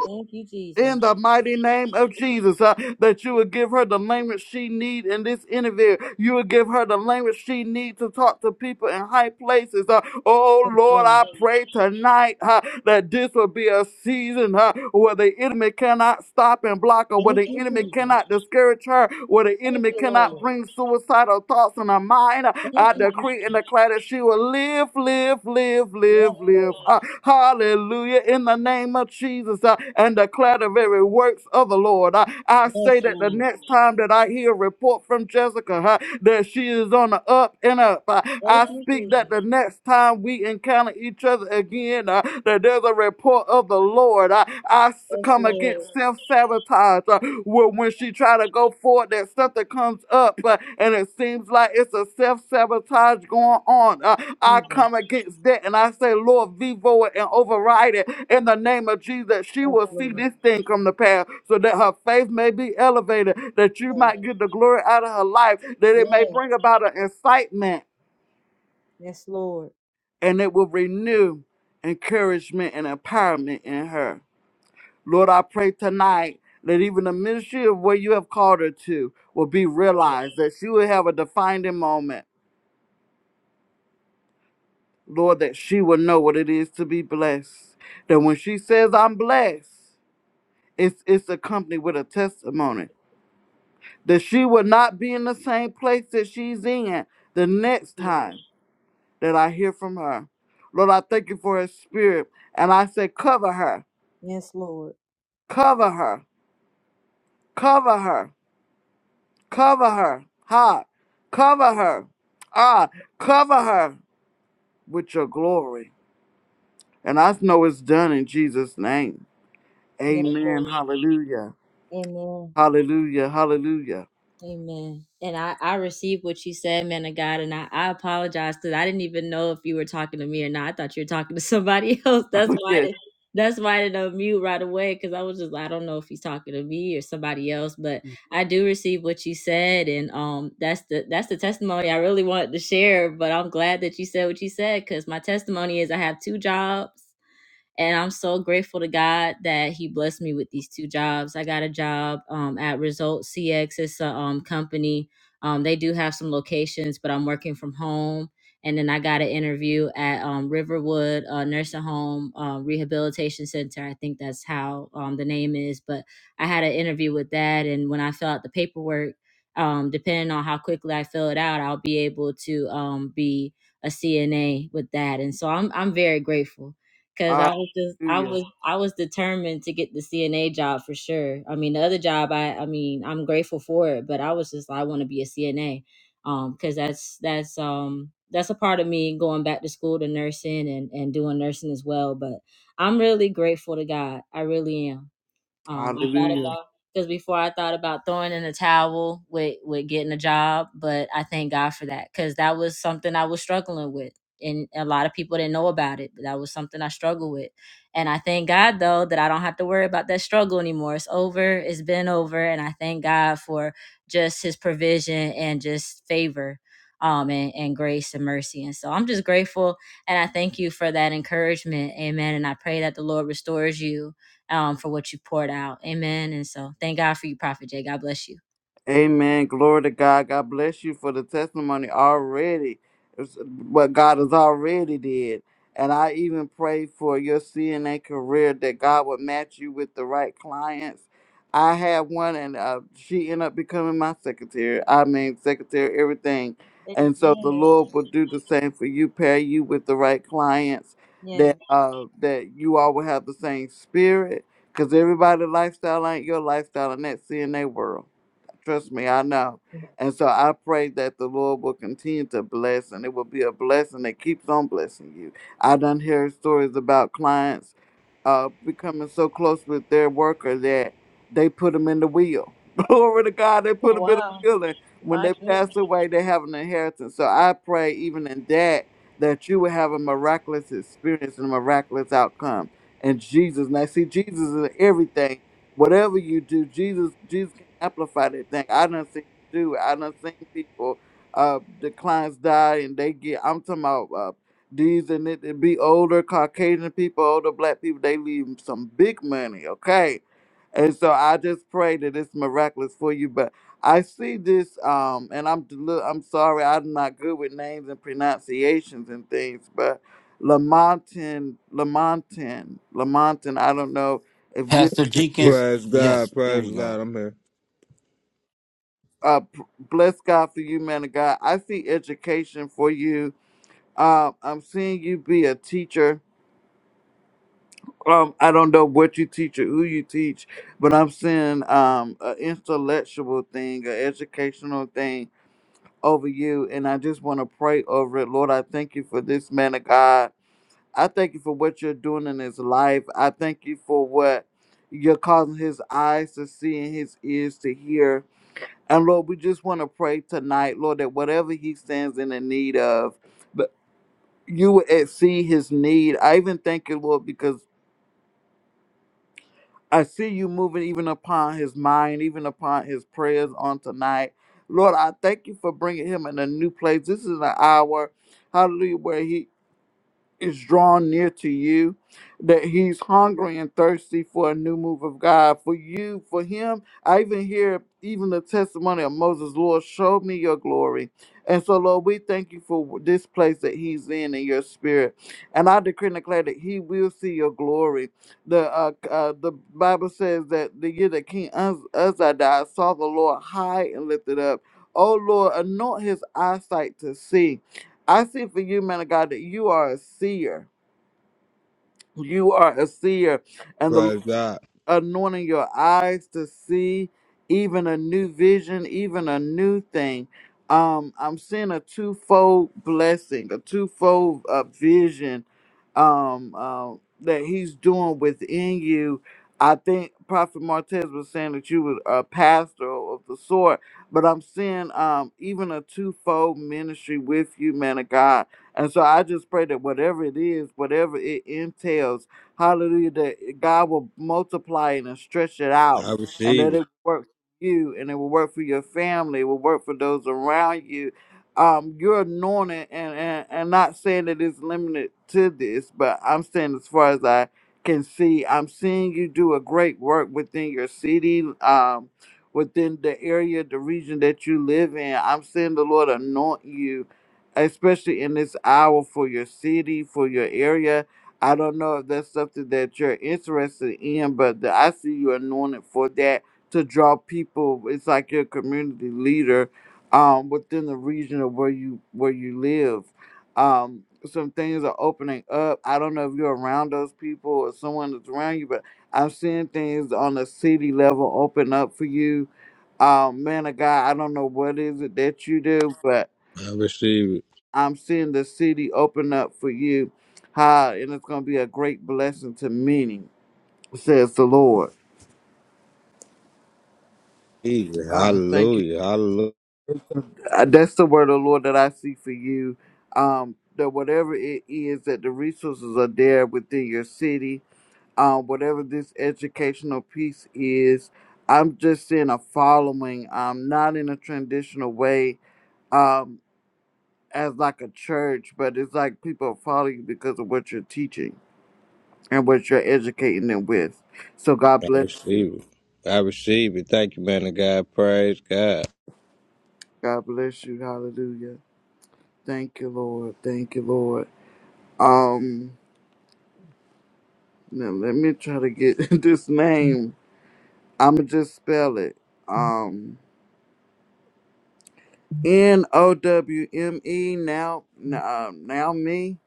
G: Thank you, Jesus.
J: in the mighty name of Jesus, uh, that you would give her the language she needs in this interview. You would give her the language she needs to talk to people in high places. Uh, oh
G: Yes,
J: Lord,
G: Lord.
J: I pray tonight uh, that this will be a season uh, where the enemy cannot stop and block her, where
G: Thank
J: the
G: you,
J: enemy
G: Jesus.
J: cannot discourage her, where the
G: Thank
J: enemy
G: you,
J: cannot
G: Lord.
J: bring suicidal thoughts in her mind. Uh,
G: Thank you,
J: I decree and
G: Jesus.
J: declare that she will live, live, live,
G: Yes,
J: live,
G: Lord.
J: live. Uh, hallelujah. In the name of Jesus uh, and declare the very works of the Lord. Uh, I say
G: Yes,
J: that the
G: Lord.
J: next time that I hear a report from Jessica uh, that she is on the up and up, uh,
G: Thank
J: I
G: you,
J: speak that the
G: Jesus.
J: next time we encounter each other again, uh, that there's a report of the Lord. Uh, I s-
G: Yes,
J: come
G: Lord.
J: against self sabotage. Uh, when, when she try to go forward, that something comes up, uh, and it seems like it's a self sabotage going on. Uh, I
G: Jesus.
J: come against that, and I say, Lord, vivo it and override it in the name of Jesus. She
G: Yes,
J: will see
G: Lord.
J: this thing come to pass, so that her faith may be elevated, that you
G: Yes.
J: might get the glory out of her life, that it may
G: Yes,
J: bring about an incitement,
G: Yes, Lord.
J: and it will renew encouragement and empowerment in her. Lord, I pray tonight that even the ministry of where you have called her to will be realized, that she will have a defining moment. Lord, that she will know what it is to be blessed. That when she says, I'm blessed, it's, it's accompanied with a testimony. That she will not be in the same place that she's in the next
G: Lord.
J: time that I hear from her. Lord, I thank you for her spirit. And I say, cover her,
G: Yes, Lord.
J: cover her, cover her. Cover her. Ha. Cover her. Ah, cover her with your glory. And I know it's done in Jesus' name.
G: Yes,
J: Amen.
G: Lord.
J: Hallelujah.
G: Amen.
J: Hallelujah. Hallelujah.
G: Amen. And I, I received what you said, man of God. And I, I apologize because I didn't even know if you were talking to me or not. I thought you were talking to somebody else. That's why I
J: Yes.
G: did, that's why I didn't unmute right away because I was just I don't know if he's talking to me or somebody else. But I do receive what you said, and um, that's the that's the testimony I really wanted to share. But I'm glad that you said what you said because my testimony is I have two jobs. And I'm so grateful to God that He blessed me with these two jobs. I got a job um, at Result CX. It's a um, company. Um, they do have some locations, but I'm working from home. And then I got an interview at um, Riverwood uh, Nursing Home um, Rehabilitation Center. I think that's how um, the name is. But I had an interview with that. And when I fill out the paperwork, um, depending on how quickly I fill it out, I'll be able to um, be a CNA with that. And so I'm I'm very grateful. Cause I was just I
J: Hallelujah.
G: was I was determined to get the CNA job for sure. I mean the other job I I mean I'm grateful for it, but I was just like I want to be a CNA. Um cuz that's that's um that's a part of me going back to school to nursing and and doing nursing as well, but I'm really grateful to God. I really am um, I thought
J: Hallelujah.
G: about because before I thought about throwing in the towel with with getting a job, but I thank God for that because that was something I was struggling with, and a lot of people didn't know about it. But that was something I struggled with, and I thank God though that I don't have to worry about that struggle anymore. It's over. It's been over, and I thank God for just His provision and just favor. Um, and, and grace and mercy. And so I'm just grateful and I thank you for that encouragement. Amen. And I pray that the Lord restores you um, for what you poured out. Amen. And so thank God for you, Prophet Jay. God bless you.
J: Amen. Glory to God. God bless you for the testimony already. It's what God has already did. And I even pray for your CNA career that God would match you with the right clients. I had one and uh, she ended up becoming my secretary. I mean, secretary, everything. And so the
G: Yes.
J: Lord will do the same for you, pair you with the right clients
G: Yes.
J: that uh, that you all will have the same spirit. Because everybody lifestyle ain't your lifestyle in that CNA world. Trust me, I know. And so I pray that the Lord will continue to bless and it will be a blessing that keeps on blessing you. I done hear stories about clients uh, becoming so close with their worker that they put them in the wheel. Glory to God, they put them in
G: Wow.
J: the wheel. And when
G: My
J: they
G: goodness.
J: pass away, they have an inheritance. So I pray, even in that, that you will have a miraculous experience and a miraculous outcome. And Jesus, now see, Jesus is everything whatever you do, Jesus Jesus can amplify that thing. I done seen him do it. I done seen people uh the clients die and they get I'm talking about uh these and it, it be older Caucasian people, older black people, they leave some big money, okay? And so I just pray that it's miraculous for you. But I see this, um, and I'm deli- I'm sorry, I'm not good with names and pronunciations and things, but Lamontin, Lamontin, Lamontin, I don't know if you're
A: Pastor
J: here.
A: Jenkins,
B: Praise God,
A: yes, there
B: praise
A: you go.
B: God. I'm here.
J: uh, p- bless God for you, man of God. I see education for you. Um, I'm seeing you be a teacher. Um, I don't know what you teach or who you teach, but I'm seeing um, an intellectual thing, an educational thing over you, and I just want to pray over it. Lord, I thank you for this man of God. I thank you for what you're doing in his life. I thank you for what you're causing his eyes to see and his ears to hear. And Lord, we just want to pray tonight, Lord, that whatever he stands in the need of, but you would see his need. I even thank you, Lord, because I see you moving even upon his mind, even upon his prayers on tonight. Lord, I thank you for bringing him in a new place. This is an hour, hallelujah, where he is drawn near to you, that he's hungry and thirsty for a new move of God. For you, for him, I even hear even the testimony of Moses, Lord, show me your glory. And so, Lord, we thank you for this place that he's in in your spirit. And I decree and declare that he will see your glory. The uh, uh, the Bible says that the year that King Uz- Uzziah died, saw the Lord high and lifted up. Oh, Lord, anoint his eyesight to see I see for you, man of God, that you are a seer. You are a seer, and the
B: Praise God.
J: anointing your eyes to see even a new vision, even a new thing. Um, I'm seeing a twofold blessing, a twofold uh, vision um, uh, that he's doing within you. I think Prophet Martez was saying that you were a pastor of the sort, but I'm seeing um, even a twofold ministry with you, man of God. And so I just pray that whatever it is, whatever it entails, Hallelujah. That God will multiply it and stretch it out
B: I
J: and
B: receive
J: that it
B: it.
J: will work for you and it will work for your family. It will work for those around you. Um, you're anointed and, and, and not saying that it's limited to this, but I'm saying as far as I can see, I'm seeing you do a great work within your city. Um, within the area, the region that you live in. I'm seeing the Lord anoint you, especially in this hour for your city, for your area. I don't know if that's something that you're interested in, but the, I see you anointed for that to draw people. It's like you're a community leader um, within the region of where you where you live. Um, some things are opening up. I don't know if you're around those people or someone that's around you, but I'm seeing things on the city level open up for you. Um, man of God, I don't know what is it that you do, but
B: I receive it.
J: I'm seeing the city open up for you. hi, and it's going to be a great blessing to many, says the Lord.
B: Receive it.
J: Ah, thank you.
B: Hallelujah. Hallelujah.
J: Uh, That's the word of the Lord that I see for you. Um, that whatever it is that the resources are there within your city, um, whatever this educational piece is, I'm just seeing a following. Um, not in a traditional way. Um, as like a church, but it's like people follow you because of what you're teaching and what you're educating them with. So God
B: I
J: bless you.
B: receive it. I receive it. Thank you, man of God. Praise God.
J: God bless you. Hallelujah. Thank you, Lord. Thank you, Lord. Um, now let me try to get this name. I'ma just spell it. Um, N O W M E. Now, now, now me.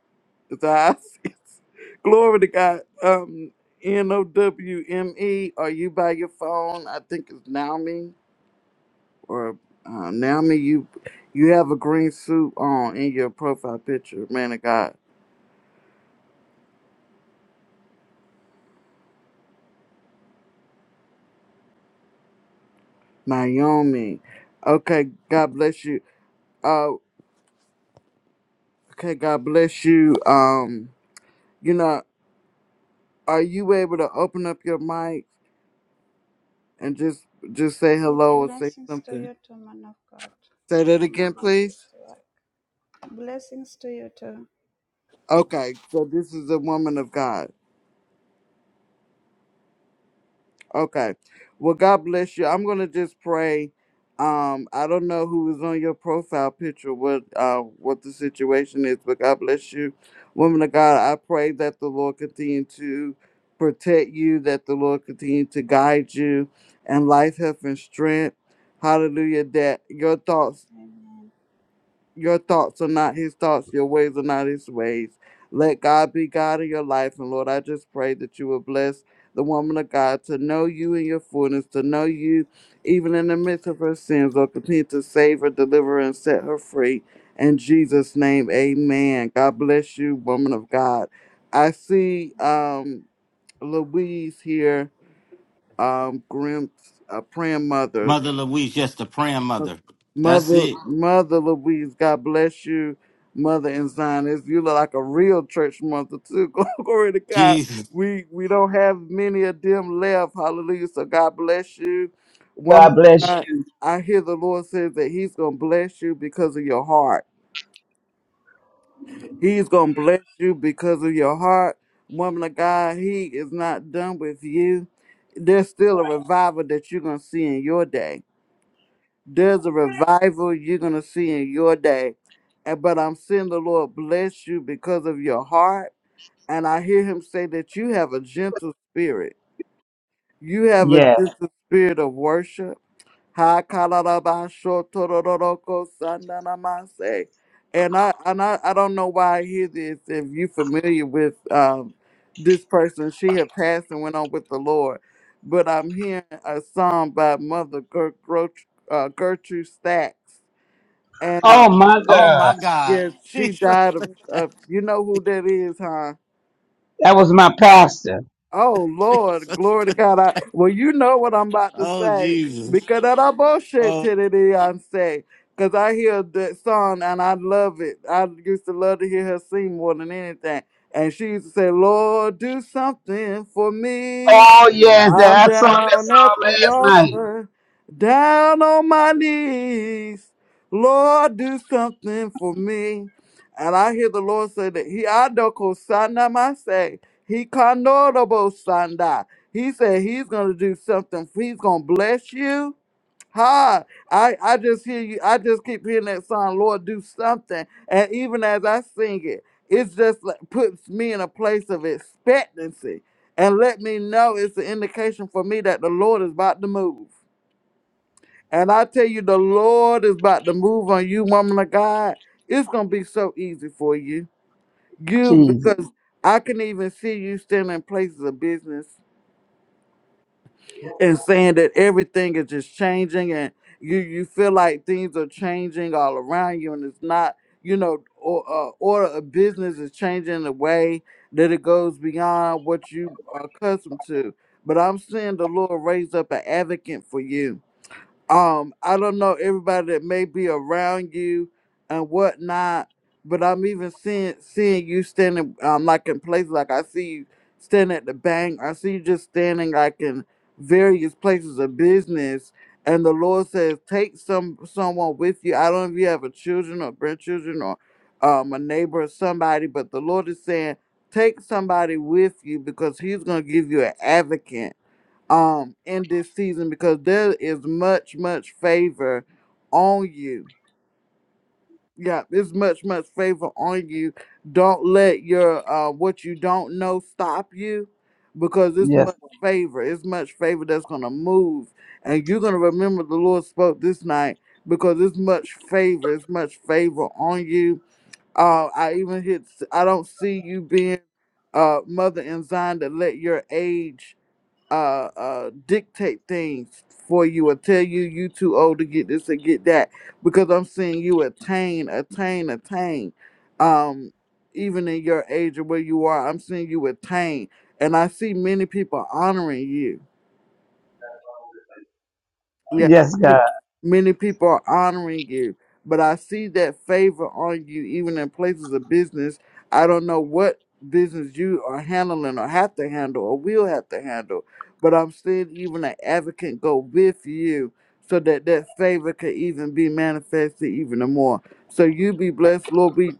J: Is that how I- Glory to God. Um, N O W M E. Are you by your phone? I think it's now me. or uh, Naomi, you you have a green suit on in your profile picture, man of God. Naomi. Okay, God bless you. Uh, okay, God bless you. Um, you know, are you able to open up your mic and just just say
L: Yes,
J: hello or say
L: blessings to
J: something?
L: you too, man of God.
J: Say that
L: I'm a
J: again,
L: bit
J: please.
L: at work. Blessings to you too.
J: Okay, so this is a woman of God. Okay. Well, God bless you. I'm gonna just pray. Um, I don't know who is on your profile picture, what uh what the situation is, but God bless you. Woman of God, I pray that the Lord continue to protect you, that the Lord continue to guide you and life, health, and strength. Hallelujah. That your thoughts
L: Amen.
J: your thoughts are not his thoughts, your ways are not his ways. Let God be God in your life. And Lord, I just pray that you will bless the woman of God to know you in your fullness, to know you even in the midst of her sins, Lord. Continue to save her, deliver her, and set her free. In Jesus' name, amen. God bless you, woman of God. I see um, Louise here, um, Grimp's uh, praying mother.
A: Mother Louise, yes, the praying mother. That's
J: Mother,
A: it.
J: Mother Louise, God bless you, Mother and Zionist. You look like a real church mother too. Glory to God.
A: Jesus.
J: We we don't have many of them left. Hallelujah. So God bless you, woman.
I: God
J: of
I: bless
J: God,
I: you.
J: I hear the Lord says that He's gonna bless you because of your heart. He's gonna bless you because of your heart, woman of God. He is not done with you. There's still a revival that you're gonna see in your day there's a revival you're going to see in your day. And, but I'm seeing the Lord bless you because of your heart. And I hear him say that you have a gentle spirit. You have a
I: Yes.
J: gentle spirit of worship. Ha kalalabashotororoko sandanamase. And I and I, I don't know why I hear this if you're familiar with um, this person. She had passed and went on with the Lord. But I'm hearing a song by Mother Ger- Gro- uh, Gertrude Stacks and uh,
I: Oh my
J: she,
A: Oh
I: God.
A: my God.
J: yeah, she
A: Jesus.
J: died of, of. You know who that is, huh?
I: That was my pastor.
J: Oh Lord,
A: Jesus.
J: glory to God! I, well, you know what I'm about to
A: Oh
J: say
A: Jesus.
J: because that I bullshit
A: Oh
J: to the Beyonce. Cause I hear that song and I love it. I used to love to hear her sing more than anything. And she used to say, "Lord, do something for me."
I: Oh yes,
J: I'm
I: that I saw that
J: down at
I: song
J: the
I: last night.
J: altar, down on my knees. Lord, do something for me. And I hear the Lord say that He adoko sana mase. He kanorobo sanda. He said He's gonna do something. He's gonna bless you. Hi, I, I just hear you. I just keep hearing that song, Lord, do something. And even as I sing it, it's just like, puts me in a place of expectancy and let me know it's an indication for me that the Lord is about to move. And I tell you, the Lord is about to move on you, woman of God. It's going to be so easy for you. You,
I: Jesus.
J: because I can even see you still in places of business and saying that everything is just changing and you you feel like things are changing all around you and it's not you know or uh, order of business is changing in a way that it goes beyond what you are accustomed to but i'm seeing the lord raise up an advocate for you um i don't know everybody that may be around you and whatnot but i'm even seeing seeing you standing um like in places like i see you standing at the bank i see you just standing like in various places of business and the lord says take some someone with you i don't know if you have a children or grandchildren or um a neighbor or somebody but the lord is saying take somebody with you because he's going to give you an advocate um in this season because there is much much favor on you yeah there's much much favor on you don't let your uh what you don't know stop you because it's
I: Yes.
J: much favor it's much favor that's gonna move and you're gonna remember the lord spoke this night because it's much favor it's much favor on you uh i even hit i don't see you being uh mother in zion to let your age uh, uh, dictate things for you or tell you you too old to get this or get that because I'm seeing you attain, attain, attain. Um, even in your age or where you are, I'm seeing you attain, and I see many people honoring you yeah,
I: Yes,
J: many
I: God.
J: many people are honoring you, but I see that favor on you even in places of business. I don't know what business you are handling or have to handle or will have to handle, but I'm seeing even an advocate go with you so that that favor could even be manifested even more. So you be blessed, Lord. we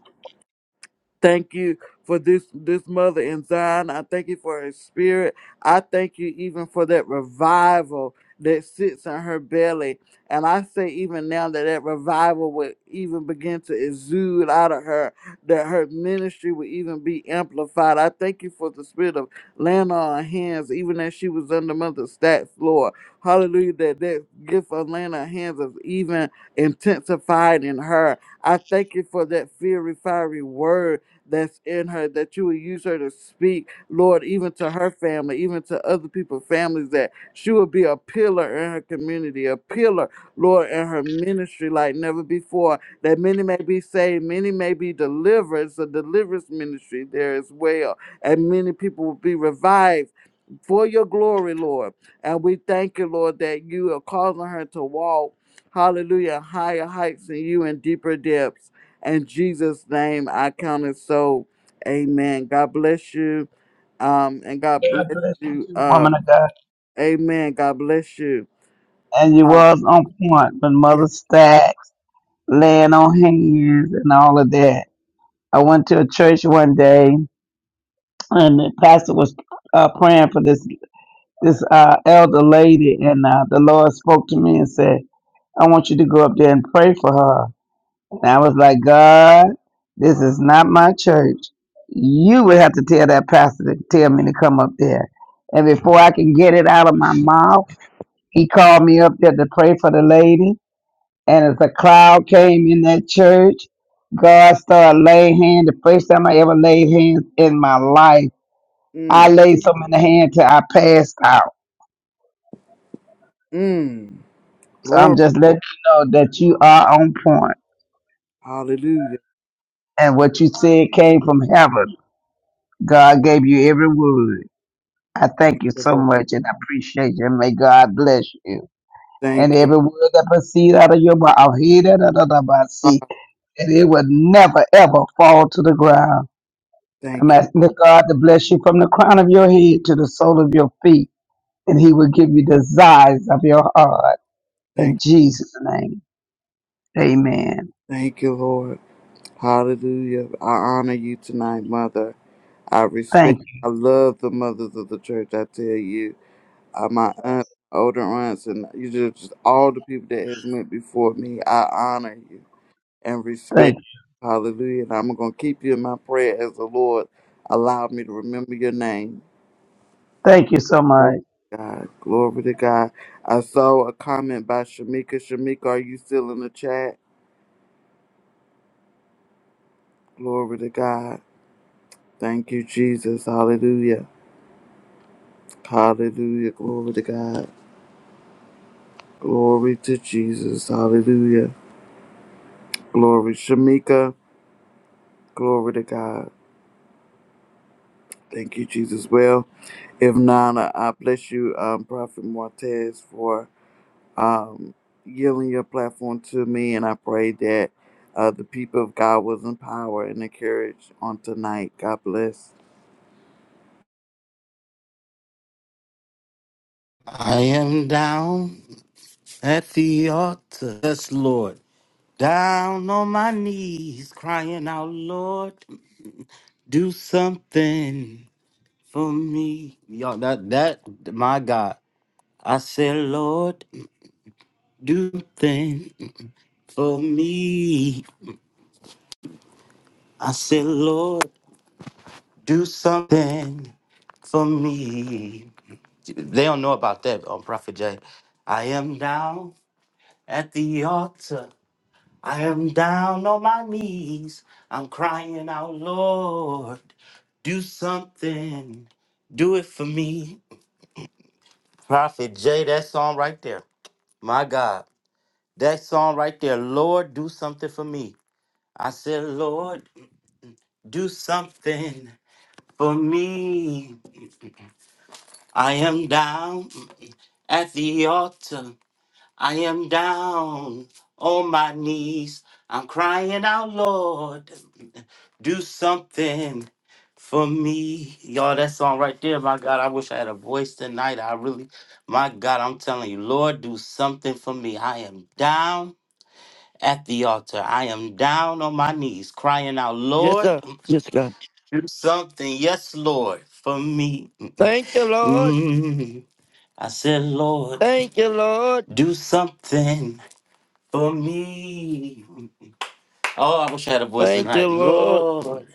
J: Thank you for this this mother in Zion. I thank you for her spirit. I thank you even for that revival that sits in her belly. And I say even now that that revival would even begin to exude out of her, that her ministry would even be amplified. I thank you for the spirit of laying on her hands, even as she was under Mother Stat's floor. Hallelujah, that that gift of laying on hands is even intensified in her. I thank you for that fiery, fiery word that's in her, that you would use her to speak, Lord, even to her family, even to other people's families, that she would be a pillar in her community, a pillar, Lord, in her ministry like never before, that many may be saved, many may be delivered. It's a deliverance ministry there as well, and many people will be revived for your glory, Lord. And we thank you, Lord, that you are causing her to walk, hallelujah, higher heights in you and deeper depths. In Jesus' name, I count it so. Amen. God bless you. Um, and God
I: God
J: bless
I: bless you
J: you.
I: too,
J: Uh,
I: woman of God.
J: amen. God bless you.
I: And you
J: Um,
I: was on point with Mother Stacks, laying on hands and all of that. I went to a church one day and the pastor was uh, praying for this this uh, elder lady, and uh, the Lord spoke to me and said, "I want you to go up there and pray for her." And I was like, "God, this is not my church. You would have to tell that pastor to tell me to come up there." And before I can get it out of my mouth, he called me up there to pray for the lady. And as a cloud came in that church, God started laying hands. The first time I ever laid hands in my life I
J: mm,
I: laid some in the hand till I passed out.
J: mm,
I: So I'm
J: Lord,
I: just letting you know that you are on point,
J: hallelujah.
I: and what you said came from heaven. God gave you every word. I thank
J: Thank
I: you
J: you,
I: so
J: Lord.
I: much, and I appreciate you. May God bless you, and
J: Thank you,
I: every word that proceeds out of your mouth, I hear that another
J: God.
I: see, and it will never ever fall to the ground. I'm
J: Thank you.
I: asking the God to bless you from the crown of your head to the sole of your feet, and He will give you desires of your heart
J: Thank
I: in
J: you.
I: Jesus' name. Amen.
J: Thank you, Lord. Hallelujah. I honor you tonight, Mother. I
I: Thank
J: respect, I love the mothers of the church. I tell you, uh, my aunt, older aunts, and you just, just all the people that has went before me. I honor you and
I: Thank
J: respect.
I: you.
J: Hallelujah. And I'm gonna keep you in my prayer as the Lord allowed me to remember your name.
I: Thank you so
J: Glory
I: much.
J: to God, glory to God. I saw a comment by Shamika. Shamika, are you still in the chat? Glory to God. Thank you, Jesus. Hallelujah. Hallelujah. Glory to God. Glory to Jesus. Hallelujah. Glory, Shamika. Glory to God. Thank you, Jesus. Well, if not, I I bless you, um, Prophet Martez, for yielding your platform to me. And I pray that uh, the people of God was empowered and encouraged on tonight. God bless.
A: I am down at the altar. Yes, Lord. Down on my knees, crying out, Lord, do something for me. Y'all that that my God. I said, Lord, do something for me. I said, Lord, do something for me. They don't know about that on Prophet J. I am down at the altar. I am down on my knees. I'm crying out, Lord, do something. Do it for me. Prophet J, that song right there. My God. That song right there. Lord, do something for me. I said, Lord, do something for me. I am down at the altar. I am down on my knees. I'm crying out, Lord, do something for me. Y'all, that song right there, my God, I wish I had a voice tonight. I really, my God, I'm telling you, Lord, do something for me. I am down at the altar. I am down on my knees, crying out,
E: Yes,
A: Lord,
E: sir. Yes, God.
A: do something. Yes, Lord, for me.
E: Thank you, Lord.
A: Mm. I said, Lord.
E: Thank you, Lord.
A: Do something for me. Oh, I wish I had a voice
E: Thank you,
A: tonight.
E: Lord.
A: Lord,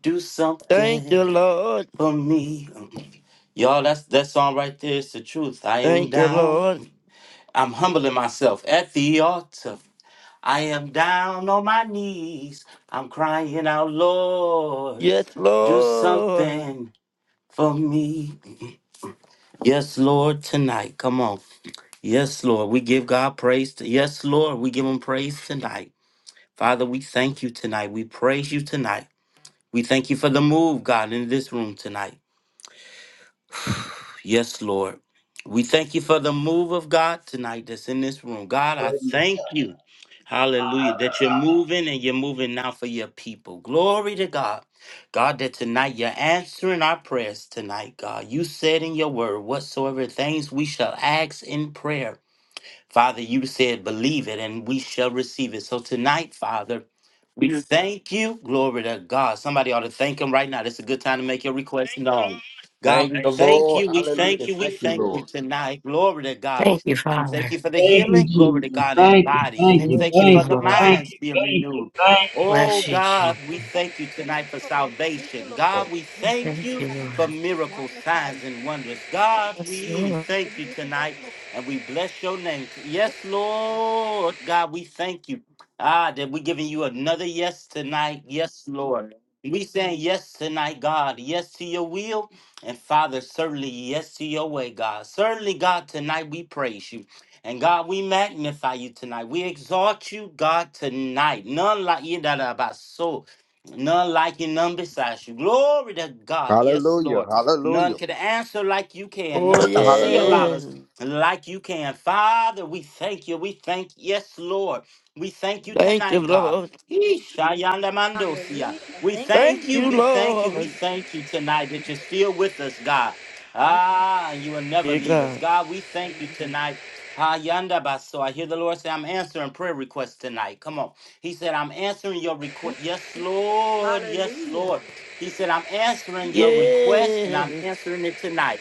A: do
E: Thank
A: something
E: you, Lord.
A: for me. Y'all, that's that song right there is the truth. I am
E: Thank you,
A: down.
E: Lord.
A: I'm humbling myself at the altar. I am down on my knees. I'm crying out, Lord,
E: Yes,
A: do
E: Lord.
A: something for me. Yes, Lord, tonight. Come on. Yes, Lord. We give God praise. Yes, Lord. We give him praise tonight. Father, we thank you tonight. We praise you tonight. We thank you for the move, God, in this room tonight. Yes, Lord. We thank you for the move of God tonight that's in this room. God, I thank you. Hallelujah. That you're moving and you're moving now for your people. Glory to God. God, that tonight you're answering our prayers tonight, God. You said in your word, whatsoever things we shall ask in prayer. Father, you said, believe it and we shall receive it. So tonight, Father, we Yes. thank you. Glory to God. Somebody ought to thank him right now. It's a good time to make your request Thank known. God, God,
D: Thank
A: we
D: the
A: thank
D: Lord.
A: you. We thank
D: Hallelujah.
A: you. We
D: Thank you,
A: thank you
D: Lord.
A: tonight. Glory to God.
K: Thank you,
A: We thank you
K: Father.
A: for the
I: Thank you,
A: healing. Glory to
I: Jesus.
A: God in
I: Thank you,
A: bodies.
I: thank
A: We
I: you,
A: thank
K: Thank
A: you
K: you,
I: thank
A: for the
I: you,
K: Lord.
I: thank
A: minds
I: you,
A: being
I: thank you,
A: renewed.
I: thank you.
A: Oh
K: Bless you,
A: God,
K: Jesus.
A: we thank you tonight for salvation. God, we thank
K: Thank
A: you
K: you,
A: for
K: Lord.
A: miracles, signs, and wonders. God,
K: Bless you,
A: we
K: Lord.
A: thank you tonight and we bless your name. T- Yes, Lord. God, we thank you. Ah, that we're giving you another yes tonight. Yes, Lord. We saying yes tonight, God. Yes to your will. And Father, certainly yes to your way, God. Certainly, God, tonight we praise you. And God, we magnify you tonight. We exalt you, God, tonight. None like you that are about so. None like you, none besides you. Glory to God. Yes,
B: Hallelujah.
A: Lord. None
B: Hallelujah.
A: can answer like you can.
E: Oh,
A: None can see
B: Hallelujah.
A: about
E: yeah.
A: us like you can. Father, we thank you. We thank, yes, Lord. We thank you
E: Thank you,
A: tonight, God.
E: Lord.
A: Yeesh, Ayanda Mandosia. We
G: Thank you.
A: thank
E: Thank
A: you.
E: you,
A: We thank you. We
E: Lord.
A: thank you tonight that you're still with us, God.
G: Thank
A: Ah, you will never
E: Dear
A: leave us.
E: God.
A: God, we thank you tonight. Ayanda Baso. I hear the Lord say, I'm answering prayer requests tonight. Come on. He said, I'm answering your request. Yes, Lord.
G: you.
A: Yes,
G: Yes,
A: Lord. He said, I'm answering your request and I'm
E: Yes.
A: answering it tonight.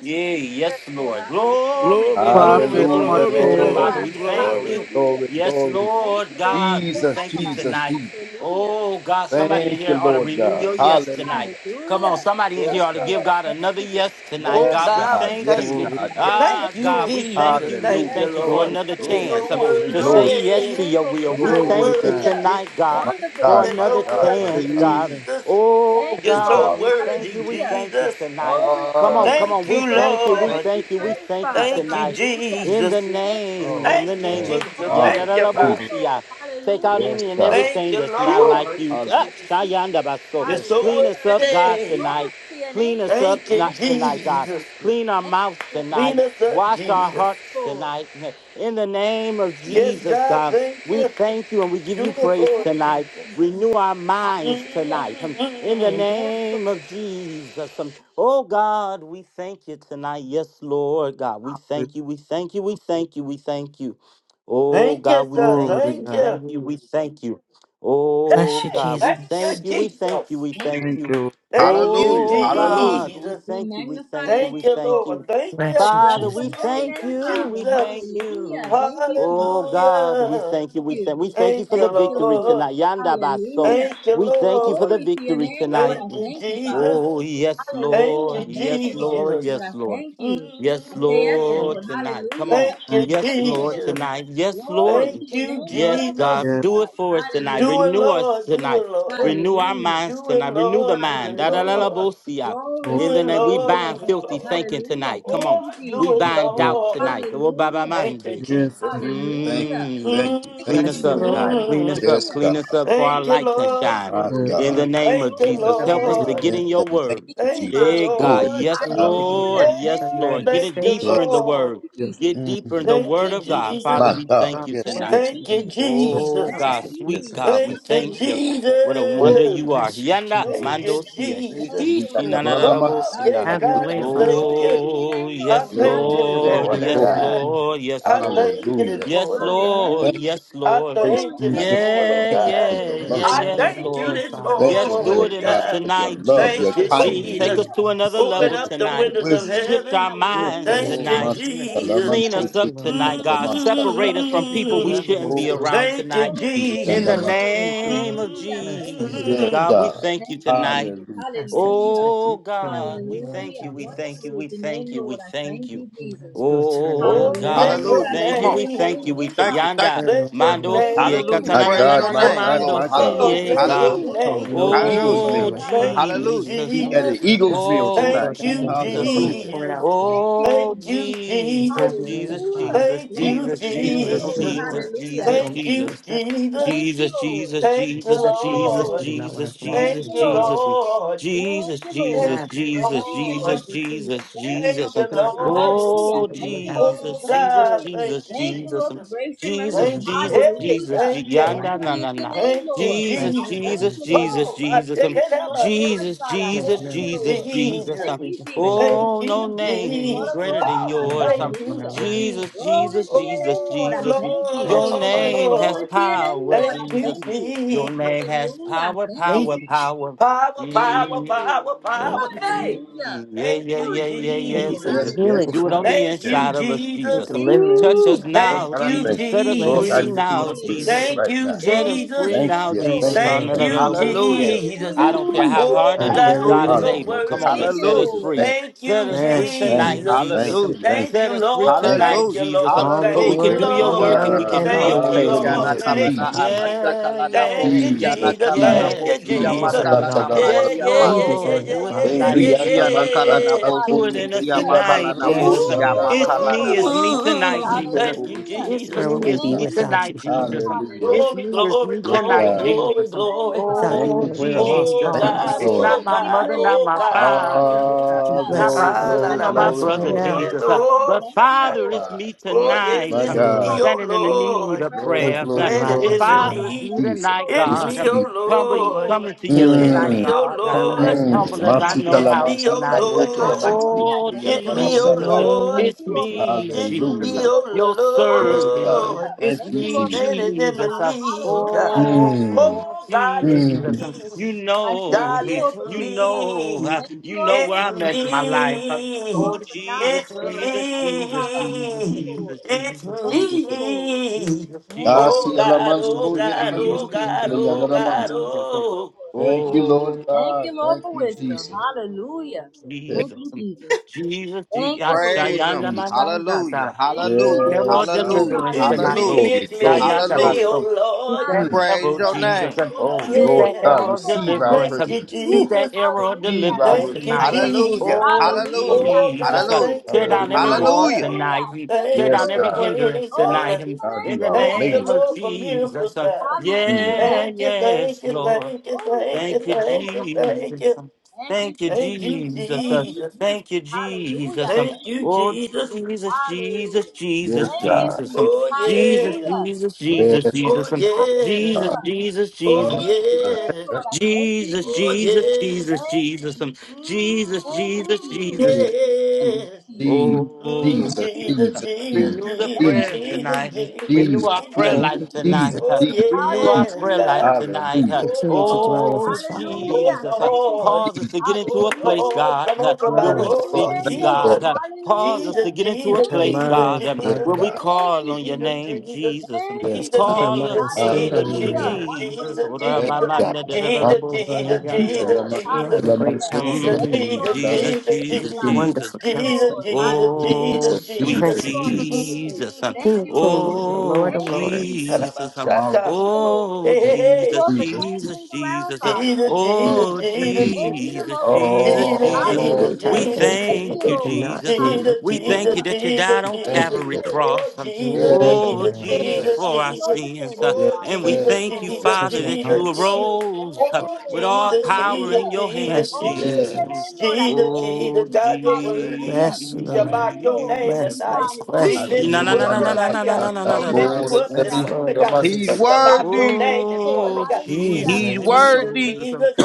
A: Yeah. yes,
G: Lord,
A: Lord.
G: hallelujah.
A: Glory,
E: Glory,
A: glory,
E: glory,
J: Prophet
A: glory,
D: Hallelujah,
E: glory,
A: glory.
J: Martez.
D: Lord.
A: Father,
E: glory,
A: we thank
D: Glory,
A: you.
E: glory.
D: glory,
A: Yes,
D: glory.
G: Thank you,
A: Lord
G: Lord.
A: God, we
D: Jesus,
A: thank you
D: Jesus,
A: tonight.
D: Jesus.
A: Oh, God, somebody in
D: Thank you,
A: here ought to
D: Lord
A: renew
D: God.
A: your yes tonight.
D: Hallelujah.
A: Come on,
G: Hallelujah.
A: somebody in
G: Yes,
A: here
D: Yes,
A: ought to
D: God.
G: Lord.
A: give
G: I
A: God
G: thank
A: another
G: you.
A: yes
G: Thank
A: tonight.
E: Oh
G: you,
D: Yes,
A: God, we
G: Jesus.
E: God, we
D: God.
A: thank
E: thank
D: Yes,
A: you.
E: you,
J: Glory,
D: God.
E: Jesus.
G: I say
D: Yes.
G: yes,
A: Ah,
E: Thank you,
A: God,
G: Lord.
A: we thank
E: Jesus.
A: you. We
E: Thank
G: Yes,
E: you,
A: thank
D: Hallelujah.
A: you for
G: Lord.
E: Lord.
J: glory,
A: another
E: You're
D: Glory,
A: chance
E: so
A: um,
G: Hallelujah.
D: glory,
A: to say
G: Glory
D: glory.
G: to
A: yes
G: your
E: worthy.
A: to
G: name,
A: your
G: Lord.
E: You're
A: will. We
E: so
J: glory to
A: thank you
D: Yes,
J: God.
E: worthy,
G: Hallelujah.
A: tonight,
E: Jesus.
A: God,
D: My
G: Wonderful
A: for
G: is
D: God,
G: the
E: You're
D: my
G: name,
A: another
E: so
G: Lord.
D: God,
G: I
D: my
G: thank
E: worthy,
A: chance,
G: you.
D: God.
A: God.
J: Hallelujah.
E: Jesus.
A: Oh,
G: Thank
D: Thank
E: You're
G: you,
D: you,
G: Lord.
E: so
A: God,
D: Father.
A: we thank
E: worthy,
A: you. We
G: Hallelujah.
A: thank you
E: Jesus.
A: tonight.
G: Glory to
A: Come
G: your
D: Ah,
A: on,
G: name.
A: come
D: thank
A: on.
E: Thank
D: you,
A: We
G: Your
E: you,
G: breath,
D: Jesus.
A: thank you.
G: breath
A: We
D: Thank
E: Lord.
G: to be
D: you,
A: thank you. We
D: thank you.
G: praised,
A: thank
D: Thank
A: you
G: Father.
E: Thank you,
A: tonight.
G: Hallelujah.
A: In the
E: Jesus.
G: Thank
D: you.
G: you,
A: name,
G: Lord.
A: in
D: Oh,
A: the
E: Thank you,
A: name
D: man.
A: of
E: Jesus.
G: Glory
E: Thank you,
G: to you,
E: Father.
D: Hallelujah.
A: Yandarabosia.
G: Lord.
A: Take out
G: Hallelujah.
D: Yes,
A: any and
G: Thank
D: God.
E: Thank
A: everything
E: you,
A: that's not
D: Woo.
A: like
E: Lord
A: you.
D: Hallelujah.
A: Ah,
E: Jesus.
G: you.
A: Shayandabaso.
E: You're
D: Yes, God.
E: so
A: Clean
G: Hallelujah.
A: us up, God,
E: worthy.
G: Glory
A: tonight.
G: to your name,
A: Clean us
G: Lord.
A: up
E: Thank you,
G: Thank
A: not
G: you.
A: tonight, God.
E: Jesus.
A: Clean our
G: Thank
A: mouths
G: you, Lord.
E: Clean
A: tonight.
E: us up,
A: Wash our
E: Jesus.
A: hearts
G: Lord.
A: tonight. In the name of
E: Yes,
A: Jesus,
E: God,
A: God.
E: thank
A: We
G: Thank
E: you.
G: you,
A: thank you and we give
E: Do
A: you
E: it
A: praise
E: for
G: Lord.
E: us,
G: Thank
A: tonight.
G: you,
E: Jesus.
A: Renew our
G: Jesus.
A: minds
G: Hallelujah.
A: tonight. In the
E: mm
G: Yes,
A: name
G: Lord.
A: of Jesus. Oh God, we thank you tonight. Yes, Lord God, we thank you, we thank you, we thank you, we thank you. Oh
E: Thank
A: God,
E: you,
A: we
E: sir.
J: Glory
A: thank
J: to
A: you, we
E: Thank
J: God.
E: you.
A: thank you, we thank you.
K: Bless
A: Oh
K: you,
E: Hey,
A: God, we
E: Thank you,
K: Jesus.
A: thank you, we thank you,
E: Jesus.
A: we thank
J: Thank
A: you.
J: you.
E: Thank you,
B: Hallelujah.
A: Oh
B: Hallelujah.
A: God, we
E: Jesus.
A: thank you, we thank you,
E: Thank
A: we
E: you,
A: thank you.
E: Lord. Thank you.
K: Bless you,
A: Father, we
K: Jesus.
E: Thank
A: thank
E: you,
A: you. We thank
E: Jesus.
A: you. Oh God, we
E: Hallelujah.
A: thank you. We thank we thank you
E: Thank
A: for
E: you,
A: the victory
E: Lord.
A: tonight. Yanda baso.
E: Thank you,
A: We thank you for
E: Lord.
A: the victory tonight.
E: Thank you, Jesus.
A: Oh yes,
E: Thank you,
A: Lord. Yes, Lord.
E: Jesus.
A: Yes, Lord. Yes,
E: Mm.
A: Lord, tonight. Come on.
E: Thank you,
J: Thank
A: Yes, Lord,
E: Jesus.
A: tonight. Yes, Lord.
E: Thank you,
A: Yes,
J: you.
A: God.
E: Jesus.
A: Do it for us tonight.
E: Do it,
A: Renew us
E: Lord. Do
A: tonight.
E: it, Lord.
A: Renew our minds
E: Do it,
A: tonight. Renew the
E: Lord. Do
A: mind.
E: it,
A: Da da da da
E: Lord.
A: bosia.
J: Yes,
E: Do
A: In the
E: it,
A: name, we
E: Lord. Do
A: bind
E: it,
A: filthy
E: Lord.
A: thinking tonight. Come on.
E: Oh, do
A: We
E: it,
A: bind
J: Lord.
A: doubt
E: Lord.
A: tonight.
E: Thank you,
J: Yes,
E: Jesus.
D: Thank you, thank
A: Mm,
D: you,
A: clean
D: thank
K: Bless
D: you,
A: us
K: you,
A: up,
D: Lord.
A: God.
K: Lord.
A: Clean
E: hmm
A: us up.
D: Yes, God,
A: Clean us up for our
E: Thank you,
A: light can
E: Lord.
A: shine.
K: Thank
D: my
J: God.
K: you,
A: In
D: God.
A: the
K: Lord,
A: name of
E: Thank
K: for
E: you,
K: the
A: Jesus, help us to
E: Lord.
K: revelation.
A: get
D: In
A: in
D: the
A: your
D: name
A: word.
D: of
E: Thank you,
D: Jesus,
A: Hey, God.
D: glory be
E: Lord.
K: We
A: Yes,
D: to
K: thank
D: our
K: you,
D: Father.
A: Lord.
K: Lord, for
A: Yes,
K: the
E: Oh,
A: Lord. Get
E: thank
A: it
K: manifestation.
E: you,
D: Yes,
A: deeper in the
E: Lord.
A: word.
J: Yes,
A: Get deeper in the
D: Mhm.
E: Thank
A: word
E: you,
A: of God.
K: Yes,
E: Jesus.
A: Father,
D: my
K: Lord.
A: we
D: God.
K: Draw
A: thank you
D: Yes,
A: tonight.
K: closer
D: yes,
K: to
E: Thank
D: yes,
E: you,
K: you.
D: yes,
J: Lord.
D: yes,
A: Oh
E: Jesus.
D: yes,
K: Help us
A: God,
D: yes,
K: get
D: yes,
A: sweet
K: deeper.
D: yes,
A: God, we
D: yes.
E: Thank you,
D: yes.
A: thank you. What a
J: Thank
A: wonder
D: Woo!
E: Jesus.
A: you are.
K: Bless you,
A: Yanda
E: Thank you,
A: Mando
K: Jesus.
A: Sia.
E: Jesus.
A: Ishi na na na na bo
E: Oh, yes,
A: sia.
K: Have your
E: God,
K: way,
E: I thank
K: Father.
E: you.
A: Oh
E: I
A: yes,
E: thank
D: Glory,
E: you
K: For
E: this
K: there
A: Lord,
K: is
D: glory,
E: morning,
K: none
A: yes,
K: like
D: glory.
E: God.
K: you.
A: Lord, yes,
E: I
A: Lord.
E: thank you this
D: Hallelujah.
A: Yes,
E: morning, God.
D: Thank
A: Lord,
D: you,
A: yes,
E: I
A: Lord.
D: grace.
E: thank you
J: Thank
D: God.
E: this
J: you.
E: morning,
A: Yeah,
D: Thank you
E: God.
D: for
A: yeah,
D: your
K: There
A: yeah,
K: is
D: mercy.
E: I
A: yes,
K: none like
E: thank you
K: you,
A: Lord.
E: this
K: Father.
D: Thank
A: Yes,
D: you,
A: do it
E: morning,
D: Lord
A: in
D: God,
A: us
E: God.
D: for your
A: tonight,
D: love, your
E: Thank
A: Jesus.
E: you,
K: Bless
A: Woo!
K: you,
D: kindness.
A: Take
E: Jesus.
A: us to another
K: Jesus.
E: Open
D: Thank
A: level
D: you
E: up the
D: for your
A: tonight.
E: windows of
D: wisdom.
A: Shift our
E: heaven.
K: Do it for
A: minds
K: us,
E: Thank
D: Oh,
E: you,
K: Father.
D: Master,
A: tonight.
D: Laman
K: We
E: Jesus.
A: Clean
K: thank
A: us
D: City,
K: you,
A: up
K: Lord.
A: tonight,
D: the
A: God.
D: Master,
A: Separate us
K: Thank
A: from
K: you for
A: people we
E: mm
K: loving
A: shouldn't
K: us,
D: Oh,
A: be
K: Lord.
A: around
E: Thank you,
A: tonight.
D: City, and
A: In
D: the
A: the
D: Master.
E: Jesus.
K: Thank you,
A: name
K: Lord.
A: of
K: Bless the name.
A: Jesus,
D: Yes,
E: mm
A: God, we
D: God.
A: thank you tonight.
D: Hallelujah.
K: I such you take
A: Oh
K: each family,
A: God, we
K: Lord
A: thank you, we thank
K: Jesus.
A: you, we thank you, we thank you.
K: Jesus, do a
A: Oh
E: Oh,
K: turnaround right
A: God,
K: now.
E: bless
A: we
E: your
B: Hallelujah.
A: thank
B: Come
A: you,
B: on.
A: we thank you,
E: name.
A: we thank
B: Thank you. Thank
A: Yanda
B: you.
K: Turn
E: Bless your
K: around, Lord.
A: Mando siye
B: Hallelujah.
E: name.
D: My
A: katana na
B: Praise
A: na
D: God,
B: your
A: na na
D: my
B: name,
D: God,
A: mando
E: Oh,
D: my
B: Lord.
D: God.
E: Lord,
B: Hallelujah.
K: For
A: siye
E: bless
K: you
E: your
A: God.
D: Woo.
B: Hallelujah.
K: withhold no
D: The
E: name.
K: good thing
D: Eagles
B: Hallelujah.
A: Oh
K: from us,
D: meal.
E: Thank
K: Father.
E: you,
B: Hallelujah.
D: We
A: Jesus,
D: at
A: um,
D: the
E: Jesus.
K: Lord, I'm
D: Eagles
K: asking that
D: meal
K: you
A: oh
K: pour
E: Thank
D: tonight.
K: back
E: you,
K: into those
A: Jesus,
K: that have
A: um,
D: Hallelujah.
K: poured
E: Jesus.
K: out tonight.
A: oh
E: Thank you,
K: Just
E: Jesus.
A: Jesus,
K: have your way,
A: Jesus,
K: Father.
A: Jesus,
E: Thank
D: Jesus,
E: you,
A: Jesus,
K: Lord,
A: Jesus,
D: Jesus,
K: open
E: Jesus.
D: Jesus.
A: Jesus,
K: doors that
A: Jesus,
K: no
E: Thank
K: man
E: you,
A: Jesus.
K: can shut,
E: Jesus.
A: Jesus, Jesus,
K: and
E: Thank you,
A: Jesus,
K: shut doors that
A: Jesus,
K: you
E: Lord.
K: do not want
A: Jesus,
K: us to walk
A: Jesus,
E: Thank
K: through,
E: you,
K: Father.
A: Jesus, um,
E: Lord.
A: Jesus, Jesus,
E: Thank
K: Have your
E: you,
K: way.
A: Jesus, Jesus,
E: Lord.
A: Jesus,
E: Thank
A: Jesus,
E: you,
A: um,
K: open our
E: Lord.
K: eyes to see
A: oh
K: what you would have us to
A: Jesus,
E: Oh
K: see.
A: Jesus,
E: God, thank
A: Jesus,
E: you,
A: Jesus, um,
E: Jesus.
A: Jesus,
K: Open
E: Thank you.
K: our eyes
A: Jesus,
K: that
E: Hey,
A: Jesus, Je-
E: thank you.
K: are like
A: yanda na
K: you,
A: na na,
E: Thank you,
K: bless
A: Jesus,
K: you,
E: Jesus.
A: Jesus,
K: Jesus.
A: Jesus,
E: Oh, I
A: Jesus,
E: check
A: um,
E: it out. my dear.
A: Jesus,
K: There is
E: Thank
A: Jesus,
K: none
E: you,
K: like
A: Jesus,
K: you, Father.
A: Jesus,
E: Jesus.
A: um,
K: We just thank you.
E: Thank
A: oh no
E: you,
A: name
E: Jesus.
K: Thank
A: greater
K: you for
A: than
E: Oh,
K: being
A: yours,
K: the head
E: thank
A: um,
K: of
E: you,
K: our lives,
E: Jesus.
K: Lord.
A: Jesus,
K: We
A: Jesus, Jesus, Jesus.
E: Oh,
A: Your
K: Bless you, bless
A: name
K: you.
A: has
E: Lord.
K: Lord.
A: power,
E: Thank you,
A: Jesus. Your
E: Jesus.
A: name has power,
K: Thank
A: power,
K: you, Jesus.
A: power.
E: Power, power,
A: Mm,
E: power,
K: Thank
E: power.
K: you, Jesus.
E: Hey,
A: yeah,
E: thank
A: yeah,
E: you,
A: yeah, yeah,
K: Thank you
A: yes,
K: for your
E: Jesus.
A: Jesus.
D: Yes, yes,
K: healing,
D: yes,
A: Do it
K: Father.
A: on
D: yes,
A: the
E: Thank
D: yes.
E: you,
A: inside of us,
K: your
A: Jesus.
E: Jesus.
A: Um,
K: deliverance,
A: touch
D: Woo.
A: us
D: Lord
K: Father.
A: now,
E: Thank
D: God, I
E: you,
D: thank
A: Jesus. Set
D: you.
A: us
D: Lord,
K: Bless
D: I
A: free
K: you,
E: Jesus.
D: just want
A: now,
D: to praise you
A: Jesus.
K: Jesus.
A: Um,
E: Thank
D: right
E: you,
D: now.
A: set us free
E: Jesus.
D: Thank
A: now,
D: you,
K: Bless
D: thank
A: Jesus.
K: you,
A: Ah,
D: you,
A: no,
E: Thank
D: thank
A: no, no,
K: Lord.
E: you,
A: no, bo- see it.
B: Hallelujah.
D: you.
E: Jesus.
A: I don't care
D: Woo.
A: how hard
E: Oh,
A: it
D: Thank you.
A: is,
E: God,
B: Hallelujah.
E: you're
A: God is
K: Hallelujah.
E: so
D: Hallelujah.
A: able. Come
B: Hallelujah.
D: Just
A: on,
D: thank
A: and
E: worthy.
A: set us
B: Hallelujah.
A: free.
D: you.
E: Thank
A: Set
E: you,
A: us free
K: Bless you,
D: Thank you.
A: tonight,
E: Jesus.
D: Thank
A: Jesus.
K: Jesus.
A: Um,
D: you.
B: Hallelujah.
D: Thank
E: Thank
D: you.
E: you,
A: set us free
E: Lord.
D: Thank you.
A: tonight,
E: Thank you,
B: Hallelujah.
A: Jesus.
E: Lord.
K: All the
A: But we
B: Hallelujah.
E: Thank
A: can
E: you,
D: Yes,
A: do
K: glory,
A: your
K: all the
E: Lord.
A: work and
K: honor,
B: Ishiana
A: we
D: God.
A: can
K: and
A: do
K: all
B: kalana
A: your
K: the
E: Thank you,
A: will,
K: praise
E: Lord.
B: botiana
K: belong
D: Hallelujah.
A: Jesus.
K: to
A: Um,
K: you,
E: Thank you,
B: kalana
D: Jesus.
K: Father.
B: amasha
E: Jesus.
A: Yeah,
B: kalana
E: Thank
A: yeah.
E: you,
D: Jesus.
A: mm,
B: botiana
E: Jesus.
B: kalana
D: Jesus.
K: Lord,
E: Thank you,
A: Yes,
B: botia
K: you
D: Jesus.
E: Jesus.
A: Lord.
K: deserve it
B: makalana
K: all.
D: Satsadavala.
E: Yeah,
A: Yes,
E: yeah,
B: makiama.
K: You
E: yeah, yeah,
K: deserve
A: Lord.
K: it,
E: yeah,
A: Do it
E: yeah,
K: Father.
E: yeah,
A: tonight.
D: Emiyanda
B: Ishiana
D: man
B: kalana
E: yeah,
D: satsa
E: yeah.
A: Do
B: boti
A: it
D: kote
A: in us
B: mikiama
D: deyida man
A: tonight,
B: kalana
D: lobo
K: Bless
A: Jesus.
K: you,
A: Um,
B: botia
D: sanda
K: Lord.
A: It's
D: nalama man
B: makalana.
A: me, it's me
D: sandu yida
A: tonight,
E: Ooh,
D: man
A: Jesus.
D: toko
E: thank you,
D: busi
G: Hallelujah.
A: It's
D: yida
K: Where
E: Jesus.
D: man
K: would
A: me,
K: we
A: it's
K: be
G: Thank
A: me
D: sata.
G: you,
K: without
G: Jesus.
K: you,
A: tonight,
K: Father?
A: Jesus. Um,
D: Hallelujah.
A: It's
E: Glory,
A: me,
G: Hallelujah.
A: it's
E: glory,
A: me
D: Yes,
G: That's all
E: glory,
G: the
A: tonight,
D: God.
G: world to
E: glory,
G: be
A: Jesus. Um,
G: praised,
E: glory.
G: God.
K: Without
D: Thank
K: you,
D: you,
A: Oh,
K: Lord, we're a
D: Jesus.
K: lost
E: Oh
A: Jesus.
D: Thank
G: That's
A: Um,
D: you,
E: God,
G: all
K: cause.
G: the
A: It's
D: Lord.
G: world
A: not
E: oh
G: to
A: my
G: be
E: God,
A: mother,
G: praised,
A: not
E: oh
A: my
G: Father.
E: God.
A: father,
G: Hallelujah.
A: not
K: That
D: Ah,
K: you
A: not
K: bless us,
A: my
D: glory,
E: Ah,
K: Lord.
E: la,
A: sister,
G: And
D: glory,
E: la,
A: nor
G: the
E: ba,
A: my
G: Lord
K: Bless
D: glory,
G: is
E: si,
K: right
A: brother,
G: your
E: di,
D: glory.
E: di,
K: now.
E: di,
A: Jesus. Uh,
G: Father.
E: Oh,
A: But
G: Thank
E: sha,
G: you,
E: ah.
A: Father, it's
G: Lord.
D: God.
A: me
E: Oh,
G: Thank you,
E: yes,
A: tonight.
D: My
E: it's
K: Have
G: Jesus.
A: I'm
K: your way.
E: me,
D: God.
E: oh
A: standing in the need
G: Hallelujah.
E: Lord.
A: of
G: Brother,
D: Glory,
G: what
K: Thank
A: prayer.
K: you
G: is
K: for
A: Uh,
D: glory,
G: your
K: our
E: Standing
A: If
D: glory,
E: in
K: lives,
E: the
D: glory.
K: Father.
A: Father,
G: Father?
A: it's
E: need.
A: me
G: Thank
D: Jesus,
G: you,
A: tonight,
E: It's
G: Lord.
D: Jesus,
A: God.
K: Jesus,
E: me,
A: I'm
E: oh
D: Jesus.
G: Thank you,
A: coming,
E: Lord.
G: Lord.
A: coming to you
K: healing,
E: It's
A: tonight,
K: Lord.
E: me,
D: Mm,
E: oh
A: God, uh,
G: Lord,
K: Crown of the
E: Lord.
A: as
K: head to the
D: mm.
A: humble
K: sole
G: hallelujah.
A: as
K: of
A: I
K: the
D: Masika
K: feet.
A: know
D: la
E: It's
A: how
G: Thank
E: me,
G: you,
E: oh
D: mansata,
A: tonight.
G: Jesus.
A: Uh,
D: rote la
K: Bless
E: Lord.
K: you,
D: mansiki,
K: Jesus.
G: Hallelujah.
A: Oh,
D: ya
G: Thank
D: la
E: It's
G: you,
E: me,
K: Bless
G: Lord.
K: your
E: oh
A: Jesus,
D: masata.
K: name,
E: Lord.
K: Lord
A: it's
K: Jesus.
A: me,
E: It's
A: Jesus,
E: me,
D: Hallelujah.
A: your
D: Yes,
E: oh
D: God.
A: servant.
E: Lord.
A: It's
D: Thank you,
A: me,
D: Jesus.
E: standing in the
A: Jesus.
E: need, God.
D: Mm,
A: Oh,
E: Oh, God, it's
A: Jesus,
D: mm.
A: you
E: me.
A: know,
E: God, it's
A: you
E: me.
A: know, you know where
E: It's
A: I'm at in my life. Oh,
E: me.
A: Jesus,
E: It's
A: Jesus, Jesus, Jesus,
E: me.
A: Jesus,
E: It's
A: Jesus, Jesus.
E: me.
A: Jesus,
G: Thank you,
A: Jesus, Jesus,
E: Oh,
D: Nasi
G: Lord.
D: ya la
A: Jesus,
E: God, oh,
D: manso,
A: Jesus,
D: ya
E: God,
D: la
A: Jesus,
E: oh,
D: lisi,
E: God,
D: ya
E: oh,
D: la
A: Jesus,
E: God,
D: manso.
A: Jesus.
E: oh.
D: Thank you, Lord
A: Oh,
D: God. Thank you, Jesus.
G: Hallelujah.
D: Yes,
G: Thank
A: Jesus,
G: you, Jesus.
A: Jesus, Je-
G: Thank
A: ah,
G: you, Lord.
B: Praise him.
A: Shayanda
D: Jesus.
B: Hallelujah.
A: Manandata.
G: Thank you, Lord,
B: Hallelujah.
G: for
A: There will
D: Yes.
B: Hallelujah.
A: deliverance
E: It's
D: Hallelujah.
A: tonight.
G: Thank
E: me,
B: Hallelujah.
G: you,
D: Glory,
E: it's me,
G: Jesus.
D: glory,
E: it's
A: Sayanda
E: me,
D: glory.
B: Hallelujah.
A: Baso. Shoot
E: oh, Lord.
A: that
D: Mm.
B: Praise
A: arrow,
G: Hallelujah.
B: your name.
A: Jesus. um,
E: Mm,
D: Oh
G: Glory
A: Shoot
G: to
D: Lord
A: that
G: your
E: yeah.
D: God,
A: arrow
G: name,
A: of
G: Lord.
D: receive
G: I
D: our
A: deliverance.
G: thank
E: Thank
A: um,
E: you,
G: you,
D: praise.
A: Shoot
D: Whew.
G: Jesus.
A: that
E: Jesus.
A: arrow of
G: Hallelujah.
D: Receive
G: I
D: our
A: deliverance
G: Thank
D: worship.
E: Thank
G: you,
E: you,
A: tonight.
G: Lord.
B: Hallelujah.
E: Jesus.
A: Oh,
B: Hallelujah.
G: Hallelujah. I
E: Oh
G: Thank
A: Jesus.
E: God,
G: you,
A: uh,
B: Hallelujah.
E: thank
G: Lord.
E: you
A: Tear
E: for
A: down every
D: Hallelujah.
E: praying,
A: wall
B: Hallelujah.
E: God.
A: tonight.
G: Hallelujah. I
A: um,
G: Thank
A: Tear
G: you,
E: Thank
D: Yes,
E: you
A: down
E: for
A: every
G: Lord.
D: God.
E: praying,
A: hindrance
G: Glory
A: tonight.
G: to
E: God.
A: um,
G: your
D: God,
G: name,
A: In
D: you
A: the
G: Lord.
D: are
G: I
E: Thank you,
A: name
D: amazing.
A: of
G: thank
E: Lord,
G: you,
E: for
G: Jesus.
A: Jesus.
E: miracles,
A: um,
E: God.
D: Mm.
G: Hallelujah.
A: Yeah,
E: Thank you, thank
A: yes,
E: you,
G: Lord.
A: Lord.
E: thank you,
G: Glory to
E: thank
G: your
A: Thank
G: name.
E: you,
A: you,
E: thank you, thank
A: Jesus.
E: you.
A: Thank you,
E: Thank you,
A: Jesus.
E: Jesus.
A: Thank you, Jesus.
E: Thank you,
A: Oh,
E: Jesus.
A: Jesus, Jesus,
D: Yes,
A: Jesus,
D: God.
A: Jesus.
E: Oh
A: Jesus,
E: yes.
A: Jesus, Jesus, Jesus.
D: Yes,
E: Oh
D: oh my
E: yes.
A: Jesus,
D: God.
A: Jesus,
E: Oh
D: Oh,
A: Jesus.
D: man.
E: yes.
D: Yes,
A: Jesus,
E: Oh
A: Jesus,
E: yes.
A: Jesus, Jesus. Jesus,
E: Mm,
A: Jesus,
D: yes.
A: Jesus.
E: yes.
A: Oh,
E: Mm,
D: Jesus,
E: Jesus,
D: Jesus,
E: Jesus,
D: Jesus,
A: Renew the
E: Jesus,
D: Jesus,
A: prayer
E: Jesus,
A: tonight.
E: Jesus,
A: Renew
D: Jesus,
A: our prayer
E: Jesus.
D: Jesus,
K: Thank you,
A: life tonight.
D: Jesus,
A: uh,
E: Oh,
K: Jesus.
D: Jesus,
A: Renew our
D: Jesus.
E: yes,
A: prayer life
E: God.
A: tonight. uh,
D: Hallelujah.
K: Continue to dwell
E: Oh,
K: with
A: Oh,
K: us, Father.
A: Jesus. uh, Cause us
D: Jesus.
A: to get into a place, God, uh, where we
K: Lord
D: Oh
A: seek you,
K: Jesus.
A: God.
D: Lord
A: uh,
D: God.
A: Cause us to get into a
K: Touch our
A: place, God,
K: minds,
A: um,
D: Yes,
A: where
K: Father.
A: we
D: God.
A: call on your name, Jesus. um,
K: Help
D: Yes,
K: us to
D: God.
K: keep our
A: Call us,
K: minds stayed
A: Je-
K: on
A: Je-
D: Hallelujah.
K: you,
A: Jesus. Oh,
D: Yes,
A: Rabba, my, my, da- ma- ma- na- da- da-
D: God.
A: da- da- bo- see,
K: Lord.
A: um, tell about
D: Salaman,
A: so.
K: You are the
D: Salaman,
K: great
D: so Salaman,
K: counselor,
A: Mm,
D: Salaman,
A: Jesus, Jesus, Jesus.
K: wonderful counselor, the
A: Oh,
D: Jesus,
A: sweet
D: Jesus,
K: Prince of
D: Jesus,
K: Peace,
D: Jesus,
A: Jesus. um,
K: King of Kings, and the
A: Oh,
K: Lord of
G: Thank you, Jesus.
K: Lords.
A: Jesus. um,
D: Mara,
G: Thank you, Lord.
A: Oh,
D: Jesus,
A: Jesus,
D: Jesus,
G: Thank
D: Jesus,
A: Jesus,
G: you,
A: Jesus. uh,
G: Father.
E: Jesus, Jesus,
A: Oh,
E: Jesus,
D: Jesus.
E: Jesus.
A: Jesus, Jesus,
E: Jesus,
A: Jesus.
K: Many
A: uh,
E: Jesus,
D: Oh,
K: may
G: Hallelujah.
K: try
A: We
K: to
E: Jesus,
K: imitate,
G: Thank
K: but
G: you,
A: thank
K: they
E: Jesus.
A: you,
G: Lord.
K: cannot do
A: Jesus. um,
K: what
E: Jesus,
A: We
K: you can
A: thank
G: Hallelujah.
E: Jesus,
A: you
K: do.
A: that you
E: Jesus,
A: died on
D: thank
E: Jesus.
D: you,
A: Calvary
D: Lord.
E: Oh,
A: Cross. um,
K: And we
E: Jesus,
K: thank you,
A: Oh,
E: Jesus,
K: Lord.
A: Jesus,
E: Jesus,
D: Yes,
A: for our
E: Jesus.
A: sins. uh,
D: yes,
E: Oh,
A: And we
E: Jesus,
A: thank you,
E: Jesus,
K: Protect
A: Father,
K: our
A: that
E: Jesus,
A: you
K: hearts.
E: Jesus.
A: arose uh,
E: Oh,
A: with all
E: Jesus,
A: power
E: Jesus,
A: in your
E: Jesus,
A: hands,
K: Bless you,
E: Jesus.
A: Jesus.
D: yes.
A: hmm.
K: Jesus.
E: Jesus,
A: Oh
E: Jesus, God, you're worthy.
K: Bless
A: Jesus.
K: you,
E: We shall
K: Lord.
E: back your name
K: Bless,
E: tonight.
K: bless,
E: We
K: bless,
A: Eesh.
E: lift
K: Lord.
A: Na na
E: you
D: Atulimi
A: na
E: up
A: na na
D: anda
A: na
E: tonight,
A: na na na
E: God.
A: na na na
D: masata,
A: na
E: We lift
A: na
D: Lord,
E: you
K: Bless,
E: up
D: the
E: this
K: bless,
D: beast
E: morning,
K: Lord
D: of the
E: God.
D: man,
A: Messiah.
B: He's
E: We
K: Jesus.
E: shall
D: Salaman,
E: back your
B: worthy.
E: name this morning,
A: Oh
E: God. Jesus,
A: Jesus,
B: He's
K: Jesus.
E: Jesus,
B: worthy.
A: Jesus.
E: Jesus.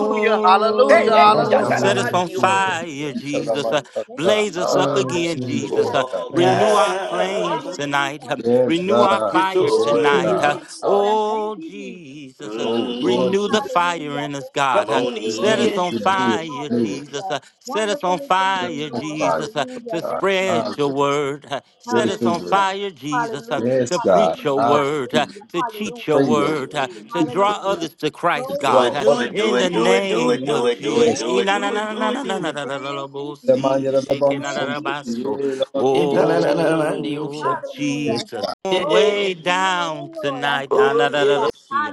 G: Glory
E: Hey,
B: hallelujah,
D: Atulimi
E: hey,
K: Bless
D: anda
K: the
B: hallelujah,
D: man,
A: set us
K: Lord
A: on
E: Shakarabazio.
K: Jesus.
A: fire, Jesus. Uh,
D: Salaman,
A: Blaze us up
D: Salaman,
K: Lord
A: again, Jesus.
D: Hallelujah,
A: Uh,
D: Lord
K: Jesus.
E: Oh,
A: Renew our
K: Bless.
A: flames
E: God,
A: tonight. Um,
D: Yes,
A: Renew our
D: God.
E: you're
A: fire
K: Bless
E: so
D: Yes,
K: you,
A: tonight. Uh,
D: God.
E: worthy.
K: Jesus.
D: Hallelujah.
A: Oh Jesus. Uh,
D: Oh, Lord,
A: Renew
D: you
E: Mhm.
A: the
D: do
A: fire in us,
E: Come
A: God. Uh,
D: it.
E: on
D: You
A: set
D: do it.
A: us
E: in.
A: on
D: You do it.
A: fire,
D: You do it.
A: Jesus. Uh, set us on
G: to
D: Put it
G: you,
A: fire,
D: on
G: Lord.
D: fire,
A: Jesus, uh,
G: Hallelujah.
A: to
D: God.
A: spread
D: Hallelujah.
A: your word. Uh, set
D: Read
A: us
D: your
A: on
D: word.
G: Hallelujah.
A: fire, Jesus, uh,
D: Yes,
A: to preach
D: God.
A: your
G: Hallelujah.
A: word, uh,
D: Hallelujah.
A: to
D: To
A: teach your
D: pray your word.
A: word, uh,
G: Hallelujah.
E: Mhm.
A: to
D: Teach
A: draw
D: your word.
A: others to
G: Glory
A: Christ,
G: to
E: Do
A: God.
D: Draw
E: it,
A: Uh,
E: do it,
D: others.
E: do
A: in the
E: it, do it, do it,
A: name
E: do
A: of
E: it, do it,
A: Jesus.
D: Yes.
E: do it, do it, do it, do
D: The man you're the one so so. You're the one so so.
E: it.
A: Oh,
D: Yes,
A: Jesus.
D: God.
A: way
E: Yes.
A: down tonight. Ah, na,
E: Oh,
A: da,
E: yeah.
A: da, da, see ya.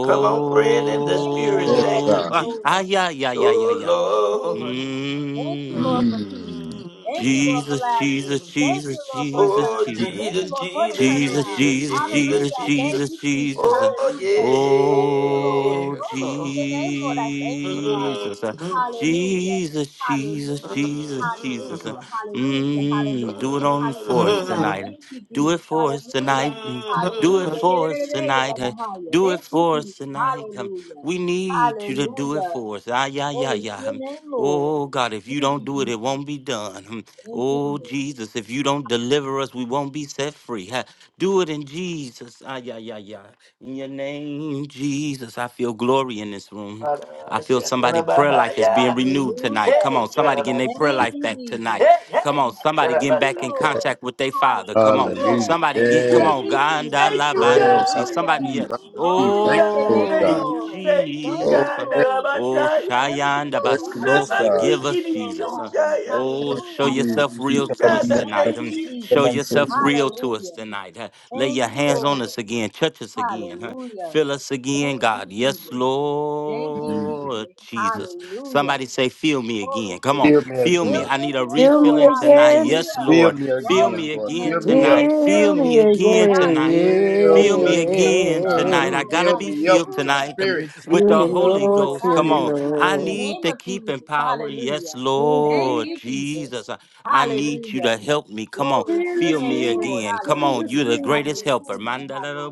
E: Come on, praying in the spirit.
D: Yes,
E: Thank you,
D: God.
A: ah,
E: Jesus.
A: ah, yeah, yeah, yeah, yeah,
E: Oh,
A: yeah.
E: Lord.
A: Mm.
D: Mm.
A: Jesus, Jesus,
E: Mm.
A: Jesus, Jesus,
E: Oh,
A: Jesus.
E: Jesus, Jesus,
A: Jesus,
E: Jesus,
A: Jesus,
E: Jesus,
A: Jesus,
E: Jesus.
A: Jesus, Jesus. uh,
E: Oh,
A: Oh,
E: yes, Lord.
A: Jesus. uh,
E: Mm-hmm.
A: Jesus, Jesus, Jesus, Jesus. uh,
E: Mm-hmm.
A: Mm, do it on for us
E: Mm-hmm.
A: tonight. Do it for us tonight. Mm, Do it
E: mmm,
A: for us tonight. Uh, Do it for us tonight. Um, We need you to do it for us. Ah, yeah, yeah, yeah. Um, Oh, God, if you don't do it, it won't be done. Oh, Jesus, if you don't deliver us, we won't be set free. Ha, Do it in Jesus. Ah, yeah, yeah, yeah. In your name, Jesus, I feel glory in this room. I feel somebody' prayer life is being renewed tonight. Come on,
E: Hey,
A: somebody getting their prayer
E: Galabasi.
A: life back tonight.
E: Hey,
A: Come
E: hey.
A: on, somebody getting back
E: Galabasa.
A: in contact with their father. Come on,
D: Hallelujah.
A: somebody
E: Thank
A: get, come
E: you,
D: Yes.
A: on,
E: Jesus.
A: Ganda
G: you.
E: Thank you,
A: Labando.
D: Yes. I
A: See,
E: God.
G: Hallelujah.
A: somebody, yeah.
D: receive. I receive.
G: Glory
E: Oh,
G: to
D: Thank
E: God,
D: you,
G: your
E: I
D: Lord
G: name,
D: God.
E: thank
A: Oh,
G: Lord.
E: you. Thank you,
G: Thank
D: Oh,
G: you,
A: Jesus.
E: God.
A: uh,
D: thank
G: Lord.
A: Oh,
E: Rabasaya.
G: Thank you,
A: Shayanda
G: Lord.
D: you.
A: Baso,
D: Yes, God.
A: forgive
G: Thank
A: us,
G: you, Lord, for
A: Jesus. uh,
G: happiness.
E: Rabasikiriyosaya.
A: Oh, show
G: Hallelujah.
D: Mm.
A: yourself
G: Thank you.
A: real
E: Oh,
A: to
E: God,
A: us
E: I
G: Thank
A: tonight.
E: thank
G: you,
A: Mm,
E: you.
D: Come
A: Show
G: Jesus.
D: on,
A: yourself
D: Fill
A: real to
G: Hallelujah.
A: us tonight. huh. Lay your hands on us again. Touch us again. huh. Fill us again, God. Yes, Lord Jesus. Somebody say, Feel me again. Come on.
D: me
A: Feel me.
D: again.
A: I need a
K: Fill me
A: refilling tonight.
K: again.
A: Yes,
D: Fill
A: Lord.
D: me
A: Feel
D: again,
A: me
D: Lord.
A: again
D: Fill me
A: tonight.
D: up.
A: Feel
K: Fill me
A: me again
K: again.
A: tonight. uh,
D: Fill
A: Feel
D: me
A: me
D: again,
A: again
D: God.
A: tonight. I gotta
D: Fill
A: be
D: me up
A: filled
D: with your
A: tonight um,
D: spirit.
A: with
K: Fill
A: the
K: me,
A: Holy
K: Lord.
A: Ghost.
K: Fill
A: Come
K: me,
A: on. I
K: Lord.
A: need to keep in power. Yes,
K: Oh,
A: Lord
K: Jesus.
A: Jesus. I I need you to help me. Come on, feel
K: Jesus,
A: me
K: Jesus,
A: again. Come on,
K: Jesus,
A: you're the greatest
K: Jesus.
A: helper. Mandalabo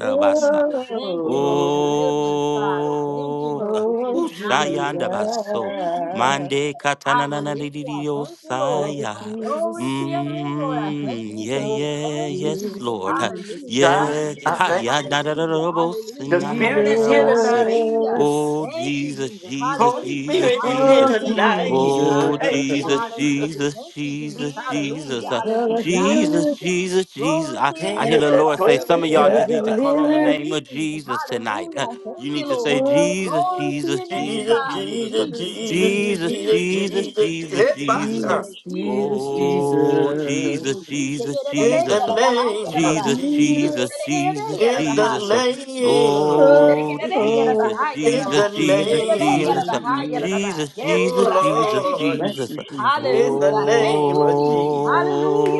K: Oh,
A: Oh,
K: oh, Jesus.
A: ushayanda baso. Mande katana na na li li li
G: Thank you, Lord.
K: Oh,
A: osaya.
G: Glory to
K: Jesus.
G: your name, Lord.
A: Mm, yeah,
G: Thank
K: Oh,
G: you,
A: yeah, yes,
K: Jesus,
A: Lord. Ha,
K: Jesus,
E: God,
A: Yeah,
K: Jesus.
E: I
A: ha,
E: thank
A: ya,
E: you.
A: na, da, da, da,
G: Hallelujah.
A: da, bo, si,
E: The
G: Hallelujah.
A: na, na, da,
E: Spirit
A: da,
E: is
A: da,
E: here
A: ba, si.
E: tonight.
G: Hallelujah.
K: Jesus.
A: Oh, Jesus,
G: Hallelujah.
A: Jesus,
E: Holy
A: Jesus,
E: Spirit
G: Hallelujah.
E: is here
K: Oh,
A: Jesus.
E: tonight.
K: Jesus.
A: Oh,
E: Thank you,
A: Jesus,
E: Jesus.
A: Jesus, Jesus, Jesus. Ah,
K: You're the
E: Mhm.
A: Jesus,
K: healer.
A: Jesus, Jesus. I hear
E: Jesus
A: the
E: at
A: Lord say,
E: 12
A: some of y'all
K: You're
A: just
E: a.m.
K: the
A: need to call on the
E: Rabasaya.
K: deliverer.
A: name of Jesus tonight. Uh, You need to say, Jesus,
K: Oh,
A: Jesus, Jesus,
E: Jesus,
A: Jesus, uh,
E: Jesus,
K: Jesus,
E: Jesus,
A: Jesus,
K: Jesus,
E: Jesus,
A: Jesus,
E: Jesus, Je- hey,
A: Jesus,
E: my
A: Jesus. um,
E: son.
K: Jesus, Jesus,
A: Oh, Jesus,
K: Jesus.
A: Jesus,
E: In the
A: Jesus. um,
E: name of
A: Jesus,
E: Jesus,
A: Jesus,
K: Jesus,
A: Jesus,
E: in the
A: Jesus. um,
E: name of
A: Oh,
E: Jesus,
A: Jesus,
E: in
K: Oh,
E: the
A: Jesus, Jesus,
K: Jesus,
E: name of
A: Jesus.
K: Jesus,
A: uh,
E: Jesus,
A: Jesus, Jesus, Jesus,
E: oh Lord,
K: Bless
A: Jesus. uh,
K: you, Jesus.
E: in the name of Jesus,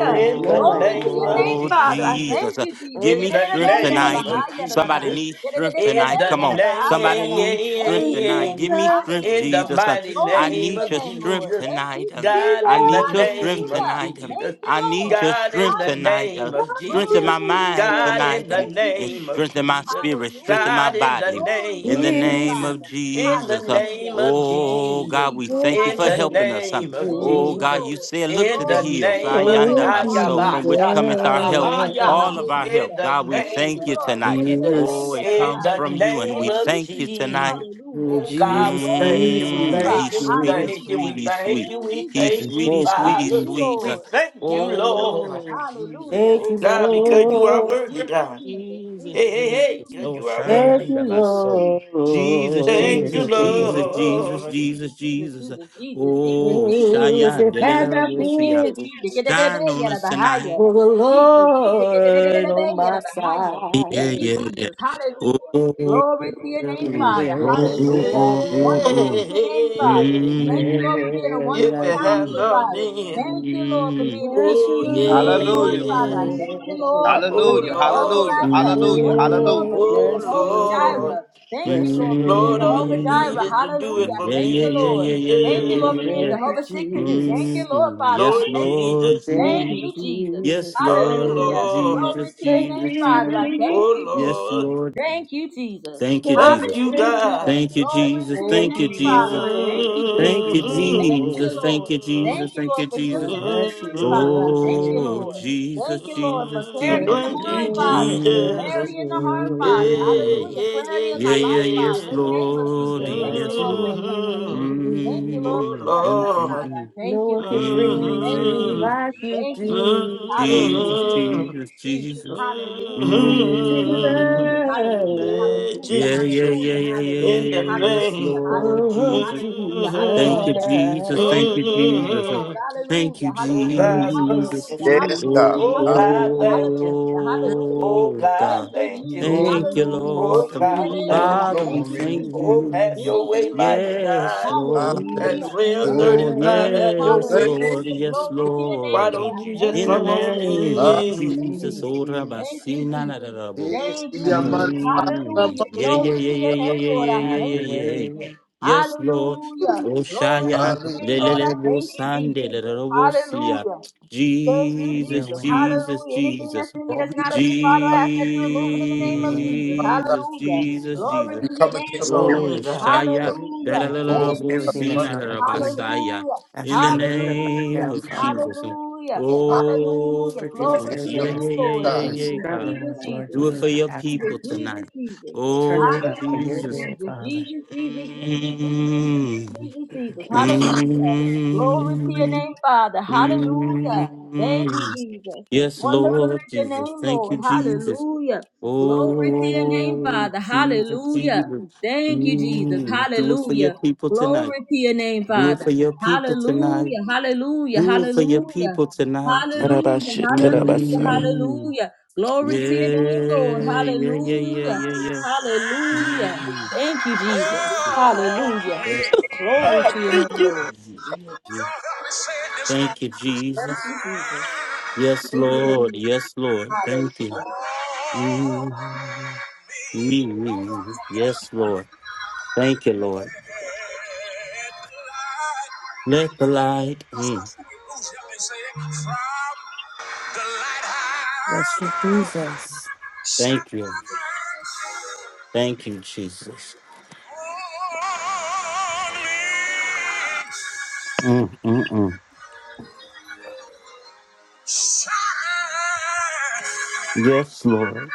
K: There is
E: In
K: no
E: the
K: like you,
E: name of
K: Father.
E: Jesus.
A: Jesus. Uh, Give
E: In
A: me
E: the
A: strength
K: Oh,
E: name
A: tonight. Um,
E: of
A: Somebody
E: Jesus.
A: needs strength
E: In
A: tonight.
E: the
A: Come on. Somebody needs strength
K: Jesus,
A: tonight.
K: Jesus,
E: name.
A: Give me
K: us,
A: strength,
E: In the
A: Jesus. Um,
E: mighty
A: I
E: name
A: need
E: of
A: your strength
E: Jesus.
A: tonight. Um,
E: God
A: I
E: in the
A: need your strength
E: name of
A: tonight. Um,
E: Jesus.
A: I need your
E: God in
A: strength
E: the
A: tonight.
E: name
A: Uh,
E: of
K: oh,
A: strengthen
E: Jesus.
A: my mind
K: Jesus.
E: God in
A: tonight.
E: the
A: Um, and
E: name of
A: strengthen my
E: Jesus.
A: spirit. Strengthen my
E: God in the
A: body.
E: name
A: In the
E: of
A: name
E: Jesus.
K: Yes.
A: of
E: In the
A: Jesus. Uh,
E: name of
A: oh,
E: Jesus.
A: God, we thank you
E: In
A: for
E: the
K: Oh,
A: helping us.
E: name of
A: Oh
K: oh,
A: God,
E: Jesus.
A: you said, look
E: In
A: to the
E: the
A: hills,
E: name of
A: ayanda
K: oh,
A: baso, from which cometh our help,
E: Hayabashatalabahaya.
A: all of our help.
E: In the
A: God, we
E: name
A: thank you
E: of
A: tonight.
E: Jesus.
A: Oh,
K: Jesus.
A: it
E: In
A: comes
E: the
A: from you, and
E: name
A: we
E: of
A: thank you tonight.
E: Jesus.
K: Jesus,
E: Oh God, we
K: Jesus,
E: thank you,
K: Jesus,
E: we
A: Mm,
E: thank
A: he's
E: you, we
K: Jesus.
A: sweetie,
E: thank you, we
A: sweetie,
E: thank
A: sweet.
E: you, we
A: He's
K: Thank
E: thank you,
A: sweetie,
K: you,
A: sweetie,
E: Father.
A: sweet.
K: Jesus.
E: We
A: Uh,
E: thank you, Lord.
A: oh, Jesus,
K: Thank you,
E: Oh God, because
A: Jesus,
E: you are
K: Lord.
E: worthy, God.
A: Jesus,
E: Hey, hey, hey,
A: Jesus.
E: because
A: Oh,
E: you are
K: Thank
E: worthy.
K: you,
A: Shayanda Baso. Jesus,
E: Thank you,
A: Jesus,
K: Lord.
A: Jesus, Jesus,
E: Lord.
A: Jesus, Jesus. Oh,
K: Oh, if it
A: Shayanda
K: had
A: Lila
K: not
A: Mosia.
K: been
A: Shine on us tonight.
K: for the Lord on my
A: Yeah,
K: side,
A: yeah, yeah. Oh, oh, oh,
K: tell me where
A: oh, oh,
K: would I
E: Hey,
A: oh.
K: be?
A: oh. Mm,
K: Where would
E: if
K: I
E: it had
K: be?
E: not been
K: We Bless you,
E: Oh,
B: hallelujah,
E: yes.
K: Lord.
E: Oh,
B: hallelujah, hallelujah,
E: Lord.
B: hallelujah, hallelujah.
K: Oh,
E: Oh,
K: bless you, Lord.
E: Lord.
K: Bless
E: Lord,
K: you,
E: all you need
K: Lord.
E: is to do it for
A: Yeah,
E: me,
A: yeah, yeah, yeah, yeah, yeah, yeah,
K: Oh,
E: Jesus.
A: yeah, yeah.
K: thank you, Jesus.
A: Mm,
G: I
A: yes,
E: Lord
G: thank you.
A: Lord
E: Jesus.
K: Thank
G: Thank
K: you,
G: you,
A: Jesus.
G: Jesus.
A: Yes,
K: Jesus.
E: Oh,
A: Lord
G: Hallelujah.
E: Lord.
G: Glory
A: Jesus,
G: to your
K: Thank
G: name,
K: you,
A: Jesus,
G: Father.
A: Jesus.
G: I
K: Lord.
G: thank
E: Oh,
G: you,
A: Yes,
G: Jesus.
E: Lord.
A: Lord.
G: Thank you, Jesus.
A: Thank you,
K: Oh,
E: Thank
A: Jesus.
E: you,
K: Thank you,
G: Hallelujah.
E: God.
A: Thank you,
K: Lord.
G: Glory
A: Jesus.
G: to your
K: Thank
A: Thank
K: you,
A: you,
G: name, Father.
A: Jesus.
G: I thank
K: Lord.
G: you,
K: Thank
A: Thank
K: you,
A: you, Jesus.
K: Lord.
G: Jesus.
A: Thank you,
E: Mhm.
A: Jesus. Thank you, Jesus.
K: Oh, bless you,
E: Mhm.
A: Oh,
K: Lord.
A: Jesus, Jesus,
E: Mm,
K: Bless
A: Jesus.
K: you,
E: Thank you,
K: Lord. Bless
E: Jesus.
K: you,
E: Yeah,
A: Mm.
K: Lord.
E: yeah, yeah,
A: Yeah, yeah, yes,
E: yeah.
K: It's
A: Lord.
K: not like
A: Yes, Lord.
E: hmm
K: you.
E: Oh
A: Mm. Mm,
E: Lord.
A: mm,
K: No one can
A: mm,
K: bring me through
A: mm.
E: Mm-hmm.
K: like you do.
A: Jesus,
E: Mm-hmm.
A: Jesus, Jesus.
K: Oh,
E: Mm-hmm.
A: Mm.
E: Hey,
K: Jesus.
A: Yeah, yeah,
E: Jesus,
A: yeah, yeah, yeah, yeah,
E: in the
A: yeah. Yes,
E: name.
K: Oh,
A: Lord
K: Jesus.
A: Thank
E: Mm-hmm.
A: you, Jesus. Thank
K: Oh,
A: you, Jesus.
E: Mm-hmm.
A: Thank you,
E: Oh God, thank
A: Jesus.
K: Jesus.
E: you.
D: Yes,
K: Jesus,
D: God.
E: Oh
D: Hallelujah.
K: Jesus,
E: God, thank you. Oh
A: Oh,
E: God,
A: God.
E: thank you.
D: Glory,
A: Thank you, Lord.
E: Oh
K: Jesus, Jesus,
E: God, thank
A: Father,
E: you.
A: we
D: glory.
A: thank
E: Oh,
K: Jesus,
E: have
A: you.
E: your way, mighty
A: Yes,
E: God.
A: Lord.
E: At
D: Hallelujah.
A: Oh,
E: 1235, have your
A: yes,
E: way,
D: Thank-
K: Jesus,
A: Lord. Yes,
E: Jesus. Why
A: Lord.
E: don't you just
A: In the
E: come on
A: name of
K: Jesus,
D: Hallelujah.
E: in?
A: Jesus.
K: Jesus.
A: Oh,
K: Jesus.
A: Rabasina,
D: Yes,
K: Have your way,
D: Yaman,
K: Father.
D: Yaman, Yaman.
A: yeah, yeah, yeah, yeah, yeah, yeah, yeah,
K: Have
A: yeah,
K: your
A: yeah,
K: way.
A: yeah. Yes, Lord.
K: Have your
A: Oshaya,
K: way, Father.
D: Hallelujah.
A: lelelebo sande, lelelebo siya.
K: Have
A: Jesus,
K: your way.
A: Jesus, Jesus.
D: Oh, be la-
K: Either way.
A: Jesus,
K: Jesus,
A: Jesus,
K: Lord.
A: Jesus.
D: We come
E: Come
D: against
E: on
D: spiritual
A: Oh,
E: in, God.
A: Shaya,
D: cancer.
K: Lord
D: Oh,
K: Jesus,
A: lelelebo
K: everything
D: be
K: that's
A: sina,
K: not like
D: la-
K: you.
A: lelebasaya.
K: I
A: In
K: should
A: the
K: have removed it right
A: name
K: now,
A: of
K: Father.
A: Jesus.
D: I
A: Oh,
K: Lord
D: don't
K: Jesus,
D: take the
K: everything
A: yeah,
D: meat.
K: that's
A: yeah, yeah,
K: that people are
A: yeah, yeah,
K: struggling with, Lord
A: do it
D: Mm.
K: Jesus,
A: for
K: I
A: your
K: ask that
A: people
K: you
A: tonight.
K: turn
A: Oh,
K: it around for your
A: Jesus.
K: good, Father.
A: Mm,
K: Bless you.
A: mm, mm. Yes, Lord Jesus. Thank you,
G: Lord.
A: Jesus.
G: Hallelujah. Glory to your name,
A: Oh,
G: Father.
A: Jesus,
G: Hallelujah.
A: Jesus.
G: Thank you, Jesus.
A: Mm, do it for your
G: Hallelujah.
A: people tonight.
G: Glory to your name,
A: Do it
G: Father.
A: for your people tonight.
G: Hallelujah. Hallelujah.
A: Do it for your
G: Hallelujah.
A: people tonight.
G: Hallelujah. Hallelujah.
E: Rabashikarabasaya.
A: Mm,
G: Hallelujah.
A: yeah,
G: Glory to your name, Lord.
A: yeah, yeah, yeah,
G: Hallelujah.
A: yeah, yeah.
G: Hallelujah. Thank you, Jesus. Hallelujah.
D: Yeah.
G: Glory
E: And I
G: to your
E: thank
G: name,
E: you.
G: Lord.
A: Mm. Thank you, Jesus. Yes, Lord. Yes, Lord. Thank you. Mm, mm, mm. Yes, Lord. Thank you, Lord. Let the light. Mm,
K: Bless you, Jesus.
A: Thank you. Thank you, Jesus. Mm, mm, mm. Yes, Lord.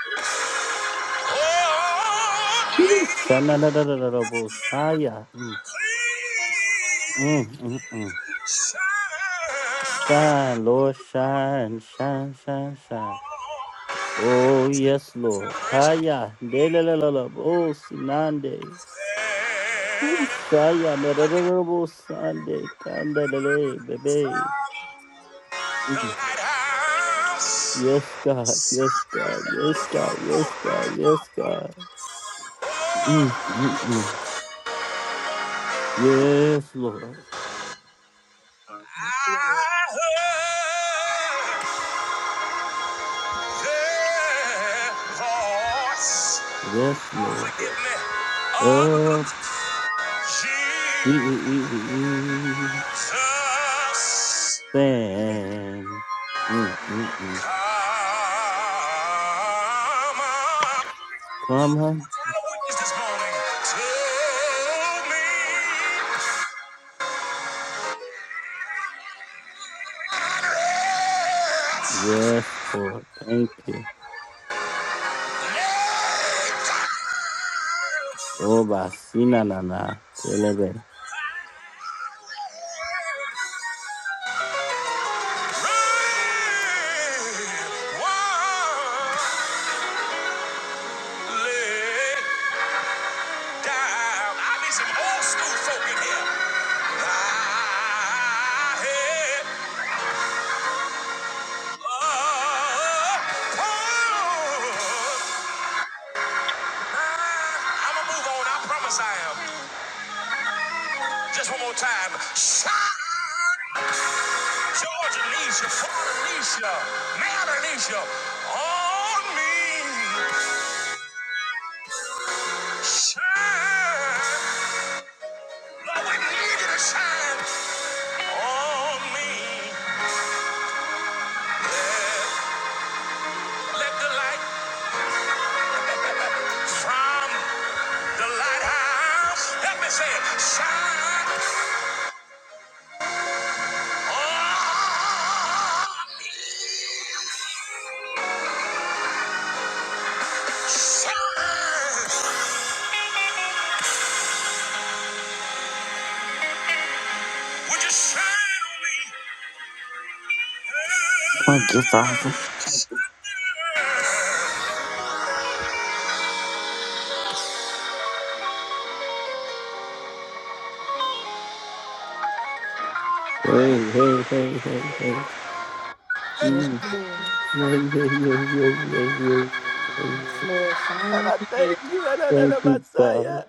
A: Shanadadadadadabosaya. Mm, mm, mm, mm. Shine, Lord, shine, shine, shine, shine. Oh, yes, Lord. Haya. Delelelelebo sinande. Ooh, Shia, Honorable Sunday, Candele, baby.
G: The
A: Mm.
G: lighthouse.
A: Yes, God, yes, God, yes, God, yes, God, yes, God. Mm, mm, mm. Yes, Lord,
G: I heard their voice.
A: yes, Lord.
G: Give me up,
A: Of the
G: Jesus.
A: fan. Mm, mm, mm.
G: Come on.
A: Come, huh?
G: What kind of this morning? Tell me.
A: Yes, Lord, thank you. Oh, Basina, na, na,
G: i am going move on. I promise I am. Just one more time. Shout! Georgia needs you, Florida Alicia, Mad Alicia, on me. Lord, we need you to shine on me. Let the light from the lighthouse, help me say it, shine on me. Shine, would you shine on me?
E: Thank you, Father.
A: Hey, hey, hey, hey, hey. Mm. Yeah, yeah, yeah, yeah, yeah, yeah, yeah, yeah.
G: Yes, Lord, shine on
E: And
G: me.
E: I
G: Hallelujah.
E: thank you. And I know
A: Thank you,
E: Messiah.
A: God.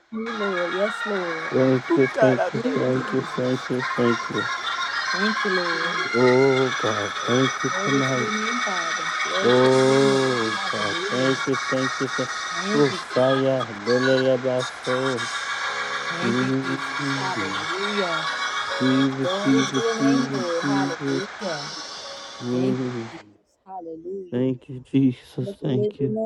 A: Thank
E: Oh
A: you,
E: God,
A: thank
E: I
A: you,
E: thank you.
A: thank you, thank you, thank you. Oh, God, thank you tonight. Oh, God, thank you, thank you, thank you. Oh, Saya, Delele Baso. Jesus, Jesus, Jesus, Jesus. Mm. Thank you, Jesus. Thank you.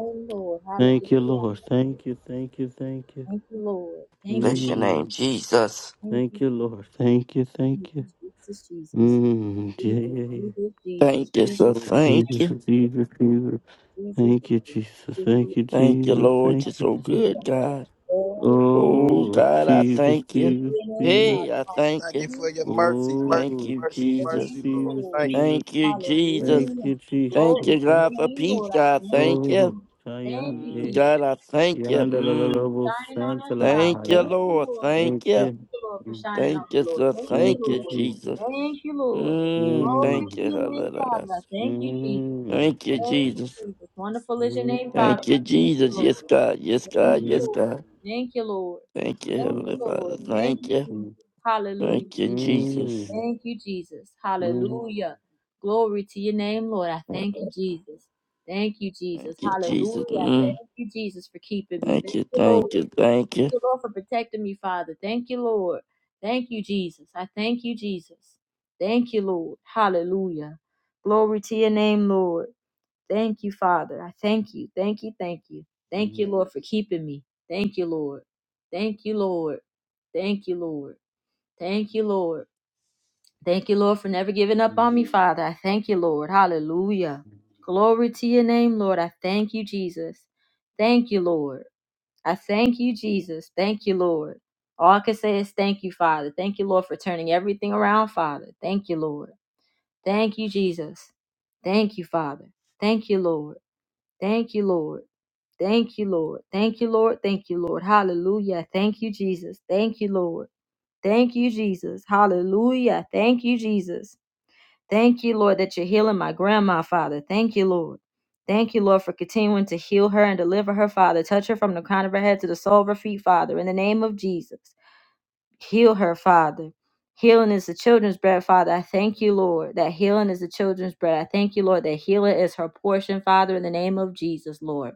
A: Thank you, Lord. Thank you, thank you, thank you.
G: Thank you, Lord. Thank you.
E: Bless your name,
A: Mm.
E: Jesus.
G: Thank
A: Thank you,
G: you.
A: Lord. Thank you,
G: Lord
A: thank you.
G: Jesus, Jesus.
A: Mm. Yeah,
G: We will
A: yeah,
G: we
A: yeah.
G: will Jesus,
E: Thank you, sir.
G: Jesus,
A: Oh,
G: Jesus,
E: Thank
A: Jesus,
E: you.
A: Jesus, Jesus.
G: Jesus,
A: Thank you,
G: we will
A: Jesus.
G: we will
A: Thank you,
G: we
E: Thank you,
A: Jesus.
G: will
E: Lord.
A: Thank
E: You're
A: you,
E: so
A: Jesus.
E: good, God.
G: Glory to your
E: Oh
G: name,
A: Oh,
G: Father.
E: God, I
A: Jesus,
E: thank
G: Glory
E: you.
G: to
A: Jesus,
G: your
A: Jesus.
E: Hey, I thank
B: Thank you
E: you.
B: for your mercy, mercy,
E: Thank
A: Oh,
E: you,
B: mercy,
G: name, Father. Hallelujah.
A: Jesus,
G: Thank
B: mercy,
E: Jesus.
G: you,
B: Lord.
A: Jesus,
G: Lord.
B: Thank you.
A: Jesus.
E: Thank you, Jesus.
A: Thank
G: Hallelujah.
A: you, Jesus.
E: Thank
G: Glory
E: you,
G: to
A: Thank
G: your
E: God, for
G: name,
E: peace,
G: Lord. I
E: God.
G: thank
E: Thank you.
A: Oh,
G: you. Thank you,
A: Cheyenne.
E: Mm,
G: Jesus.
E: God, I thank you.
A: Yonder the
E: Mm,
A: little
G: Shining on
A: Santa
G: that
A: La
G: fire.
E: thank you,
A: Bahia.
G: Thank you,
E: Lord.
G: Lord.
A: Thank
E: Thank you.
G: Thank
A: you.
G: you, Lord, for
A: Mm.
G: shining on
E: Thank you,
G: the Lord.
E: sir.
G: Thank you,
A: Thank
E: Thank
A: you,
E: you,
G: Lord.
A: Jesus.
E: Jesus.
G: Thank you, Lord.
E: Mm,
G: Glory
E: thank
A: Mm.
G: to
E: you,
G: your name, Father.
E: Hallelujah.
G: I Thank you, Jesus.
A: Mm.
E: Thank you,
G: Thank
A: Mm.
G: you,
E: Jesus.
G: Jesus. Wonderful is your name, Father.
E: Thank you,
A: Mm.
G: I Thank you,
E: Jesus. Yes,
G: Lord.
E: God. Yes,
G: Thank
E: God.
G: you,
E: Yes,
A: Mm.
G: Lord.
E: God.
G: Thank you, Lord.
E: Thank you,
G: Thank
E: Heavenly
G: you, Lord.
E: Father.
G: Thank
E: Thank
G: you,
E: you.
G: Jesus.
A: Mm.
G: Hallelujah.
E: Thank you,
G: Jesus.
E: Jesus.
G: Thank you, Jesus.
A: Mm.
G: Hallelujah. Glory to your name, Lord. I thank you, Jesus. Thank you, Jesus.
E: Thank you, Jesus.
G: Hallelujah. I
E: Mm.
G: Thank you, Jesus, for keeping me.
E: Thank
G: Thank
E: you,
G: you, Lord.
E: thank you,
G: Thank
E: thank you.
G: you, Lord, for protecting me, Father. Thank you, Lord. Thank you, Jesus. I thank you, Jesus. Thank you, Lord. Hallelujah. Glory to your name, Lord. Thank you, Father. I thank you. Thank you. Thank you. Thank you, Lord, for keeping me. Thank you, Lord. Thank you, Lord. Thank you, Lord. Thank you, Lord. Thank you, Lord, for never giving up on me, Father. I thank you, Lord. Hallelujah. Glory to your name, Lord. I thank you, Jesus. Thank you, Lord. I thank you, Jesus. Thank you, Lord. All I can say is thank you, Father. Thank you, Lord, for turning everything around, Father. Thank you, Lord. Thank you, Jesus. Thank you, Father. Thank you, Lord. Thank you, Lord. Thank you, Lord. Thank you, Lord. Thank you, Lord. Hallelujah. Thank you, Jesus. Thank you, Lord. Thank you, Jesus. Hallelujah. Thank you, Jesus. Thank you, Lord, that you're healing my grandma, Father. Thank you, Lord. Thank you, Lord, for continuing to heal her and deliver her, Father. Touch her from the crown of her head to the sole of her feet, Father. In the name of Jesus, heal her, Father. Healing is the children's bread, Father. I thank you, Lord, that healing is the children's bread. I thank you, Lord, that healing is her portion, Father, in the name of Jesus, Lord.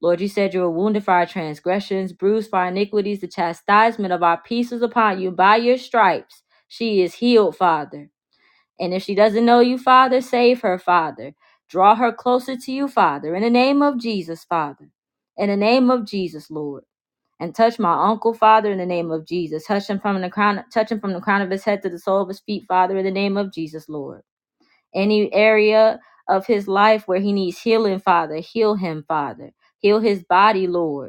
G: Lord, you said you were wounded for our transgressions, bruised for our iniquities. The chastisement of our peace was upon you. By your stripes, she is healed, Father. And if she doesn't know you, Father, save her, Father. Draw her closer to you, Father, in the name of Jesus, Father. In the name of Jesus, Lord. And touch my uncle, Father, in the name of Jesus. Touch him from the crown, touch him from the crown of his head to the sole of his feet, Father, in the name of Jesus, Lord. Any area of his life where he needs healing, Father, heal him, Father. Heal his body, Lord.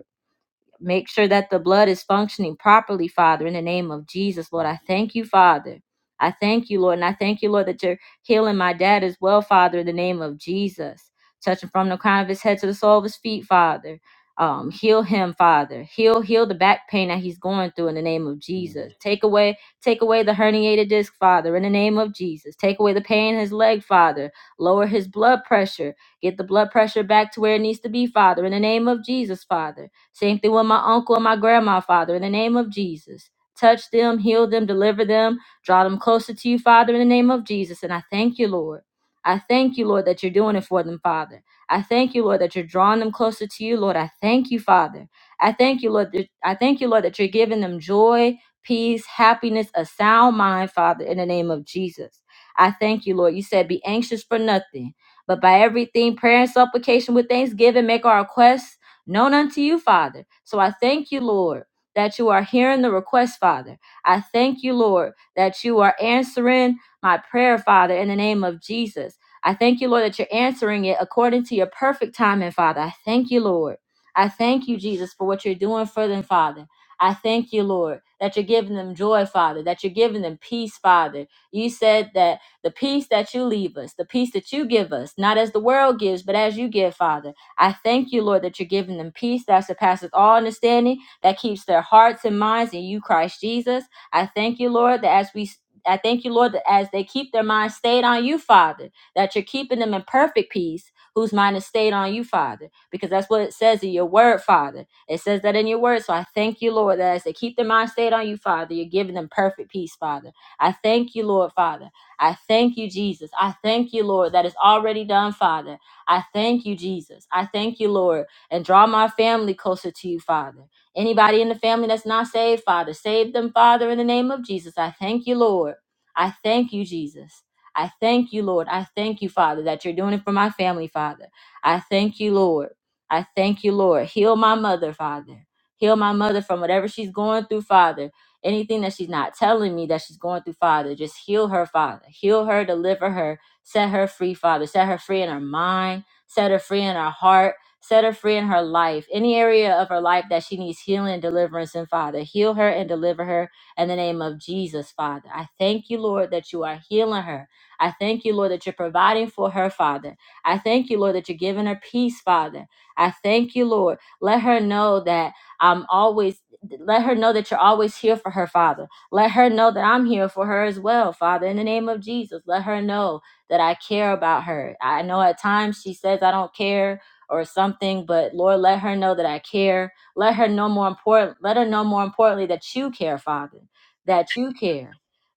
G: Make sure that the blood is functioning properly, Father, in the name of Jesus, Lord. I thank you, Father. I thank you, Lord. And I thank you, Lord, that you're healing my dad as well, Father, in the name of Jesus. Touching from the crown of his head to the sole of his feet, Father. Um, heal him, Father. Heal, heal the back pain that he's going through in the name of
A: Mm.
G: Jesus. Take away, take away the herniated disc, Father, in the name of Jesus. Take away the pain in his leg, Father. Lower his blood pressure. Get the blood pressure back to where it needs to be, Father, in the name of Jesus, Father. Same thing with my uncle and my grandma, Father, in the name of Jesus. Touch them, heal them, deliver them, draw them closer to you, Father, in the name of Jesus. And I thank you, Lord. I thank you, Lord, that you're doing it for them, Father. I thank you, Lord, that you're drawing them closer to you, Lord. I thank you, Father. I thank you, Lord. That, I thank you, Lord, that you're giving them joy, peace, happiness, a sound mind, Father, in the name of Jesus. I thank you, Lord. You said, be anxious for nothing, but by everything, prayer and supplication with thanksgiving, make our requests known unto you, Father. So I thank you, Lord, that you are hearing the request, Father. I thank you, Lord, that you are answering my prayer, Father, in the name of Jesus. I thank you, Lord, that you're answering it according to your perfect timing, Father. I thank you, Lord. I thank you, Jesus, for what you're doing for them, Father. I thank you, Lord, that you're giving them joy, Father, that you're giving them peace, Father. You said that the peace that you leave us, the peace that you give us, not as the world gives, but as you give, Father. I thank you, Lord, that you're giving them peace that surpasses all understanding, that keeps their hearts and minds in you, Christ Jesus. I thank you, Lord, that as we I thank you, Lord, that as they keep their minds stayed on you, Father, that you're keeping them in perfect peace, whose mind is stayed on you, Father, because that's what it says in your word, Father. It says that in your word. So I thank you, Lord, that as they keep their mind stayed on you, Father, you're giving them perfect peace, Father. I thank you, Lord, Father. I thank you, Jesus. I thank you, Lord, that it's already done, Father. I thank you, Jesus. I thank you, Lord, and draw my family closer to you, Father. Anybody in the family that's not saved, Father, save them, Father, in the name of Jesus. I thank you, Lord. I thank you, Jesus. I thank you, Lord. I thank you, Father, that you're doing it for my family, Father. I thank you, Lord. I thank you, Lord. Heal my mother, Father. Heal my mother from whatever she's going through, Father. Anything that she's not telling me that she's going through, Father, just heal her, Father. Heal her, deliver her, Set her free, Father. Set her free in her mind. Set her free in her heart. Set her free in her life. Any area of her life that she needs healing and deliverance in, Father. Heal her and deliver her in the name of Jesus, Father. I thank you, Lord, that you are healing her. I thank you, Lord, that you're providing for her, Father. I thank you, Lord, that you're giving her peace, Father. I thank you, Lord. Let her know that I'm always, let her know that you're always here for her, Father. Let her know that I'm here for her as well, Father, in the name of Jesus. Let her know that I care about her. I know at times she says I don't care or something, but Lord, let her know that I care. Let her know more important. Let her know more importantly that you care, Father, that you care,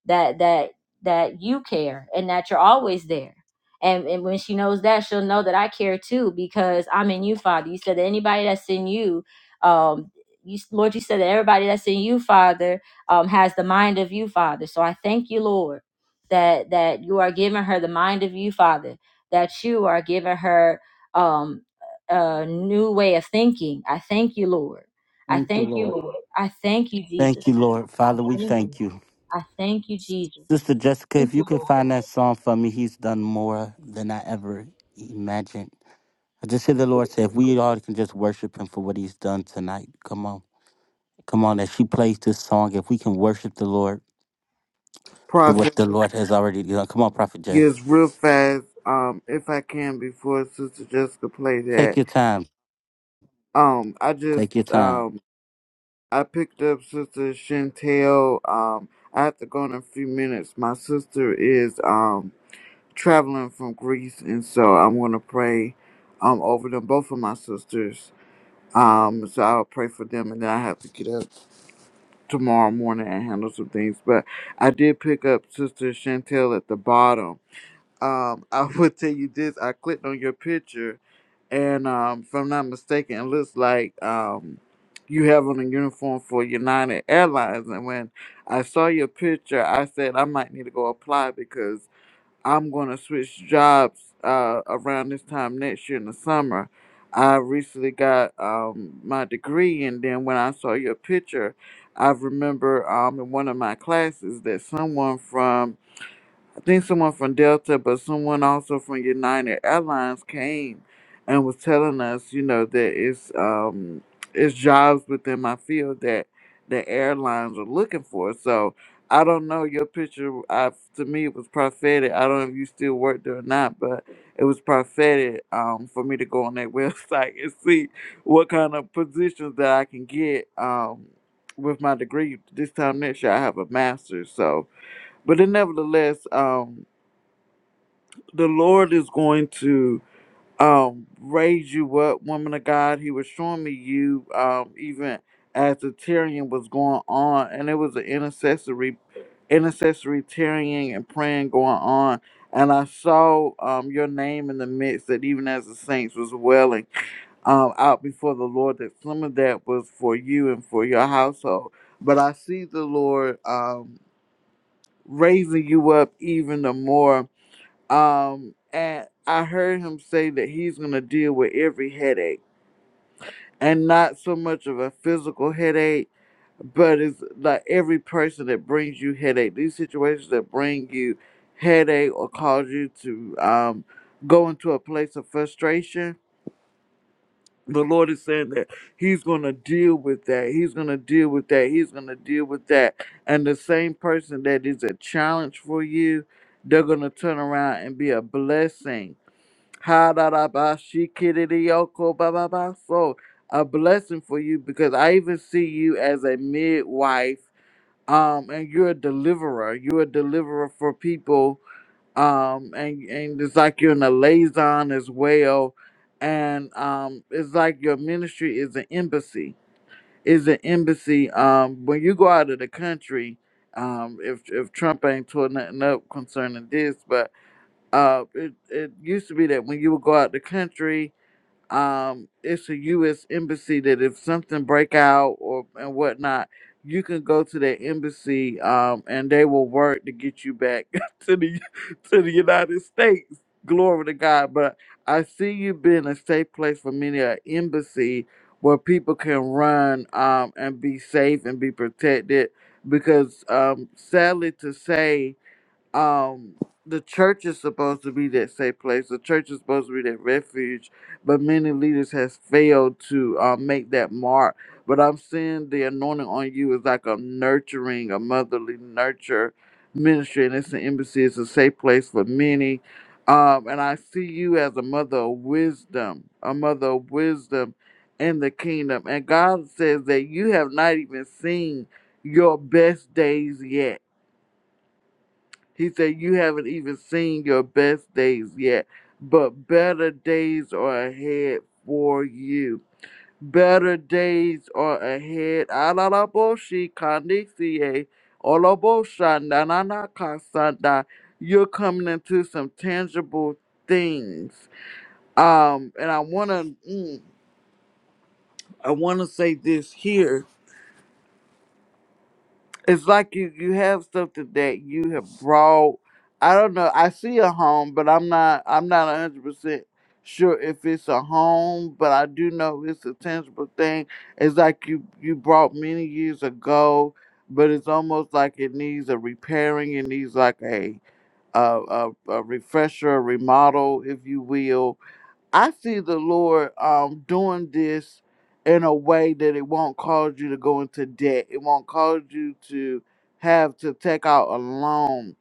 G: that that that you care, and that you're always there. And, and when she knows that, she'll know that I care too because I'm in you, Father. You said that anybody that's in you, um, you, Lord, you said that everybody that's in you, Father, um, has the mind of you, Father. So I thank you, Lord that that you are giving her the mind of you, Father, that you are giving her um a new way of thinking. I thank you, Lord. I
A: Thank you,
G: thank you,
A: Lord.
G: Lord. I thank you, Jesus.
A: Thank you, Lord.
G: I
A: Father, we
G: thank you.
A: thank you.
G: I thank you, Jesus.
A: Sister Jessica,
G: Thank
A: if you
G: you,
A: can
G: Lord.
A: find that song for me, he's done more than I ever imagined. I just hear the Lord say, if we all can just worship him for what he's done tonight, come on. Come on, as she plays this song, if we can worship the Lord for
J: Prophet,
A: what the Lord has already done. Come on, Prophet Jay.
J: yes, real fast. Um, if I can, before Sister Jessica play
A: Take
J: that.
A: your time.
J: Um, I just
A: Take your time.
J: um, I picked up Sister Chantel. Um, I have to go in a few minutes. My sister is um traveling from Greece, and so I'm gonna pray um over them, both of my sisters. Um, so I'll pray for them, and then I have to get up tomorrow morning and handle some things. But I did pick up Sister Chantel at the bottom Um, I will tell you this. I clicked on your picture, and um, if I'm not mistaken, it looks like um, you have on a uniform for United Airlines. And when I saw your picture, I said I might need to go apply because I'm going to switch jobs uh, around this time next year in the summer. I recently got um, my degree, and then when I saw your picture, I remember um, in one of my classes that someone from think someone from Delta, but someone also from United Airlines came and was telling us, you know, that it's um it's jobs within my field that the airlines are looking for. So I don't know your picture. I to me it was prophetic. I don't know if you still work there or not, but it was prophetic um for me to go on that website and see what kind of positions that I can get um with my degree. This time next year I have a master's, so. But then nevertheless, um the Lord is going to um, raise you up, woman of God. He was showing me you um, even as the tearing was going on, and it was an intercessory, intercessory tearing and praying going on. And I saw um, your name in the midst that even as the saints was wailing um, out before the Lord, that some of that was for you and for your household. But I see the Lord um, raising you up even the more um, and I heard him say that he's gonna deal with every headache, and not so much of a physical headache, but it's like every person that brings you headache, these situations that bring you headache or cause you to um go into a place of frustration. The Lord is saying that He's gonna deal with that. He's gonna deal with that. He's gonna deal with that. And the same person that is a challenge for you, they're gonna turn around and be a blessing ha da da ba shi ki yo ko ba ba ba so A blessing for you because I even see you as a midwife, um, and you're a deliverer. You're a deliverer for people, um, and and it's like you're in a liaison as well, and um, it's like your ministry is an embassy. Is an embassy. Um, when you go out of the country, um, if if Trump ain't torn nothing up concerning this, uh, it, it used to be that when you would go out the country, um, it's a U.S. embassy that if something break out or and whatnot, you can go to that embassy um, and they will work to get you back to the to the United States. Glory to God. But I see you being a safe place for many an embassy where people can run um, and be safe and be protected. Because um, sadly to say um the church is supposed to be that safe place. The church is supposed to be that refuge, but many leaders has failed to uh, make that mark. But I'm seeing the anointing on you is like a nurturing, a motherly nurture ministry, and it's an embassy. It's a safe place for many, um, and I see you as a mother of wisdom, a mother of wisdom in the kingdom. And God says that you have not even seen your best days yet he said, You haven't even seen your best days yet, but better days are ahead for you. Better days are ahead. Alalaboshi kandisiye, oloboshandananakasanda. You're coming into some tangible things. Um, and I wanna mm, I wanna say this here It's like you you have something that you have brought. I don't know. I see a home, but I'm not. I'm not a hundred percent sure if it's a home. But I do know it's a tangible thing. It's like you you brought many years ago, but it's almost like it needs a repairing. It needs like a a a, a refresher, a remodel, if you will I see the Lord um doing this in a way that it won't cause you to go into debt. It won't cause you to have to take out a loan.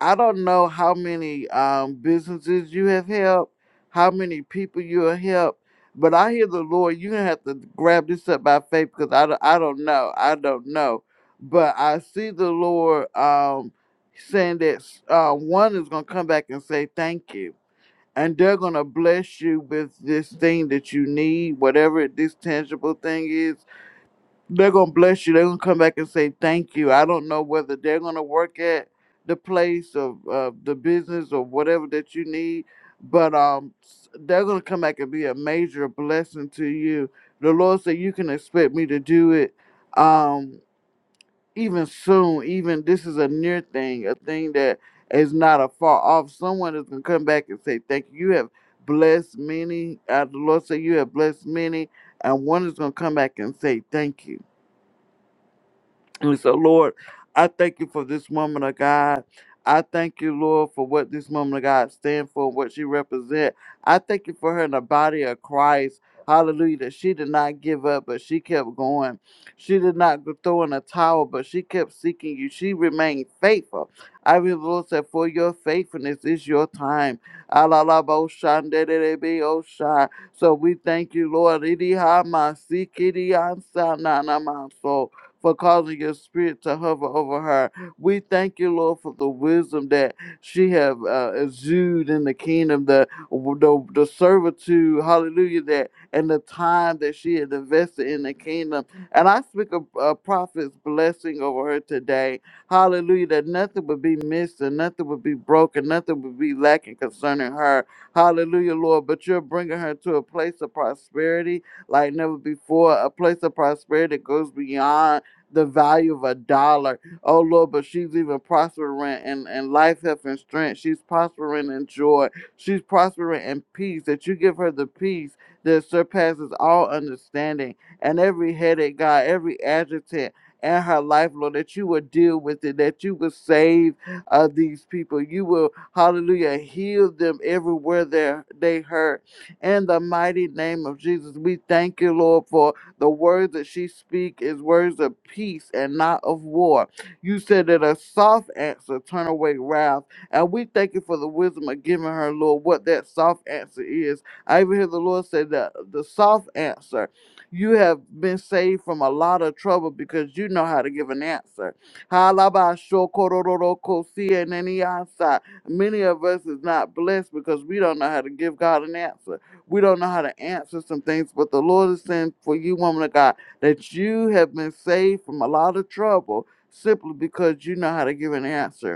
J: I don't know how many um businesses you have helped, how many people you have helped, but I hear the Lord. You're gonna have to grab this up by faith because I don't, I don't know. I don't know, but I see the Lord um saying that uh, one is gonna come back and say thank you and they're gonna bless you with this thing that you need, whatever this tangible thing is. They're gonna bless you. They're gonna come back and say thank you. I don't know whether they're gonna work at the place of uh, the business or whatever that you need, but um, s- they're gonna come back and be a major blessing to you. The Lord said you can expect me to do it. Um, even soon, even this is a near thing, a thing that is not a far off. Someone is gonna come back and say, Thank you. You have blessed many. Uh, the Lord said you have blessed many, and one is gonna come back and say, Thank you and so, Lord, I thank you for this woman of God. I thank you, Lord, for what this woman of God stands for, what she represents. I thank you for her in the body of Christ. Hallelujah. That she did not give up, but she kept going. She did not go- throw in a towel, but she kept seeking you. She remained faithful. I mean, the Lord said, for your faithfulness is your time. Alalaboshanderebe-osha. So we thank you, Lord. Idihamasikidiansananamaso for causing your spirit to hover over her. We thank you, Lord, for the wisdom that she have uh, exuded in the kingdom, the, the the servitude, hallelujah, that and the time that she had invested in the kingdom. And I speak a, a prophet's blessing over her today. Hallelujah, that nothing would be missed and nothing would be broken, nothing would be lacking concerning her. Hallelujah, Lord. But you're bringing her to a place of prosperity like never before, a place of prosperity that goes beyond the value of a dollar. Oh Lord, but she's even prospering in, in life, health, and strength. She's prospering in joy. She's prospering in peace. That you give her the peace that surpasses all understanding. And every headache, God, every adjutant, in her life, Lord, that you will deal with it, that you will save uh, these people. You will, hallelujah, heal them everywhere they're- they hurt. In the mighty name of Jesus, we thank you, Lord, for the words that she speak is words of peace and not of war. You said that a soft answer turn away wrath. And we thank you for the wisdom of giving her, Lord, what that soft answer is. I even hear the Lord say that the soft answer, you have been saved from a lot of trouble because you know how to give an answer. Halabashokororokosieneniasa. Many of us is not blessed because we don't know how to give God an answer. We don't know how to answer some things, but the Lord is saying for you, woman of God, that you have been saved from a lot of trouble simply because you know how to give an answer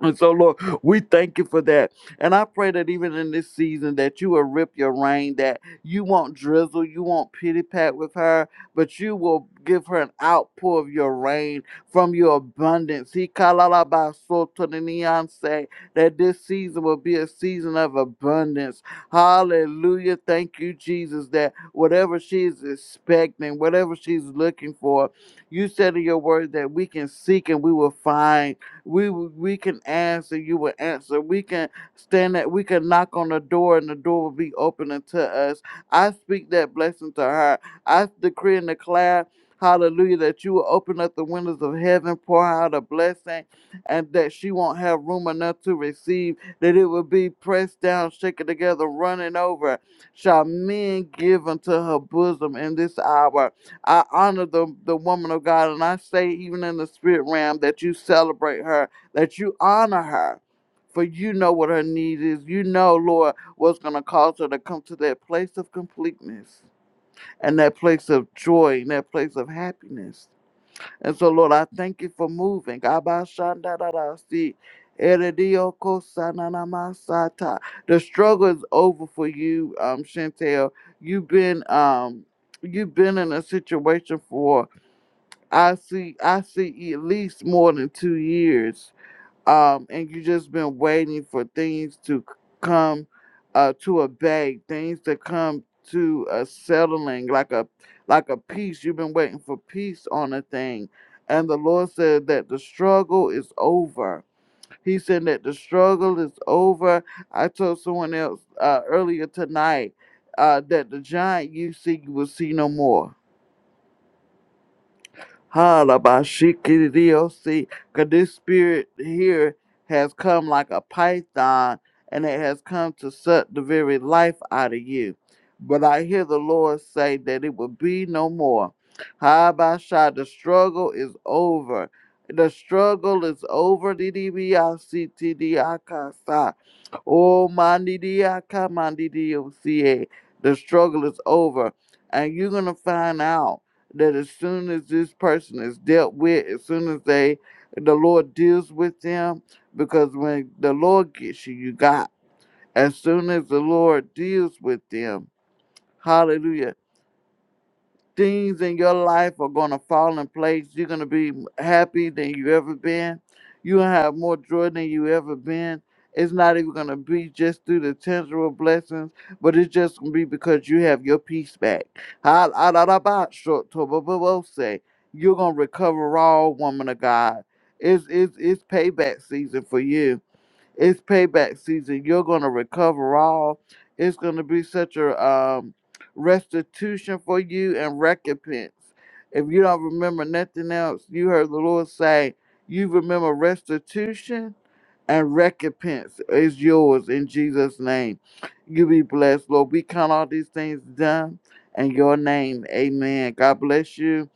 J: and so, Lord, we thank you for that. And I pray that even in this season that you will rip your rain, that you won't drizzle, you won't pity pat with her, but you will give her an outpour of your rain from your abundance. He kalalabasotoniyanse, That this season will be a season of abundance. Hallelujah. Thank you, Jesus, that whatever she's expecting, whatever she's looking for, you said in your word that we can seek and we will find we we can ask and you will answer. We can stand at we can knock on the door and the door will be open unto us. I speak that blessing to her. I decree and declare, hallelujah, that you will open up the windows of heaven, pour out a blessing, and that she won't have room enough to receive, that it will be pressed down, shaken together, running over. Shall men give unto her bosom in this hour? I honor the, the woman of God, and I say, even in the spirit realm, that you celebrate her, that you honor her, for you know what her need is. You know, Lord, what's going to cause her to come to that place of completeness and that place of joy and that place of happiness. And so, Lord, I thank you for moving. Abashandarasi, erediokosanamasata. The struggle is over for you, um, Chantel. You've been um you've been in a situation for I see I see at least more than two years um, and you just been waiting for things to c- come uh, to a bag, things to come to a settling, like a like a peace. You've been waiting for peace on a thing, and the Lord said that the struggle is over. He said that the struggle is over. I told someone else uh, earlier tonight uh, that the giant you see, you will see no more Halabashikidiosi, because this spirit here has come like a python, and it has come to suck the very life out of you. But I hear the Lord say that it will be no more. Habasha, the struggle is over. The struggle is over. DDBICTDIKASA. Oh, mandidiaka, mandidiosie. The struggle is over. And you're going to find out that as soon as this person is dealt with, as soon as they, the Lord deals with them, because when the Lord gets you, you got. As soon as the Lord deals with them, hallelujah things in your life are going to fall in place. You're going to be happy than you ever been. You'll have more joy than you ever been. It's not even going to be just through the tangible blessings, but it's just going to be because you have your peace back. Ha- ah, da- da- ba- short to- bo- bo- bo- say. You're going to recover all, woman of God. It's, it's, it's payback season for you it's payback season. You're going to recover all. It's going to be such a um, restitution for you and recompense. If you don't remember nothing else, you heard the Lord say, you remember restitution and recompense is yours in Jesus' name. You be blessed, Lord. We count all these things done in your name. Amen. God bless you.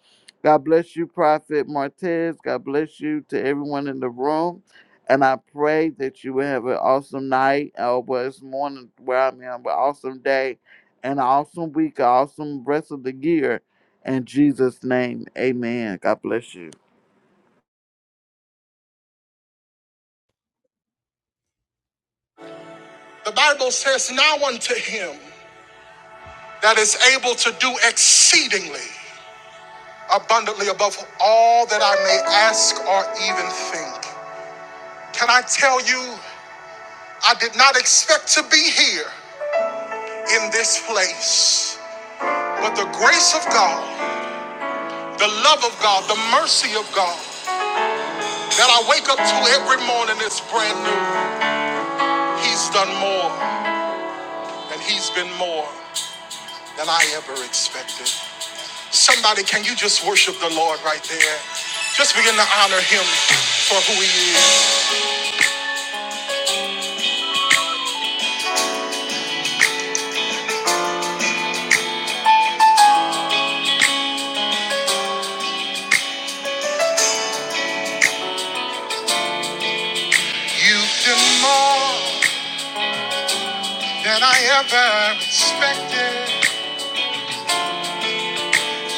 J: God bless you, Prophet Martez. God bless you to everyone in the room. And I pray that you will have an awesome night, or well, it's morning where I'm in, but awesome day and an awesome week, an awesome rest of the year. In Jesus' name, amen. God bless you.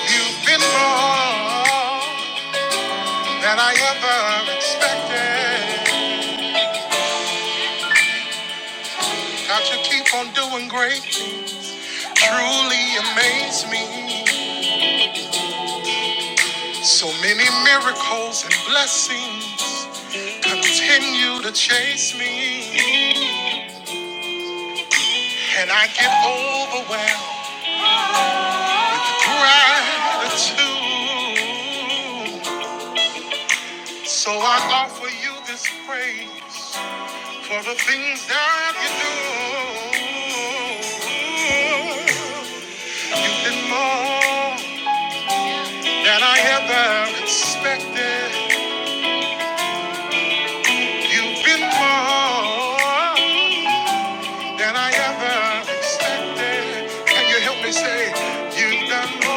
G: You've been more than I ever expected. how you keep on doing great? Truly amaze me. So many miracles and blessings continue to chase me. and I give gratitude. So I offer you this praise for the things that you do. You've been more than I ever expected. You've been more than I ever expected. Can you help me say, You've done more?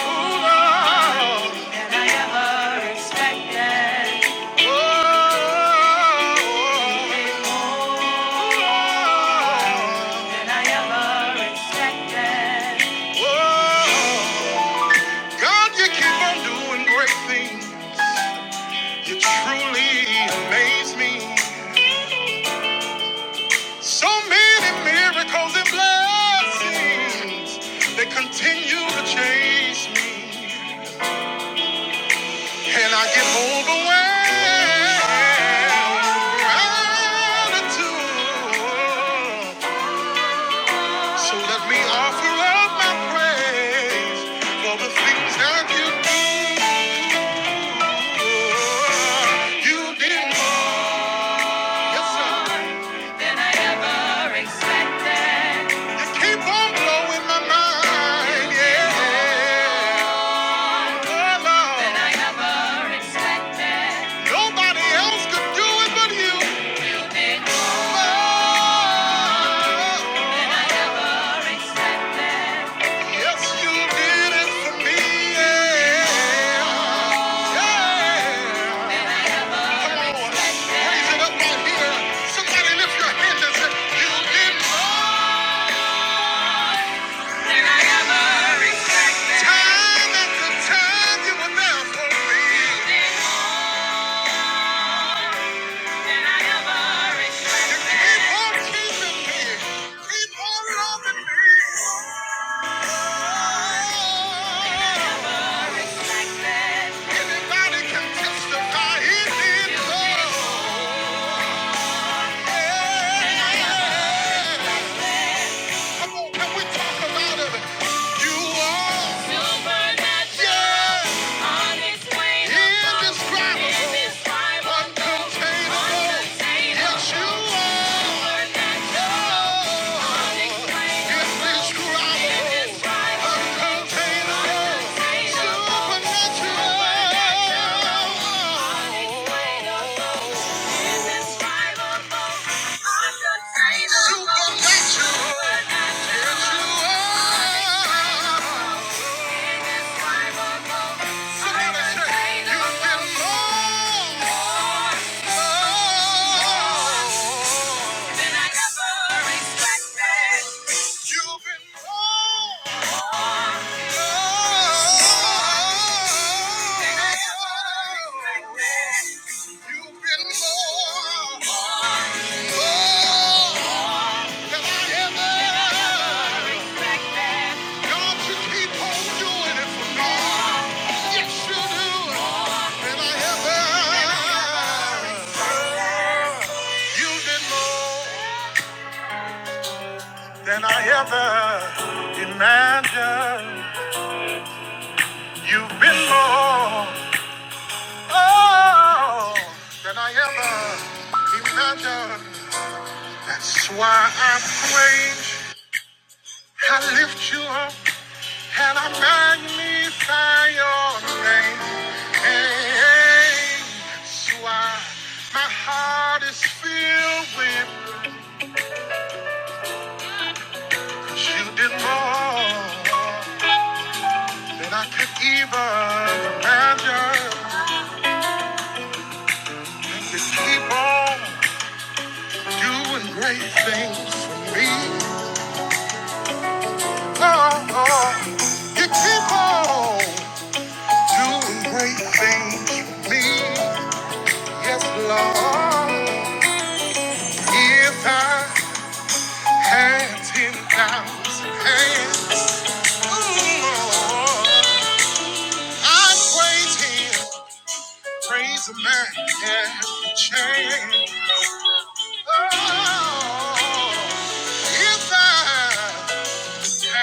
G: Oh, God, you keep on doing great things. You truly amaze me. So many miracles and blessings they continue to chase me, and I get overwhelmed. with Gratitude. So let me offer up my praise for the things that you do. You did more. Yes, sir. You keep on blowing my mind. Yeah. Oh, Lord. Nobody else could do it but you. Oh, yes, you did. Time. You keep on keeping me. Keep on Supernatural. Supernatural. You have been more. than I ever imagined. You've been more oh, than I ever imagined. That's why I praise. I lift you up and I magnify. Hey, hey, That's why I feel with me.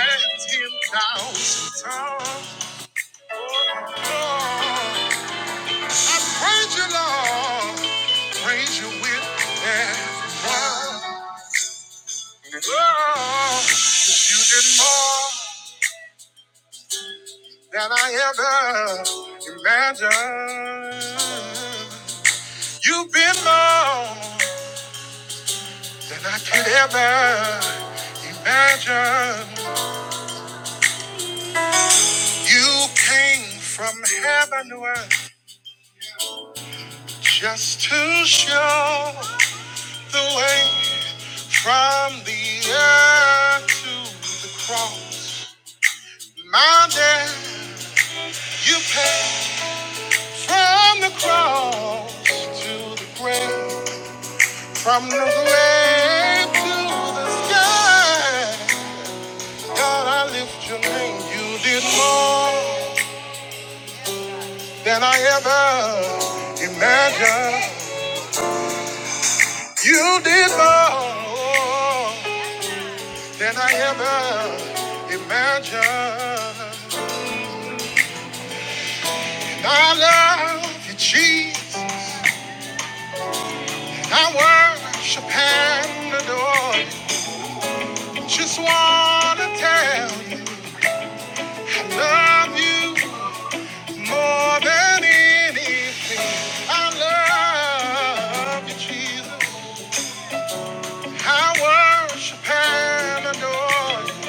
G: Ten thousand times. Praise you, Lord. Praise you with everyone. Oh, You did more than I ever imagined. You've been more than I could ever imagine. You came from heaven to earth just to show the way from the earth to the cross. My death, you paid from the cross to the grave. From the grave to the sky, God, I lift your name. You did more than I ever imagined. You did more than I ever imagined. I love you, Jesus. I worship and adore you. Just want to tell you, I love you more than anything. I love you, Jesus. I worship and adore you.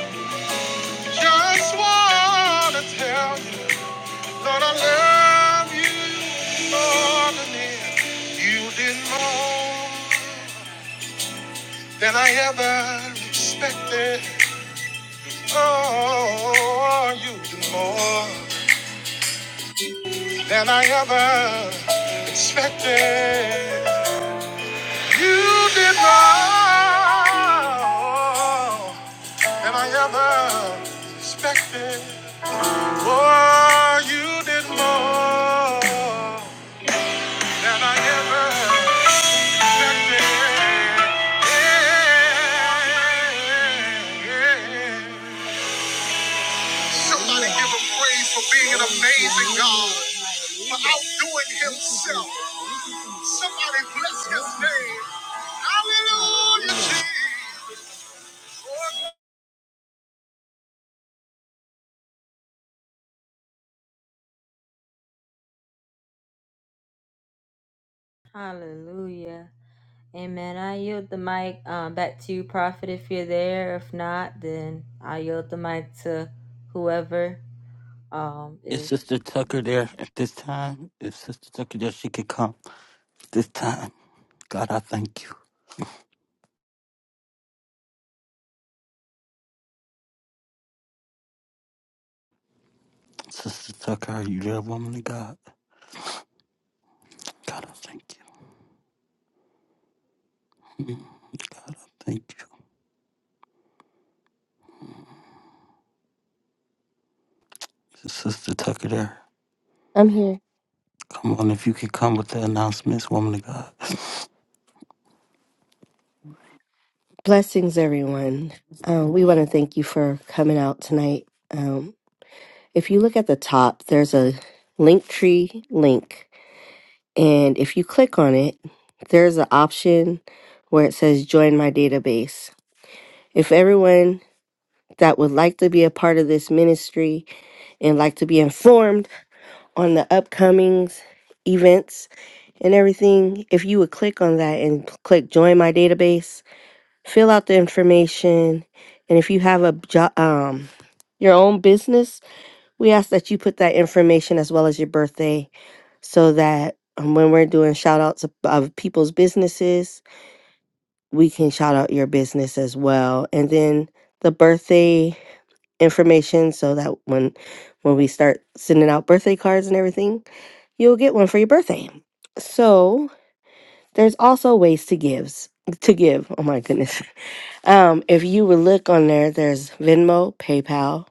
G: Just want to tell you Lord, I love you more than if you did more than I ever expected. Oh, you did more than I ever expected. You did more than I ever expected. Oh, you did more than I ever expected. Somebody give him praise for being an amazing God, for outdoing himself. Somebody bless his name. Hallelujah. Amen. I yield the mic um, back to you, Prophet, if you're there. If not, then I yield the mic to whoever um, is.
A: Is Sister Tucker there at this time? If Sister Tucker there, she could come this time. God, I thank you. Sister Tucker, are you there, woman of God? God, I thank you. God, I thank you. Is Sister Tucker there?
K: I'm here.
A: Come on, if you could come with the announcements, woman of God.
K: Blessings, everyone. Um, we want to thank you for coming out tonight. Um, if you look at the top, there's a link tree link. And if you click on it, there's an option where it says join my database. If everyone that would like to be a part of this ministry and like to be informed, on the upcomings, events, and everything, if you would click on that and p- click join my database, fill out the information, and if you have a job, um, your own business, we ask that you put that information as well as your birthday so that um, when we're doing shout outs of, of people's businesses, we can shout out your business as well. And then the birthday information so that when when we start sending out birthday cards and everything you'll get one for your birthday. So there's also ways to gives to give. Oh my goodness. Um, if you would look on there, there's Venmo, PayPal,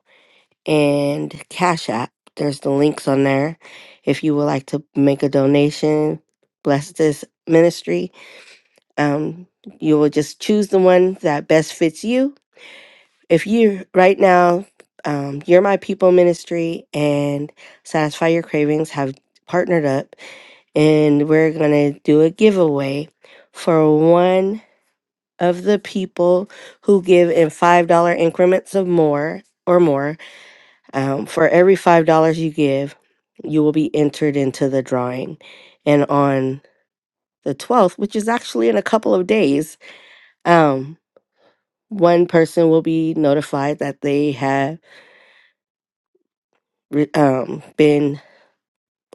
K: and Cash App. There's the links on there. If you would like to make a donation, bless this ministry. Um, you will just choose the one that best fits you. If you right now, um, you're my people ministry and satisfy your cravings have partnered up and we're going to do a giveaway for one of the people who give in $5 increments of more or more. Um, for every $5 you give, you will be entered into the drawing. And on the 12th, which is actually in a couple of days, um, one person will be notified that they have re- um, been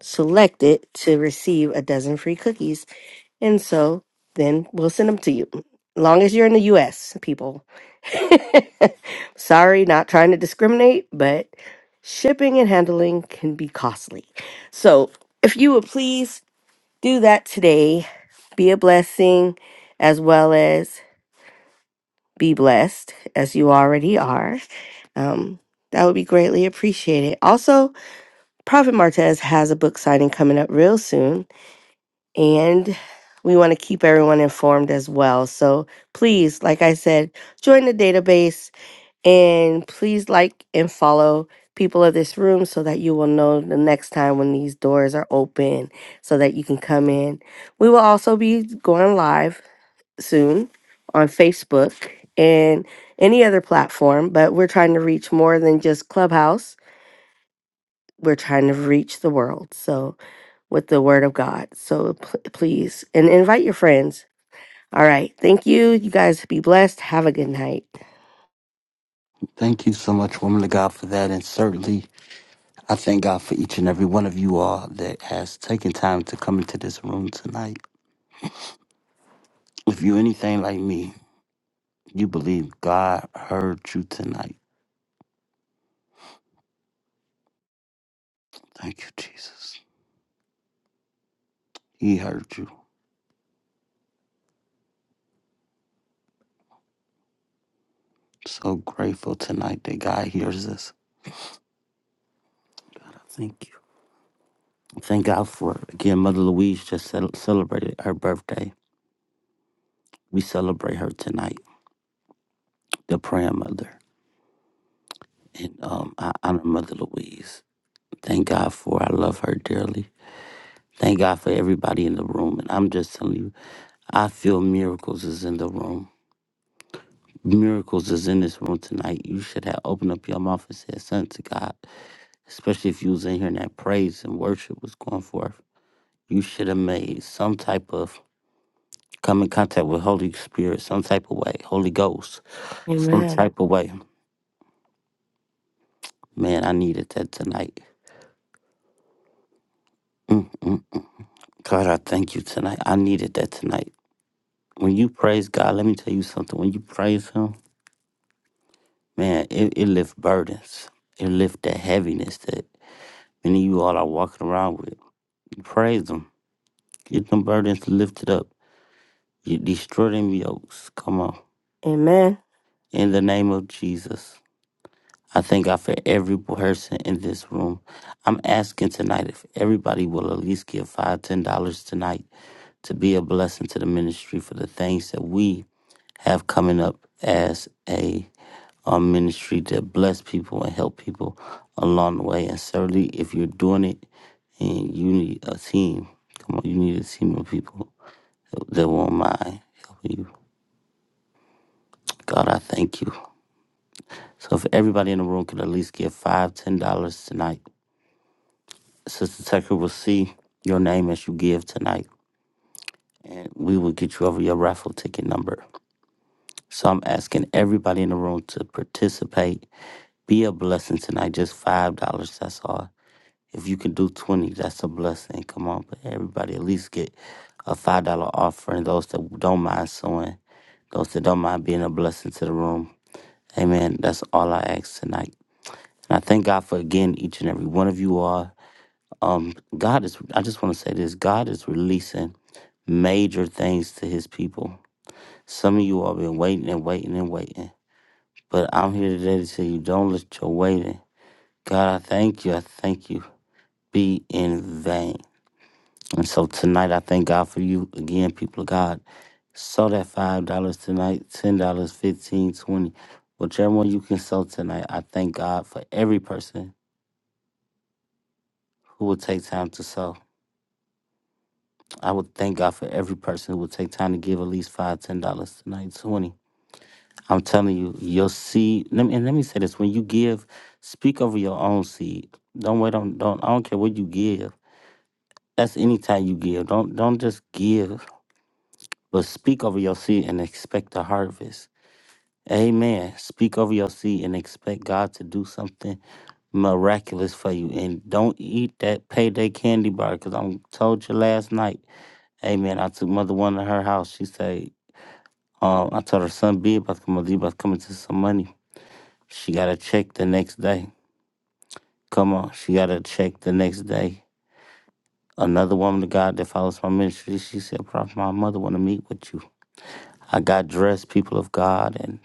K: selected to receive a dozen free cookies And so then we'll send them to you. Long as you're in the US, people. Sorry, not trying to discriminate, but shipping and handling can be costly. So if you would please do that today, be a blessing as well as be blessed as you already are. Um, that would be greatly appreciated. Also, Prophet Martez has a book signing coming up real soon and we want to keep everyone informed as well. So please, like I said, join the database and please like and follow people of this room so that you will know the next time when these doors are open so that you can come in. We will also be going live soon on Facebook and any other platform, but we're trying to reach more than just Clubhouse. We're trying to reach the world. So with the word of God. So pl- please, and invite your friends all right. Thank you. You guys be blessed. Have a good night.
A: Thank you so much, woman of God, for that. And certainly I thank God for each and every one of you all that has taken time to come into this room tonight. If you are anything like me, you believe God heard you tonight. Thank you, Jesus. He heard you. So grateful tonight that God hears us. Thank you. Thank God for again. Mother Louise just cel- celebrated her birthday. We celebrate her tonight, the praying mother, and um, I honor Mother Louise. Thank God for. I love her dearly. Thank God for everybody in the room, and I'm just telling you. I feel miracles is in the room. Miracles is in this room tonight. You should have opened up your mouth and said something to God, especially if you was in here and that praise and worship was going forth. You should have made some type of come in contact with Holy Spirit, some type of way, Holy Ghost, some
K: Amen.
A: type of way. Man, I needed that tonight. mm mm mm. God, I thank you tonight. I needed that tonight. When you praise God, let me tell you something. When you praise Him, man, it, it lifts burdens. It lifts that heaviness that Many of you all are walking around with. You praise them. Get them burdens lifted up. You destroy them yokes. Come on.
K: Amen.
A: In the name of Jesus. I thank God for every person in this room. I'm asking tonight if everybody will at least give five, ten dollars tonight to be a blessing to the ministry for the things that we have coming up as a um, ministry to bless people and help people along the way. And certainly, if you're doing it and you need a team, come on, you need a team of people that that won't mind helping you. God, I thank you. So if everybody in the room could at least give five, ten dollars tonight Sister Tucker will see your name as you give tonight, and we will get you over your raffle ticket number. So I'm asking everybody in the room to participate. Be a blessing tonight. Just five dollars. That's all. If you can do twenty, that's a blessing. Come on, but everybody at least get a five dollar offering. Those that don't mind sewing, those that don't mind being a blessing to the room. Amen. That's all I ask tonight. And I thank God for again each and every one of you all. Um, God is. I just want to say this. God is releasing. major things to his people. Some of you all been waiting and waiting and waiting. But I'm here today to tell you don't let your waiting. God, I thank you. I thank you. Be in vain. And so tonight I thank God for you again, people of God. Sow that five dollars tonight, ten dollars, fifteen, twenty. Whichever one you can sow tonight, I thank God for every person who will take time to sow. I would thank God for every person who will take time to give at least five, ten dollars tonight, twenty. I'm telling you, your seed. Let me, and let me say this: when you give, speak over your own seed. Don't wait on. Don't. I don't care what you give. That's any time you give. Don't. Don't just give, but speak over your seed and expect the harvest. Amen. Speak over your seed and expect God to do something miraculous for you. And don't eat that payday candy bar because I told you last night. Amen. I took Mother One to her house. She said, um, I told her son, be about to come, Mother, you about to come into some money. She got a check the next day. Come on, she got a check the next day. Another woman of God that follows my ministry, she said, Prophet, my mother want to meet with you. I got dressed, people of God, and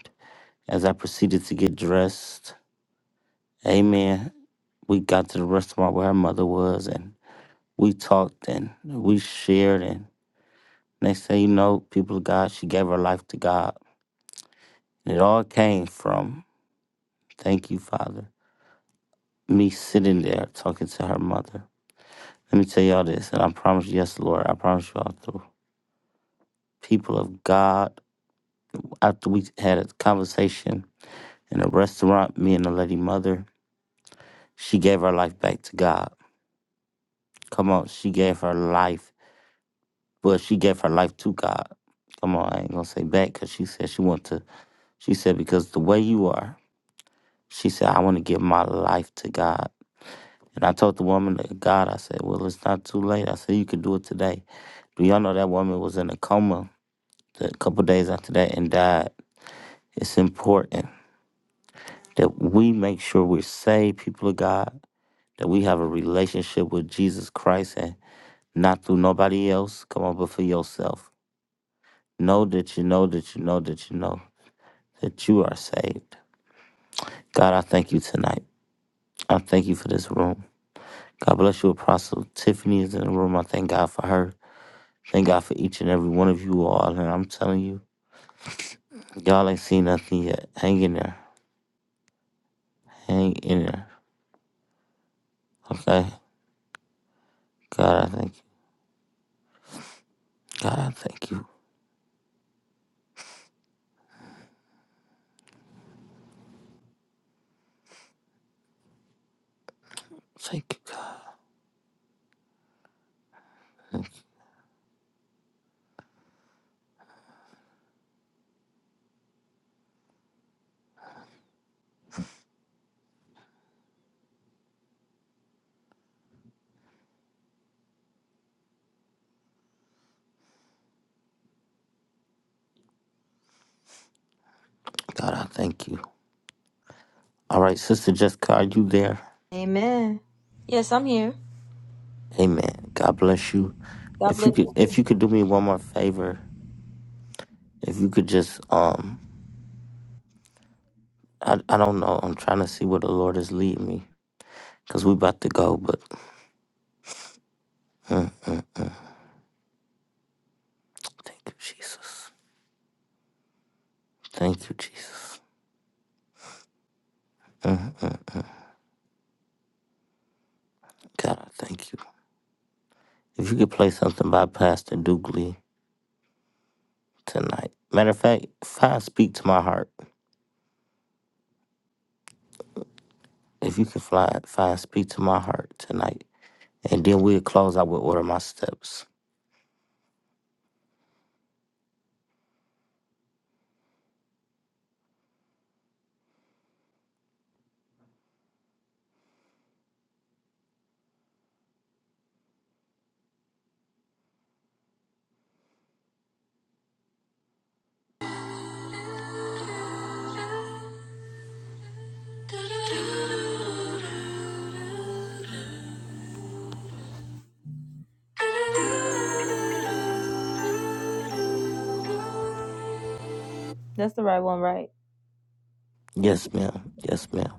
A: as I proceeded to get dressed, amen, we got to the restaurant where her mother was, and we talked and we shared, and next thing you know, people of God, she gave her life to God. And it all came from, thank you, Father, me sitting there talking to her mother. Let me tell y'all this, and I promise, you, yes, Lord, I promise y'all through. people of God, after we had a conversation in a restaurant, me and the lady mother, she gave her life back to God. Come on, she gave her life. Well, she gave her life to God. Come on, I ain't gonna say back because she said she want to. She said because the way you are, she said I want to give my life to God. And I told the woman that God, I said, well, it's not too late. I said you could do it today. Do y'all know that woman was in a coma a couple days after that and died? It's important. that we make sure we're saved, people of God, that we have a relationship with Jesus Christ and not through nobody else. Come on, but for yourself. Know that you know that you know that you know that you are saved. God, I thank you tonight. I thank you for this room. God bless you, Apostle. Tiffany is in the room. I thank God for her. Thank God for each and every one of you all. And I'm telling you, y'all ain't seen nothing yet. Hang in there. Hang in there. Okay? God, I thank you. God, I thank you. Thank you, God. God, I thank you. All right, Sister Jessica, are you there?
G: Amen. Yes, I'm here.
A: Amen. God bless you.
G: God
A: If
G: bless
A: you could,
G: you.
A: if you could do me one more favor, if you could just, um, I, I don't know, I'm trying to see where the Lord is leading me, cause we about to go. But mm, mm, thank you, Jesus. Thank you, Jesus. Mm, mm, mm. God, I thank you. If you could play something by Pastor Dugley tonight. Matter of fact, find speak to my heart. If you can fly, find speak to my heart tonight, and then we'll close out with order my steps.
G: That's the right one, right?
A: Yes, ma'am. Yes, ma'am.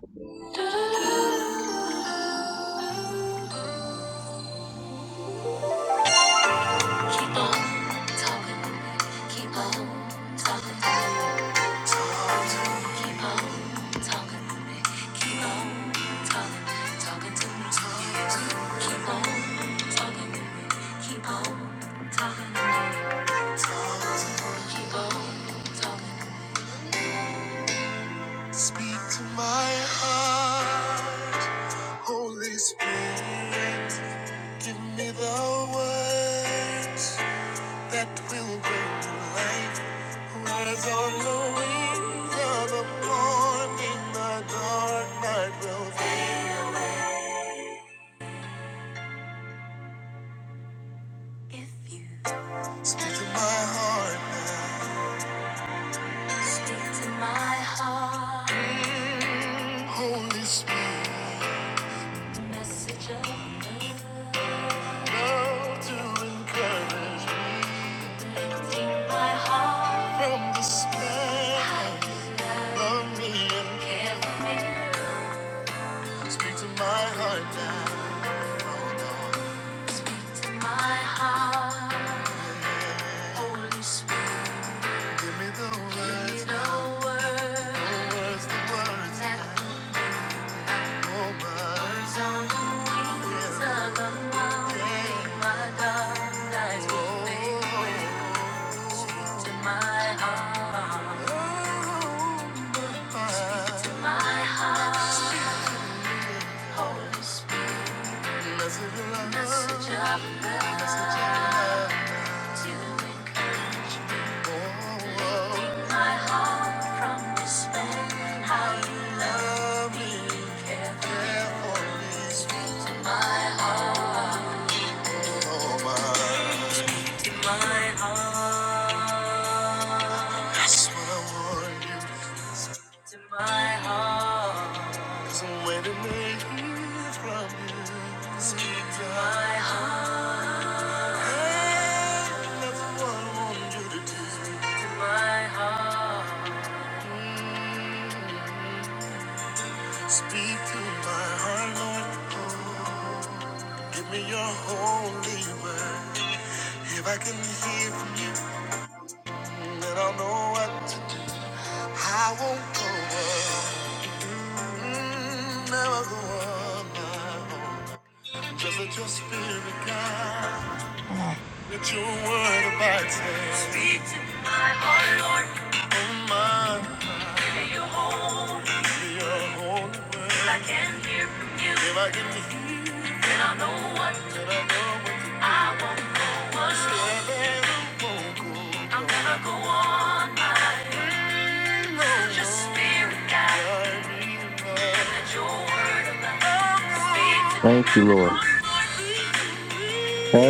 A: Thank you, Lord.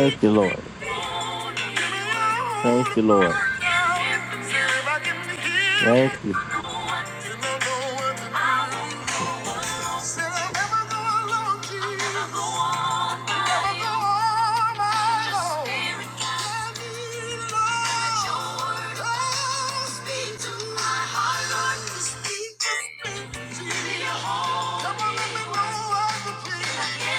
G: Speak
A: you,
G: to me.
A: Lord.
G: Come on, let
A: Thank you, Lord. Thank you.
G: me know what to do.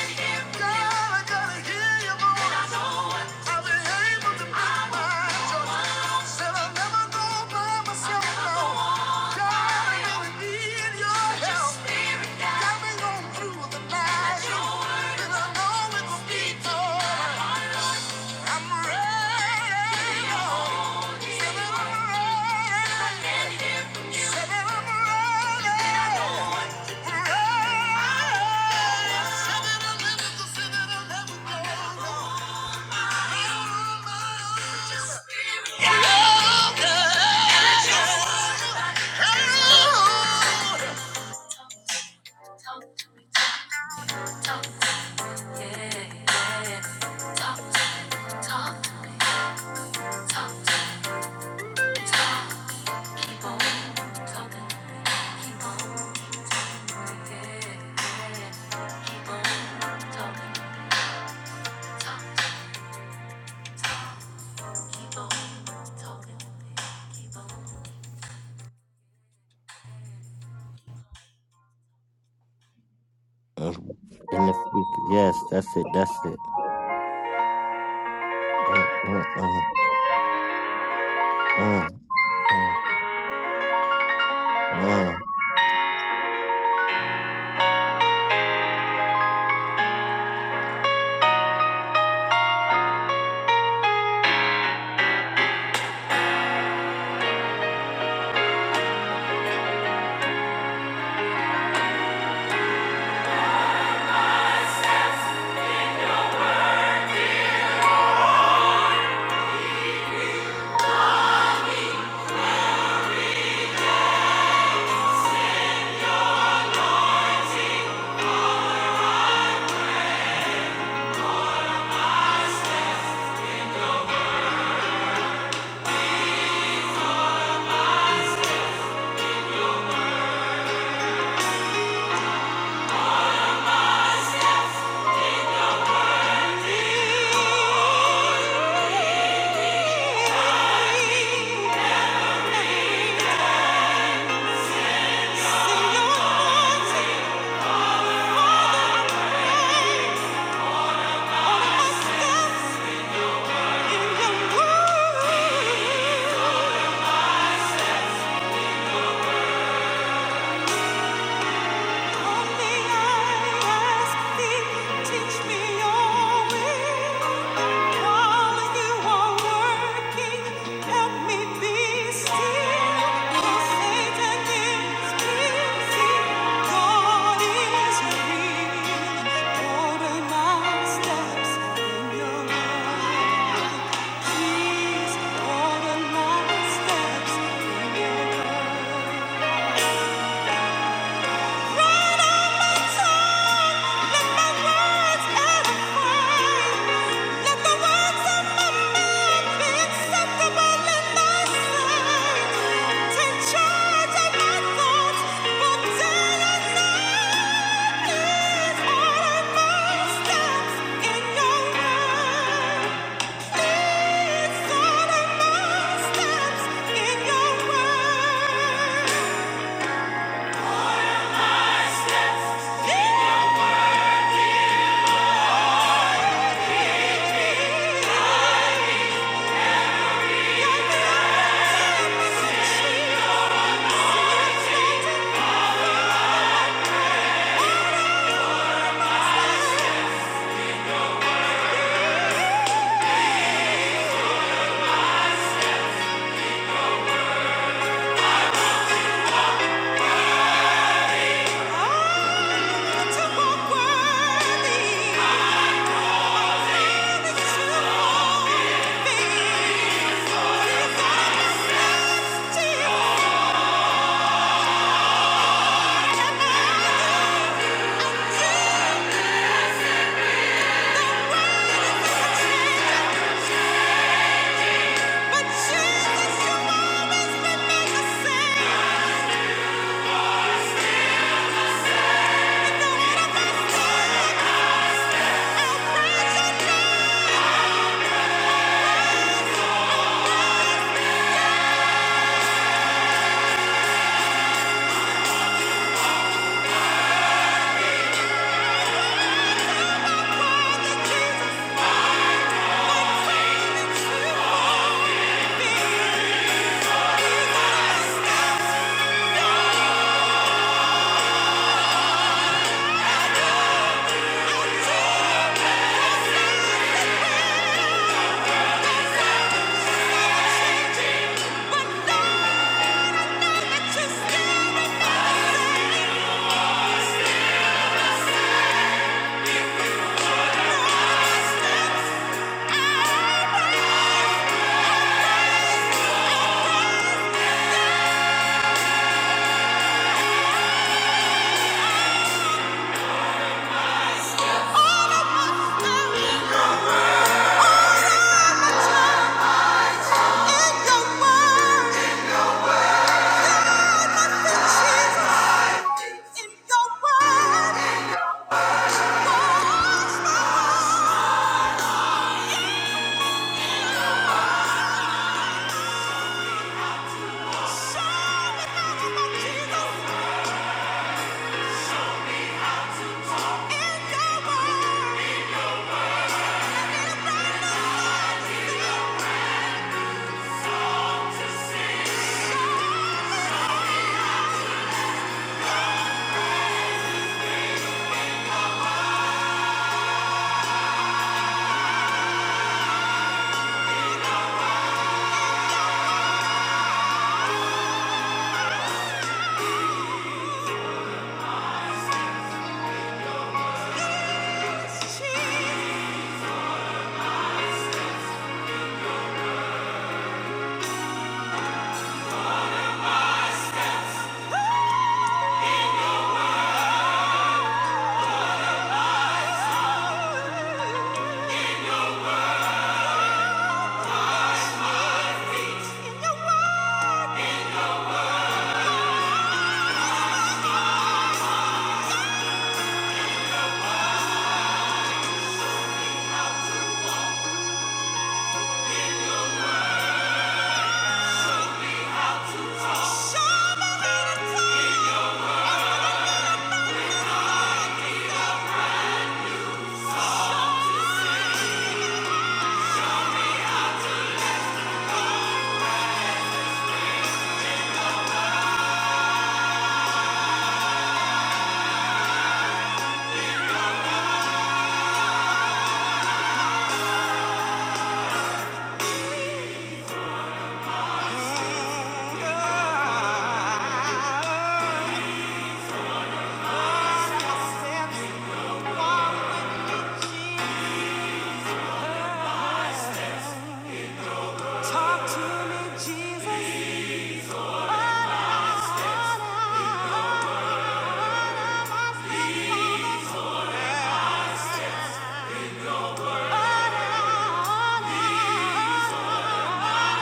A: Uh, In the future. Yes, that's it. That's it. Uh, uh, uh, uh, uh, uh.
G: But Jesus, you will make a save.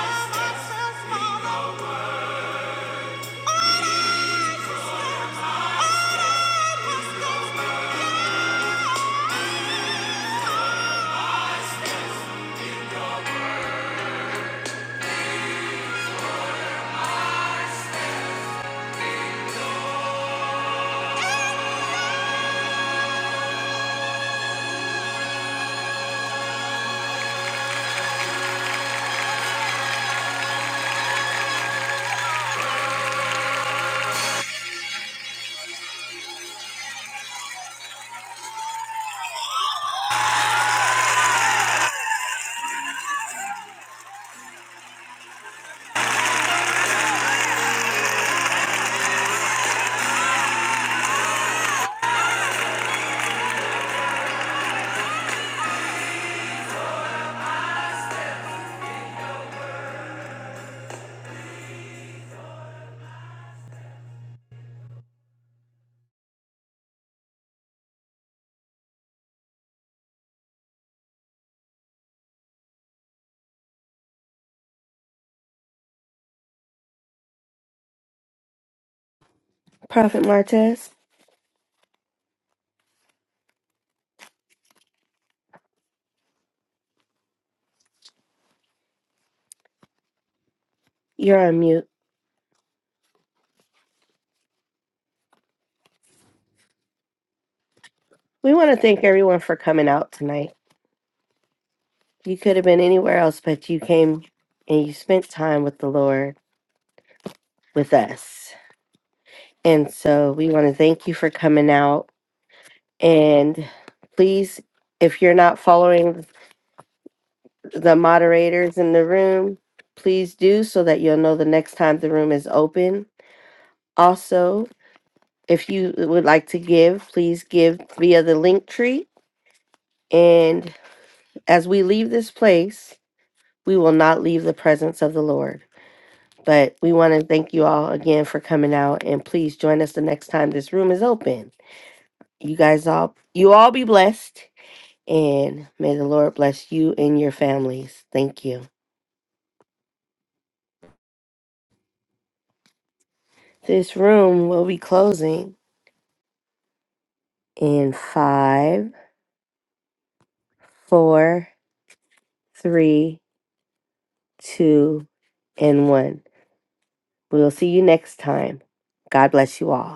G: Thank you.
K: Prophet Martez, you're on mute. We want to thank everyone for coming out tonight. You could have been anywhere else, but you came and you spent time with the Lord with us. And so we want to thank you for coming out. And please, if you're not following the moderators in the room, please do so that you'll know the next time the room is open. Also, If you would like to give, please give via the link tree. And as we leave this place, we will not leave the presence of the Lord. But we want to thank you all again for coming out and please join us the next time this room is open. You guys all you all be blessed and may the Lord bless you and your families. Thank you. This room will be closing in five, four, three, two, and one. We'll see you next time. God bless you all.